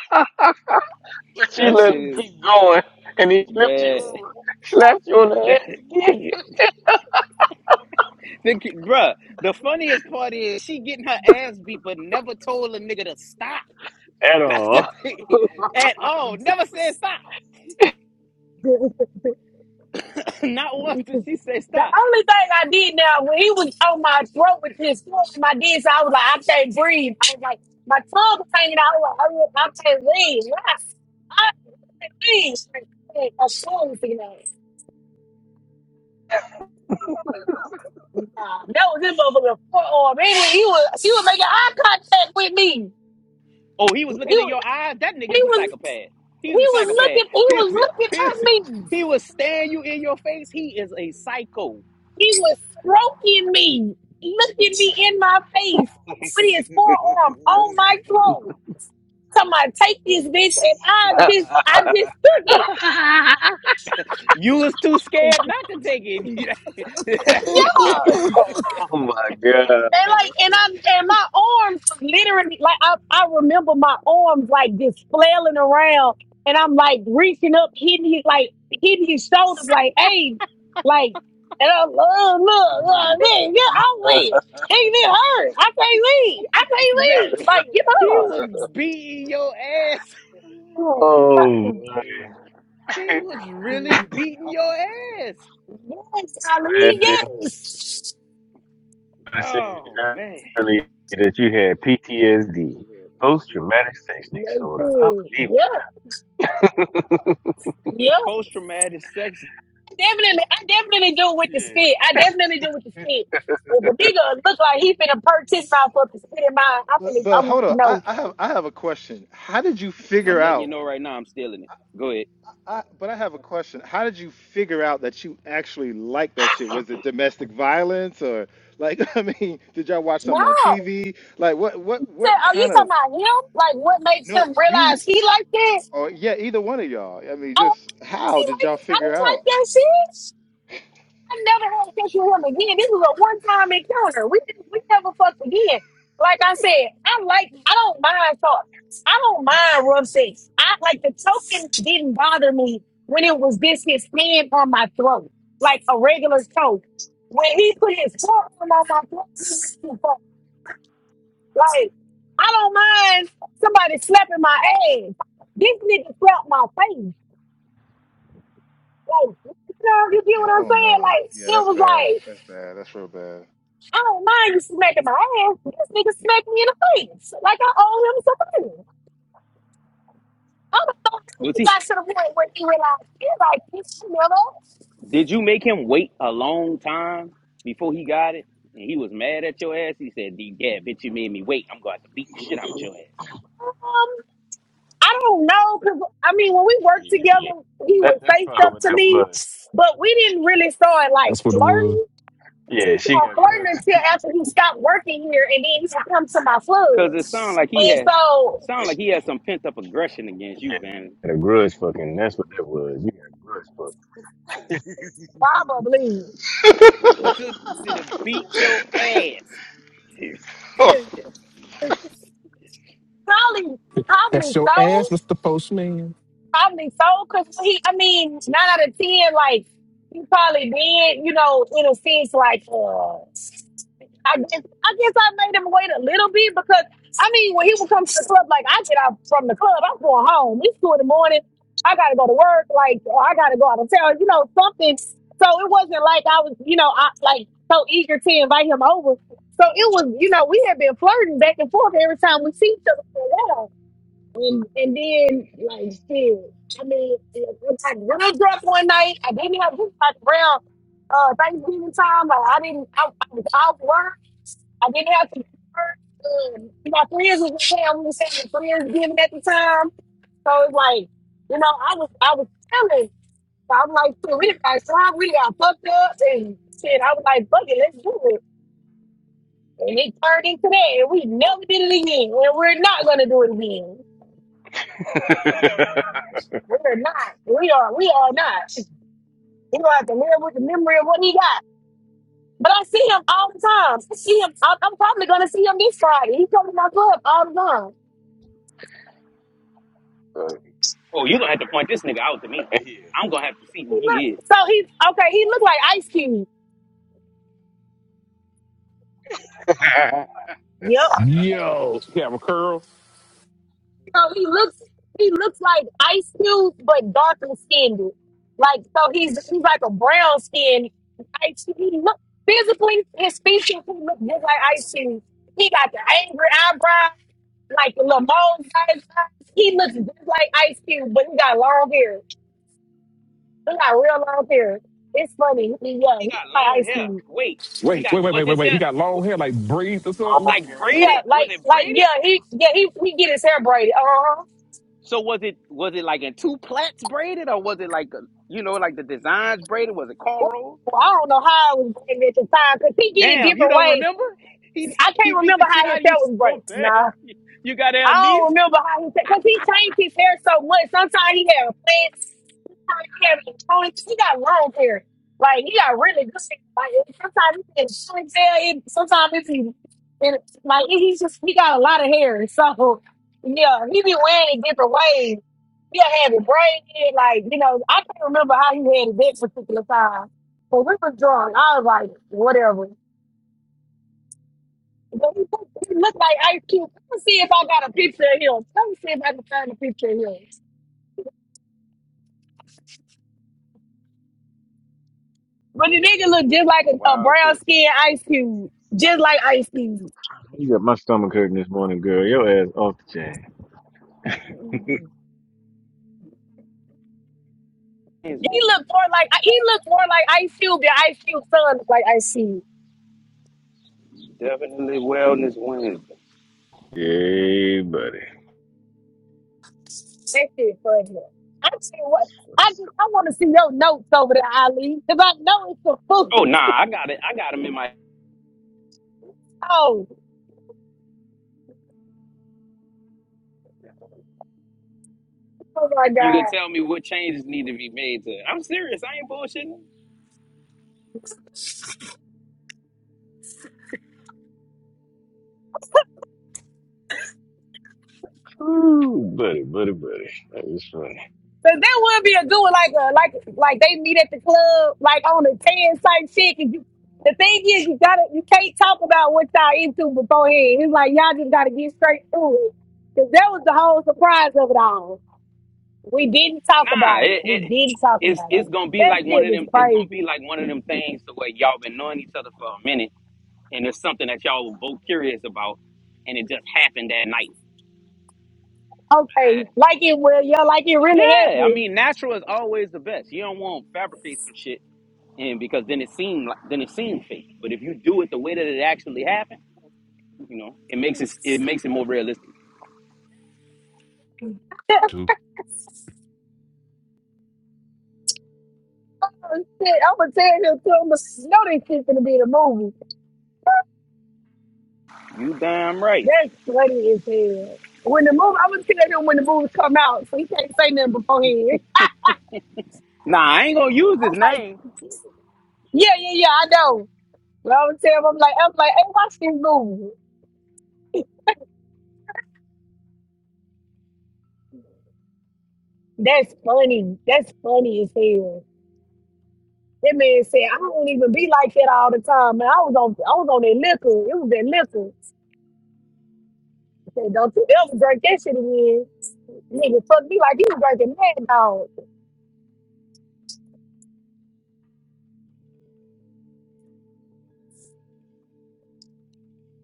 but you
That
let
shit
him
is
keep going, and he flipped you
bad.
over, slapped you on the ass again.
the, bruh, the funniest part is she getting her ass beat, but never told a nigga to stop.
At
That's the
all.
thing. At all. Never said stop.
Oh, this
Not once
nigga.
did she say
The
stop.
only thing I did now when he was on my throat with his foot in my dick, so I was like, I can't breathe. I was like, my tongue was hanging out. I was like, oh, I can't breathe. I can't breathe. Like, A fool, you know. Nah, that was his motherfucking forearm. He was, he was, he was making eye contact with me.
Oh, he
He
was looking in
was,
your eyes? That
he
nigga's a
was,
psychopath.
he
He's a
was
psychopath.
looking, he
He was,
was looking
he was,
at me.
he was staring you in your face. He is a psycho.
He was stroking me, looking me in my face with his forearm on my throat. Somebody take this bitch and I just I just took it.
You was too scared not to take it.
Yeah. And like and I and my arms literally like I, I remember my arms like just flailing around and I'm like reaching up, hitting his like hitting his shoulders like, hey, like and I'm look, look, look, man, yeah, I'm leave. Hey, it hurt. I can't leave. I can't
Man,
leave. Like, get
he
up.
was beating your ass.
oh, boy.
He was really beating your ass.
Yes, I mean,
Man,
yes.
I said
Oh man.
earlier that you had PTSD, post traumatic stress disorder.
Yes,
Unbelievable.
yeah, yeah.
Post traumatic sex.
definitely, I definitely do with the spit. I definitely do with the spit. If a nigga look like he finna perch his mouth up and spit in mine, I finna,
But but
um,
hold on, I,
no.
I have I have a question. How did you
I'm
figure
letting you
out?
know right now I'm stealing it. Go ahead.
I, but I have a question. How did you figure out that you actually like that shit? Was it domestic violence or like I mean, did y'all watch
No.
something on TV? Like what what
Say,
what
oh, you
kind of
talking about him? Like, what makes him
no you
realize he like that?
or yeah either one of y'all. I mean,
Oh,
just how
he
did
like,
y'all
I
figure
don't like
out?
that shit. I never had sex with him again. This was a one time encounter. We didn't, we never fucked again. Like I said, I like I don't mind talk. I don't mind rough sex. I like the choking didn't bother me when it was just his hand on my throat, like a regular choke. When he put his forearm on my throat, it was too far. like I don't mind somebody slapping my ass. This nigga slapped my face. Like, you know, you get what
Yeah.
I'm
Oh
saying?
no.
Like,
Yeah,
it
that's
was
bad.
like.
That's bad. That's real bad.
I don't mind you smacking my ass, but this nigga smacked me in the face. Like I owe him something. I don't know how
Was
he
he
got to the point where he realized he like this Miller.
did you make him wait a long time before he got it? And he was mad at your ass. He said, Yeah, bitch, you made me wait. I'm gonna have to beat the shit out your ass.
Um, I don't know, cause I mean when we worked together,
Yeah.
he
That
would
that's
say
probably
stuff
what
to
that
me,
was.
but we didn't really start like
That's what it was.
flirting. We
Yeah,
didn't
she
start
got
flirting until after he stopped working here and then he would come to my
Cause
club.
it sound like
yeah,
he
And
has
so
sound like he has some pent up aggression against you, Van.
had a grudge fucking. That's what that was. You got
probably
opportunity to beat your ass.
probably
That's
probably
your
so.
ass, Mr. Postman.
Probably so, because he, I mean, nine out of ten, like he probably did, you know, in a sense, like uh, I guess I guess I made him wait a little bit because I mean, when he would come to the club, like I get out from the club, I'm going home. It's two in the morning. I gotta go to work. Like or I gotta go out of town. You know, something. So it wasn't like I was, you know, I like so eager to invite him over. So it was, you know, we had been flirting back and forth every time we see each other for a while. And and then like shit, I mean, it's like when I drunk one night, I didn't have this like around uh Thanksgiving time. Like I didn't, I, I was off work. I didn't have to work. Um, my friends was in town. We was having friends giving at the time, so it's like you know, I was I was telling. So I'm like, shit, we done got drunk, we done got fucked up, and shit. I was like, fuck it, let's do it. And it turned into that, and we never did it again, and we're not gonna do it
grudge fucking.
again. We're not. We are. We are not. We gonna have to live with the memory of what he got. But I see him all the time. I see him. I- I'm probably gonna see him this Friday. He comes to my club all the time.
So,
Oh, you're gonna have to point this nigga out to me. I'm gonna have to see
He
who
look
he is.
so he okay. He look like Ice Cube.
yeah.
Yep.
Yo, he have a curl.
So he looks he looks like Ice Cube, but darker skinned. Like so he's he's like a brown skinned Ice Cube. He look physically his features he look just like Ice Cube. He got the angry eyebrow, like the Lamone eyes. He looks just like Ice Cube, but he got long hair. He got real long hair. It's funny. He- Yeah, he
He
look
got
like
long
Ice
hair.
Cube.
Wait, he
Wait,
got
wait, wait,
was
wait, wait,
his
wait. He
hair
got long hair like braids or something.
like
Yeah,
braided? Was
like
it
like yeah,
braided?
he yeah he he get his hair braided. Uh huh.
So was it was it like in two plaits braided, or was it like a, you know like the designs braided? Was it cornrows?
Well, I don't know how I was braided at the time because he get it
Damn, you
different
don't
ways.
remember? He
I
he
can't
beat
remember
the
how
shit
his
out of
hair
you
was braided.
so bad.
Nah.
You got
I don't
amnesia.
remember how his hair, because he changed his hair so much. Sometimes he had a plant, sometimes he had a pony. He got long hair. Like, he got really good hair. Like, it- sometimes he had short hair. It, sometimes it's he, it, like, he's just, he got a lot of hair. So, yeah, he be wearing it different ways. He'll have it braided. Like, you know, I can't remember how he had it that particular time. But we was drunk. I was like, whatever. But he look look like Ice Cube. Let me see if I got a picture of him. Let me see if I can find a picture of him. But the nigga look
This
just
is
like
some
a, a
wild
brown
shit.
skinned Ice Cube, just like Ice Cube.
you got my stomach hurting this morning, girl. Your ass off the chain.
It's
He look more like he look more like Ice Cube than Ice Cube son look like Ice Cube.
definitely Wellness Wednesday.
Yeah, buddy.
That shit funny. I see what I just, I want to see your notes over there, Ali, because I know it's a fool.
Oh nah, I got it. I got him in my
Oh, oh my
You could
god.
tell me what changes need to be made to it. I'm serious. I ain't bullshitting.
Ooh, buddy, buddy, buddy. That was funny.
Cause that would be a good one, like a, like like they meet at the club, like on a tan type shit. And you, the thing is, you gotta you can't talk about what y'all into beforehand. It's like y'all just gotta get straight through it. Cause that was the whole surprise of it all. We didn't talk
Nah,
about it.
it,
We
it
didn't talk
it's
about
it's
it.
gonna be
That
like one
shit
of
was
them. It's gonna be
crazy.
like one of them things to where y'all been knowing each other for a minute, and there's something that y'all were both curious about, and it just happened that night.
Okay, like it well, yeah, like it really
Yeah, I
happened.
mean, natural is always the best. You don't want to fabricate some shit, and because then it seemed like then it seemed fake. But if you do it the way that it actually happened, you know, it makes it it makes it more realistic.
oh, shit, I'm gonna tell you, I'm gonna know this shit's gonna be the movie.
You damn right.
That's funny as hell. When the movie, I was telling him when the movies come out, so he can't say nothing beforehand.
Nah, I ain't gonna use
I'm
his
like,
name.
yeah, yeah, yeah, I know. But I was telling him, I'm like, I'm like, hey, watch this movie. That's funny. That's funny as hell. That man said, I don't even be like that all the time. Man, I was on, I was on that liquor. It was that liquor. I said, don't you ever drink that shit again. Nigga, fuck me like you was drinking mad dog.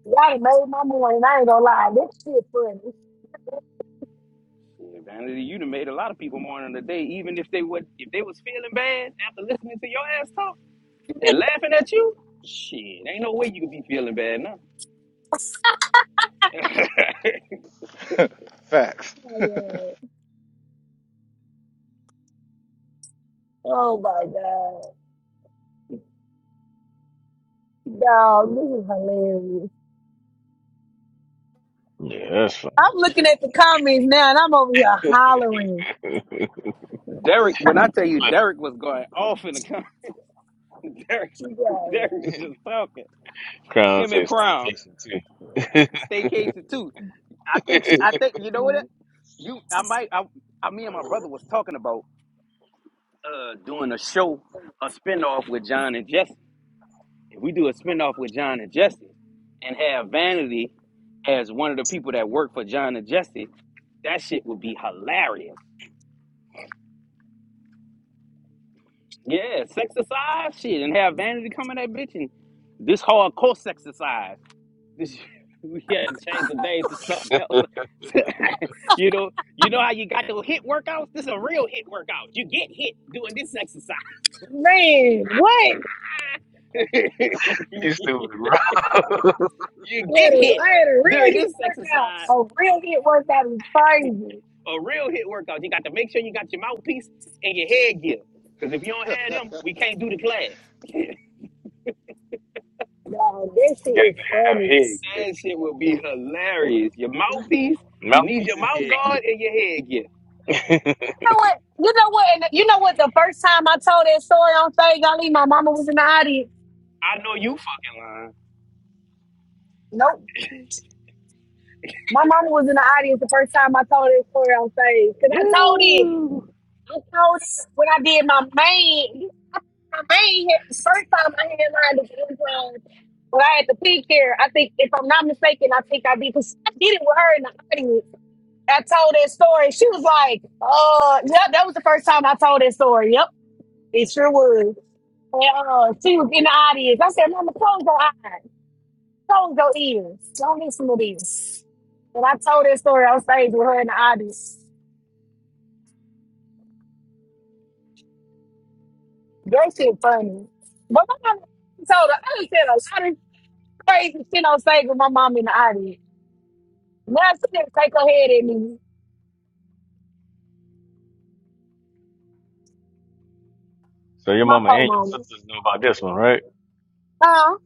Y'all done made my morning. I ain't gonna lie. That shit funny.
Yeah, Vanity, you done made a lot of people mourn on the day, even if they would if they was feeling bad after listening to your ass talk and laughing at you. Shit, ain't no way you could be feeling bad now.
Facts.
Yeah. Oh my god. Dog, this is hilarious.
Yeah, that's funny.
I'm looking at the comments now and I'm over here hollering.
Derek, when I tell you
Look,
Derek was going off in the con Derek,
Yo,
Derek was just talking.
Crown
Him and
says
Crown,
staycation too.
staycation too. I think she, I think you know what? You, I might, I, I, me and my brother was talking about uh doing a show, a spinoff with John and Jesse. If we do a spinoff with John and Justice and have Vanity as one of the people that work for John and Justice, that shit would be hilarious. Yeah, sexercise shit and have Vanity come in that bitch and this hardcore sexercise. This we had to change the name to something else. you know, you know how you got those hit workouts? This is a real hit workout. You get hit doing this exercise.
Man, what?
you
What
get
a,
hit
I had a real
during
hit
this
workout.
exercise
A real hit workout is crazy.
a real hit workout. You got to make sure you got your mouthpiece and your headgear. Because if you don't have them, we can't do the class.
No, that shit
Got
is
to have
funny.
head yet.
That shit will be hilarious. Your
You
mouthpiece, you need
Mouthpiece
your
and
mouth
head
guard and your headgear.
yet.
know what? You know what? And you know what? The first time I told that story on stage, Ali, my mama was in the audience.
I know you fucking lying.
Nope. My mama was in the audience the first time I told that story on stage. Cause I told it.
Yeah.
I told it when I did my main. I ain't the first time I had line of Amazon, when I had the pig hair. I think, if I'm not mistaken, I think I did because I did it with her in the audience. I told that story. She was like, "Uh, yep, that was the first time I told that story. Yep, it sure was." And uh, she was in the audience. I said, "Mama, close your eyes, close your ears, don't listen to this." And I told that story on stage with her in the audience. That shit funny. But my mama told her, I done said a lot of crazy shit on stage with my mom in the audience. Now she didn't take her head at me.
So your
My
mama
poor
and your
mama.
sisters know about this one, right?
Huh?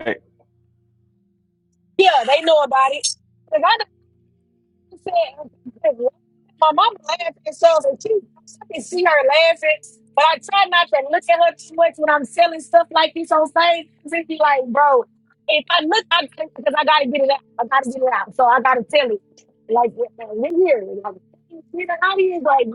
Right.
Yeah, they know about it. 'Cause I said, my mama laughing, so if she, I can see her laughing, but I try not to look at her too much when I'm selling stuff like this on stage. Cause it be like, bro, if I look, I gotta, because I gotta get it out. I gotta get it out. So I gotta tell it. Like, uh, we're here. Like, you know, how he is like,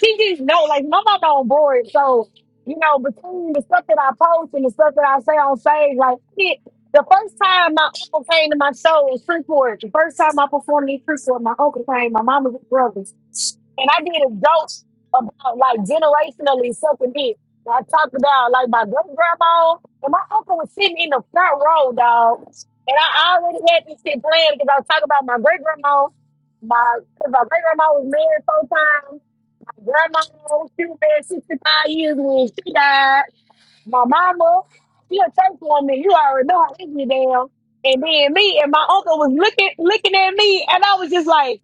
she just know, like, my mama on board. So, you know, between the stuff that I post and the stuff that I say on stage, like, yeah, the first time my uncle came to my show was Freeport. The first time I performed in Freeport, my uncle came, my mama's brothers. And I did a joke about like generationally sucking dick. And I talked about like my great grandma and my uncle was sitting in the front row, dog. And I already had this shit planned because I was talking about my great grandma. My, cause my great grandma was married four times. My grandma, she was married 65 years when she died my mama, she'll take on me. You already know how easy damn. And then me and my uncle was looking looking at me, and I was just like,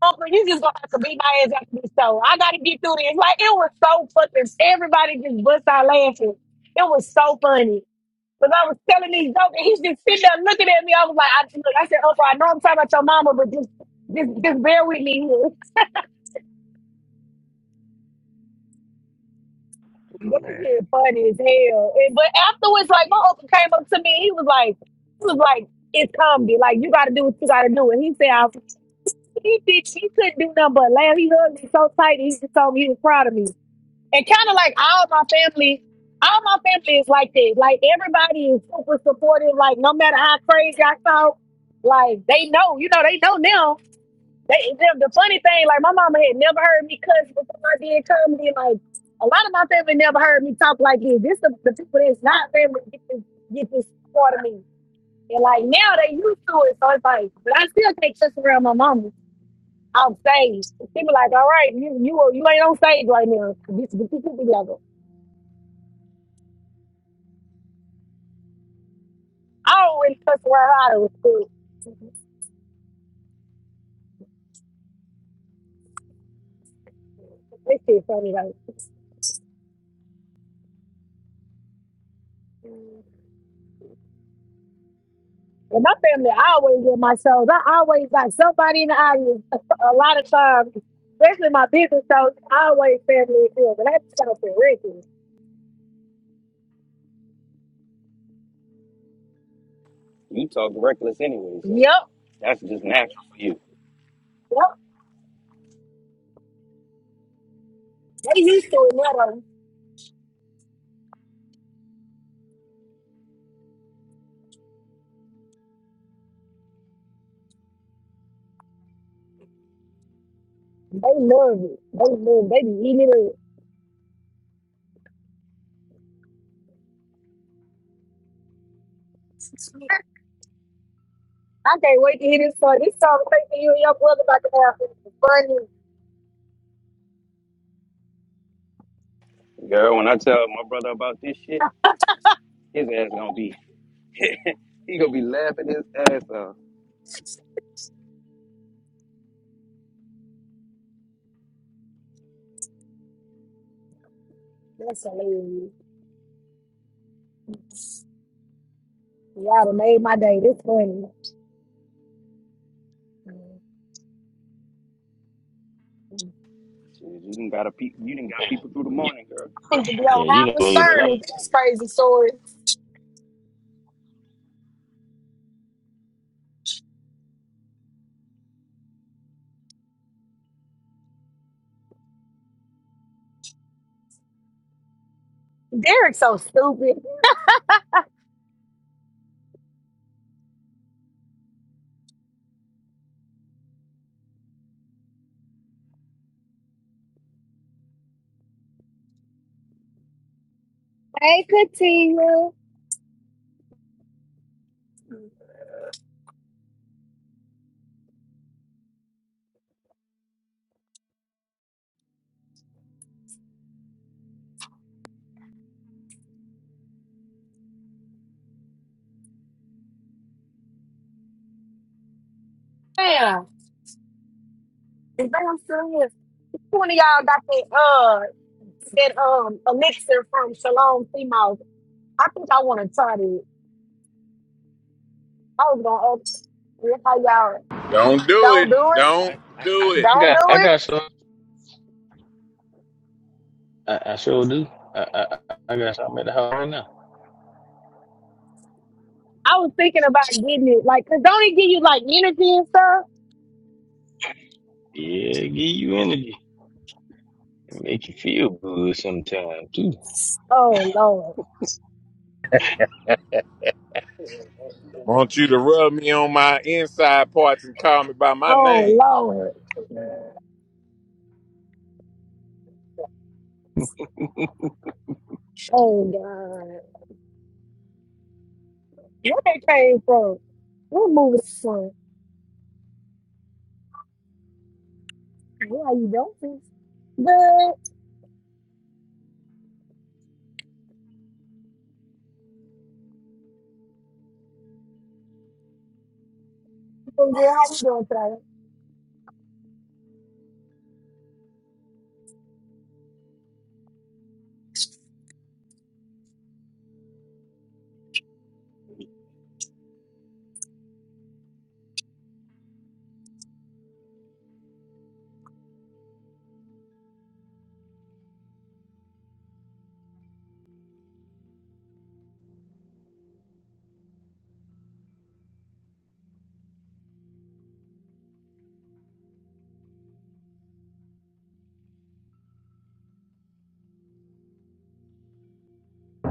Uncle, you just gonna have to beat my ass after this show. I gotta get through this. Like it was so fucking. Everybody just bust out laughing. It was so funny. Cause I was telling these jokes, and he's just sitting there looking at me. I was like, I, look, I said, Uncle, I know I'm talking about your mama, but just just just bear with me. That
Man.
shit funny as hell. And, but afterwards, like my uncle came up to me, he was like, he was like, it's comedy. Like you gotta do what you gotta do. And he said, I- he bitch, he couldn't do nothing but laugh. He hugged me so tight. He just told me he was proud of me. And kind of like all my family, all my family is like that. Like everybody is super supportive. Like no matter how crazy I talk, like they know, you know, they know now they, the, the funny thing, like my mama had never heard me cuss before I did comedy. Like a lot of my family never heard me talk like this. This the, the people that's not family get this get this part of me. And like now they used to it, so it's like, but I still can't cuss around my mama on stage. People like, all right, you you you ain't on stage right now. Get, get your people together. I don't really cuss around her out of school. This shit funny though. In my family, I always get my shows. I always got somebody in the audience. A lot of times, especially my business shows, I always family is But that's show for Ricky.
You talk reckless anyway, so
Yep,
that's just natural for you.
yep. They used to it now. though. They love it. They love it. They be eating it up. I can't wait to hear this song. This song making you and your brother about to have is funny.
Girl, when I tell my brother about this shit, his ass gonna be, he gonna be laughing his ass off.
That's hilarious. Y'all done made my day. This funny. I
Shit, you didn't got a pe- you didn't
Yeah,
got people through the
you
morning, girl.
need to be
yeah,
on
you
Howard
know it a lot.
Stern with these crazy stories. Derek's so stupid. Hey, Katia. Damn, damn here. One of y'all got that uh that um elixir from Shalom Female. I think I want to try it. I was gonna ask you how y'all
Don't do it.
don't do it.
Don't do it.
I
Don't
got
do
I
it.
got some. I, I sure do. I, I I I got something at the house right now.
I was thinking about getting it, like, cause don't it give you like energy and stuff?
Yeah, give you energy. Make you feel good sometimes too.
Oh Lord.
Want you to rub me on my inside parts and call me by my
Oh
name.
Lord. Oh God. Where that came from? What movie that from? How you doing? Good. Good. How you doing today?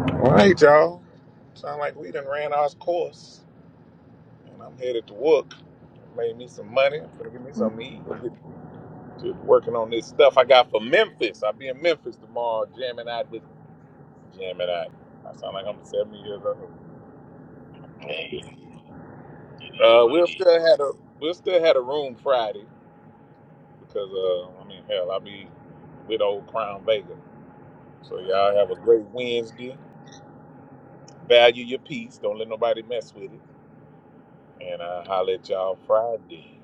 All right, y'all. Sound like we done ran our course, and I'm headed to work. Made me some money. Gonna Give me some eat
But,
and get to working on this stuff I got for Memphis. I'll be in Memphis tomorrow, jamming out with jamming out. I sound like I'm 70 years old.
Hey, it is
Uh,
what it
we'll
is.
still had a we'll still had a room Friday because uh, I mean hell, I'll be with old Crown Vega. So y'all have a great Wednesday. Value your peace. Don't let nobody mess with it. And I holler at y'all Friday.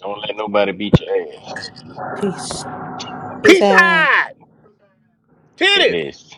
Don't let nobody beat your ass.
Peace. Peace
Peace
out.
out,
It
titties.
is.